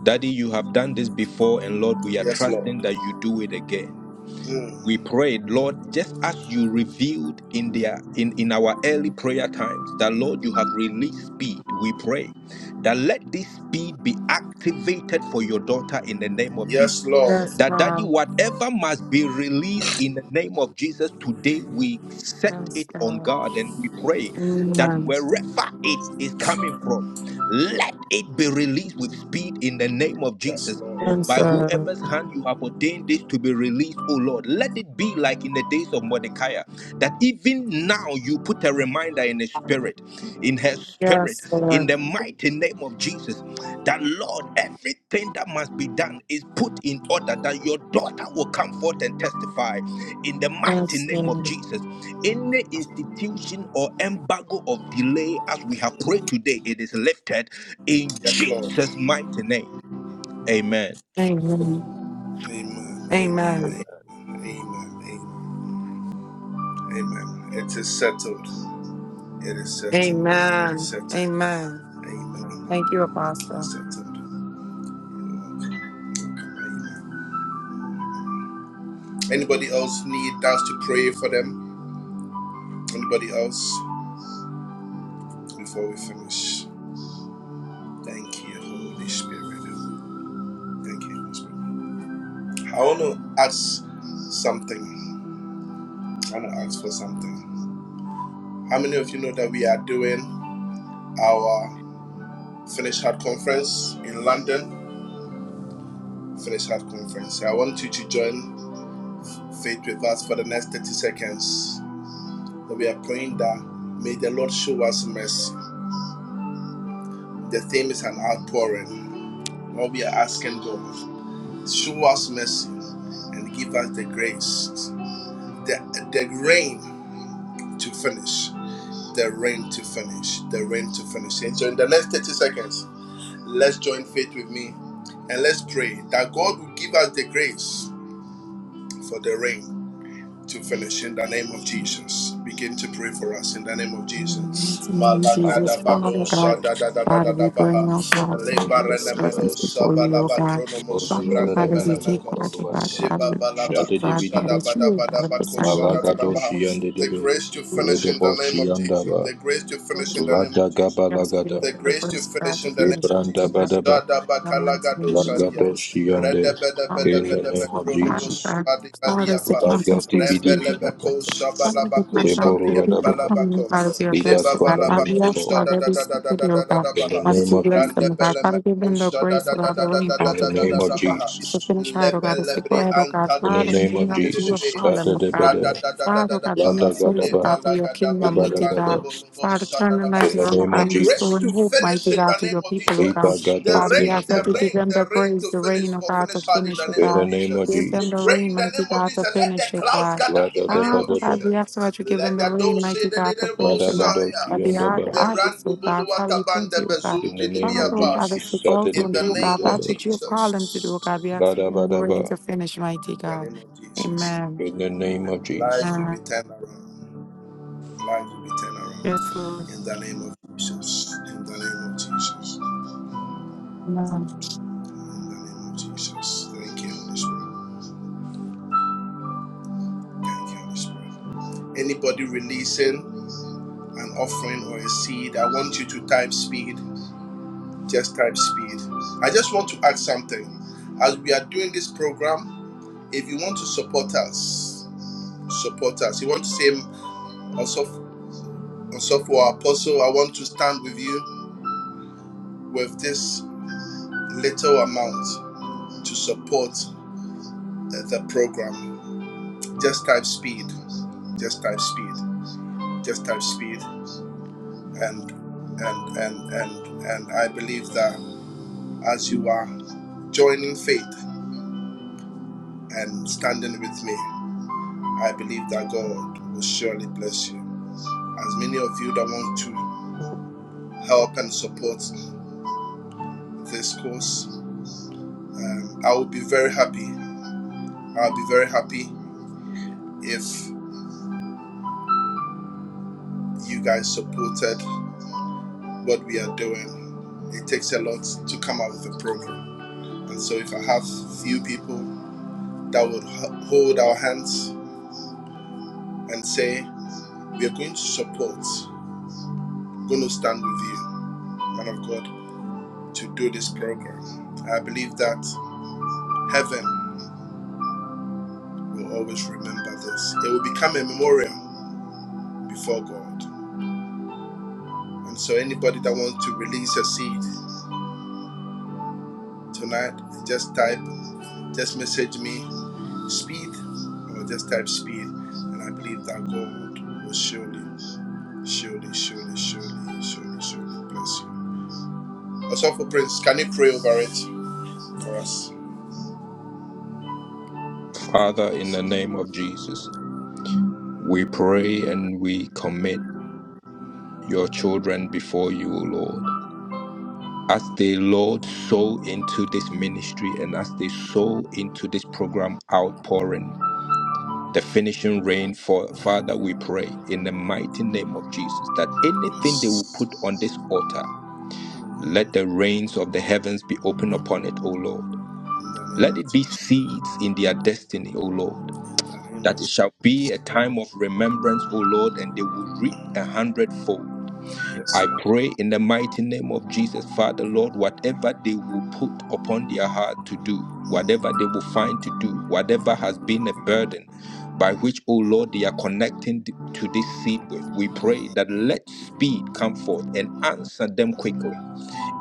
S2: Daddy, you have done this before, and Lord, we are
S1: Yes, Lord.
S2: trusting that you do it again.
S1: Mm.
S2: we prayed lord just as you revealed in their in, in our early prayer times that lord you have released speed we pray that let this speed be activated for your daughter in the name of
S1: Yes,
S2: jesus
S1: Lord.
S3: Yes,
S2: that daddy
S3: God.
S2: whatever must be released in the name of jesus today we set
S3: Yes,
S2: it on
S3: God.
S2: god and we pray that
S3: Amen.
S2: wherever it is coming from let let it be released with speed in the name of
S1: Yes,
S2: Jesus.
S1: Lord.
S3: Yes,
S2: By
S3: Lord.
S2: whoever's hand you have ordained this to be released, O Lord, let it be like in the days of Mordecai, that even now you put a reminder in his spirit, in her spirit,
S3: Yes,
S2: in
S3: Lord.
S2: the mighty name of Jesus. That Lord, everything that must be done is put in order that your daughter will come forth and testify in the mighty
S3: Yes,
S2: name of
S3: Lord.
S2: Jesus. Any institution or embargo of delay, as we have prayed today, it is lifted in
S1: Yes, Lord.
S2: Jesus' mighty name. Amen.
S3: Amen.
S1: Amen.
S3: Amen.
S1: Amen. Amen. Amen. Amen. It is settled. It is settled. It
S3: Amen.
S1: is settled.
S3: Amen.
S1: Amen.
S3: Thank you,
S1: It
S3: Apostle.
S1: is settled. Amen. Anybody else need us to pray for them? Anybody else before we finish? Thank you, Holy Spirit. Thank you, Holy Spirit. I want to ask something. I want to ask for something. How many of you know that we are doing? our Finish Hard Conference in London. Finish Hard Conference. I want you to join faith with us for the next 30 seconds. That we are praying that may the Lord show us mercy. The theme is an outpouring. What we are asking God, show us mercy and give us the grace, the, the rain to finish, the rain to finish, the rain to finish. And so in the next 30 seconds, let's join faith with me and let's pray that God will give us the grace for the rain to fellowship in the name of Jesus. Begin to pray for us in the name of
S3: In
S1: Jesus.
S3: the name of Jesus,
S1: Malagrada
S3: Father God,
S1: badosa da da da da
S3: Father,
S1: da
S3: we
S1: da
S3: bring
S1: baha.
S3: our God, and of your
S1: Lebarene meno
S3: servants before you, O
S1: sabalaba
S3: God.
S1: kronomo
S3: Father
S1: sobrande
S3: God, as you take
S1: belemeko.
S3: part of God,
S1: Sheba
S3: Father, God, to
S1: balabako
S3: God, Father,
S1: sada
S3: it's you,
S1: bada
S3: O
S1: bada
S3: God, of
S1: bako
S3: assigning them
S1: sada da
S2: Malaga
S3: to
S1: da
S3: this
S1: baha.
S2: doshi and the
S1: The
S2: debe,
S1: grace to finish in the
S2: Ledabo
S1: name of Jesus.
S2: Shiandaba,
S1: The grace to finish in the name of Jesus
S3: Just for
S1: the
S2: Lagabalagada,
S3: the
S1: grace to
S3: first God
S1: finish
S3: to
S1: in the name of
S3: God
S1: Jesus.
S2: Yebrandabadaba,
S1: Shada
S3: the mighty name of
S2: Lagato
S3: Jesus, O God.
S2: Shiande,
S3: I'm
S2: in
S3: believing
S2: the name
S3: for
S2: of
S3: Father,
S2: Jesus.
S3: Father, the contest
S2: Lagati
S3: is for you.
S2: Bidibina,
S3: Father, the contest is for
S2: Liboruadaba,
S3: you. Father, you are
S2: Libas
S3: blessed, O God. Father, we ask
S2: Kovanimato,
S3: for every secret, O God.
S2: in the
S3: Father,
S2: name
S3: you
S2: of
S3: bless
S2: Jesus,
S3: them, O God. Father, give them the grace, O God, the way,
S2: in
S3: God,
S2: the
S3: to
S2: name
S3: finish,
S2: of
S3: O God.
S2: Jesus,
S3: To finish hard, O God, to say, go ahead, O God.
S2: in the
S3: Father, we
S2: name
S3: do
S2: of
S3: know that you have
S2: Jesus,
S3: called them, O God.
S2: Satadebede,
S3: Father, O God, bring them souls, O
S2: Ladagadaba,
S3: God, for your kingdom, mighty God.
S2: Ibadagada,
S3: Father, turn their
S2: in
S3: lives
S2: the
S3: around, O
S2: name
S1: the
S2: of
S3: God, and
S2: Jesus,
S1: grace
S3: restore
S1: to
S3: and hope,
S1: finish
S3: mighty
S1: in the
S3: God, to
S1: name
S3: your
S1: of
S3: people, O God.
S2: Liba
S1: Jesus. The
S3: Father, we
S1: rain,
S3: ask
S1: the
S3: that you
S2: Libagadoskivinema,
S3: give
S1: rain,
S3: them
S1: the
S3: the
S1: rain
S3: grace,
S1: to
S3: the
S1: finish
S3: rain, oh
S1: for
S3: God, to
S1: finish hard in
S3: finish,
S1: the
S3: oh
S1: name
S2: in
S1: of
S2: the
S3: God.
S2: name of
S3: Give
S1: Jesus. We
S3: them the
S2: Jesus,
S1: pray
S3: rain,
S1: in the
S3: mighty
S1: name of
S3: God, to
S1: Jesus. Let the
S3: finish, oh
S1: clouds
S3: God.
S1: gather in the name of
S3: Father, God,
S2: Ladadabadaba,
S1: Jesus.
S3: we ask that you give them
S1: Let
S3: the
S1: the
S3: rain,
S1: dough say
S3: mighty
S1: the
S3: God, to
S1: little
S3: finish, oh God.
S2: Ladabados
S1: Messiah.
S3: That they are the
S2: Yandaba,
S3: harvest oh
S1: Berando
S3: God. Father, we thank
S1: boluatabande
S3: you, oh God.
S2: In the
S1: bezumbi
S2: name
S3: Father,
S2: of
S3: oh God,
S1: libiapasi.
S3: as they
S2: Jesus.
S3: go out
S1: In
S3: and
S1: the
S3: do, oh God,
S1: name of
S3: that's
S2: Sadidibiyadebe.
S3: what you have called them to do, oh
S1: Jesus,
S3: God. We ask for
S1: we
S3: them the
S1: pray.
S3: rain
S2: Vadabadaba.
S3: to
S1: In
S3: finish, mighty
S1: the
S3: God.
S1: name of Jesus,
S3: Amen.
S2: In the name of Jesus.
S1: lives will be
S3: Amen.
S1: turned around. Lives will be turned around.
S3: Yes, Lord.
S1: In the name of Jesus. In the name of Jesus.
S3: Amen.
S1: In the name of Jesus. Thank you, Holy Spirit. Thank you, Holy Spirit. Anybody releasing an offering or a seed, I want you to type speed. Just type speed. I just want to add something. As we are doing this program, If you want to support us, support us. You want to say, Osofo or Apostle, I want to stand with you with this little amount to support uh, the program. Just type speed. Just type speed. Just type speed. And and and and and I believe that as you are joining faith and standing with me, I believe that God will surely bless you. As many of you that want to help and support this course. Um, I would be very happy. I'll be very happy if you guys supported what we are doing. It takes a lot to come out with a program. And so if I have few people that would hold our hands and say, we are going to support, going to stand with you, man of God, to do this program. I believe that heaven will always remember this. It will become a memorial before God. And so anybody that wants to release a seed tonight, just type, just message me speed or just type speed. And I believe that God will surely, surely, surely, surely, surely, surely bless you. Also for Prince, can you pray over it for us? Thank
S2: Father,
S1: you,
S2: in
S1: Jesus.
S2: the name of Jesus, we pray and we commit your children before you, O Lord. As they, Lord, sow into this ministry and as they sow into this program outpouring, the finishing rain for Father, we pray in the mighty name of Jesus that anything they
S1: Yes.
S2: will put on this altar,
S1: In
S2: let the rains of the heavens be open upon it, O Lord.
S1: the name
S2: Let
S1: of
S2: it be
S1: Jesus.
S2: seeds in their destiny, O Lord,
S1: In the name of
S2: that it
S1: Jesus.
S2: shall be a time of remembrance, O Lord, and they will reap a hundredfold.
S1: Yes,
S2: I
S1: Lord.
S2: pray in the mighty name of Jesus, Father, Lord, whatever they will put upon their heart to do, whatever they will find to do, whatever has been a burden by which, O Lord, they are connecting th- to this seed with, we pray that let speed come forth and answer them quickly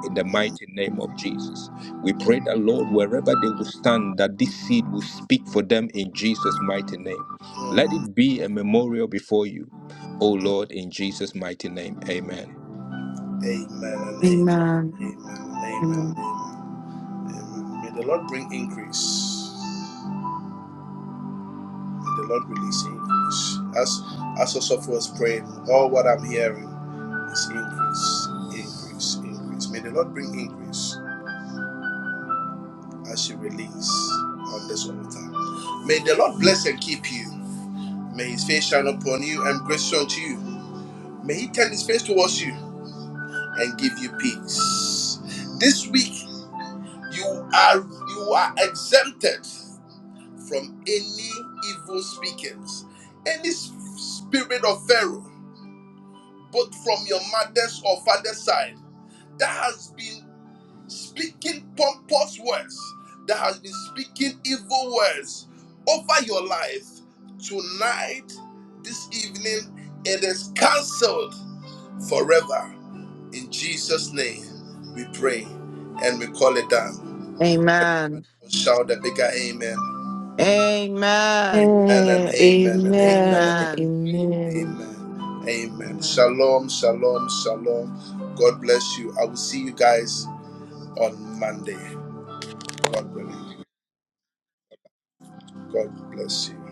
S2: in the
S1: Mm,
S2: mighty name of Jesus. We pray that, Lord, wherever they will stand, that this seed will speak for them in Jesus' mighty name. Let
S1: mm.
S2: it be a memorial before you, O Lord, in Jesus' mighty name. Amen.
S1: Amen and amen.
S3: Amen.
S1: Amen and amen. and
S3: Amen.
S1: Amen. Amen. May the Lord bring increase. the Lord release increase. As as Osoph was praying, all what I'm hearing is increase, increase, increase. May the Lord bring increase as you release on this altar. May the Lord bless and keep you. May his face shine upon you and grace unto you. May he turn his face towards you and give you peace. This week you are you are exempted from any evil speakings, any spirit of Pharaoh both from your mother's or father's side, that has been speaking pompous words, that has been speaking evil words over your life, tonight, this evening, it is cancelled forever. In Jesus' name, we pray and we call it down.
S3: Amen.
S1: Everybody will shout a bigger amen.
S3: Amen.
S1: And an
S4: Eh,
S1: amen and amen and amen.
S4: Amen.
S3: Amen.
S4: Amen.
S1: Amen. Amen.
S3: Amen.
S1: Shalom, shalom, shalom. God bless you. I will see you guys on Monday. God willing. God bless you.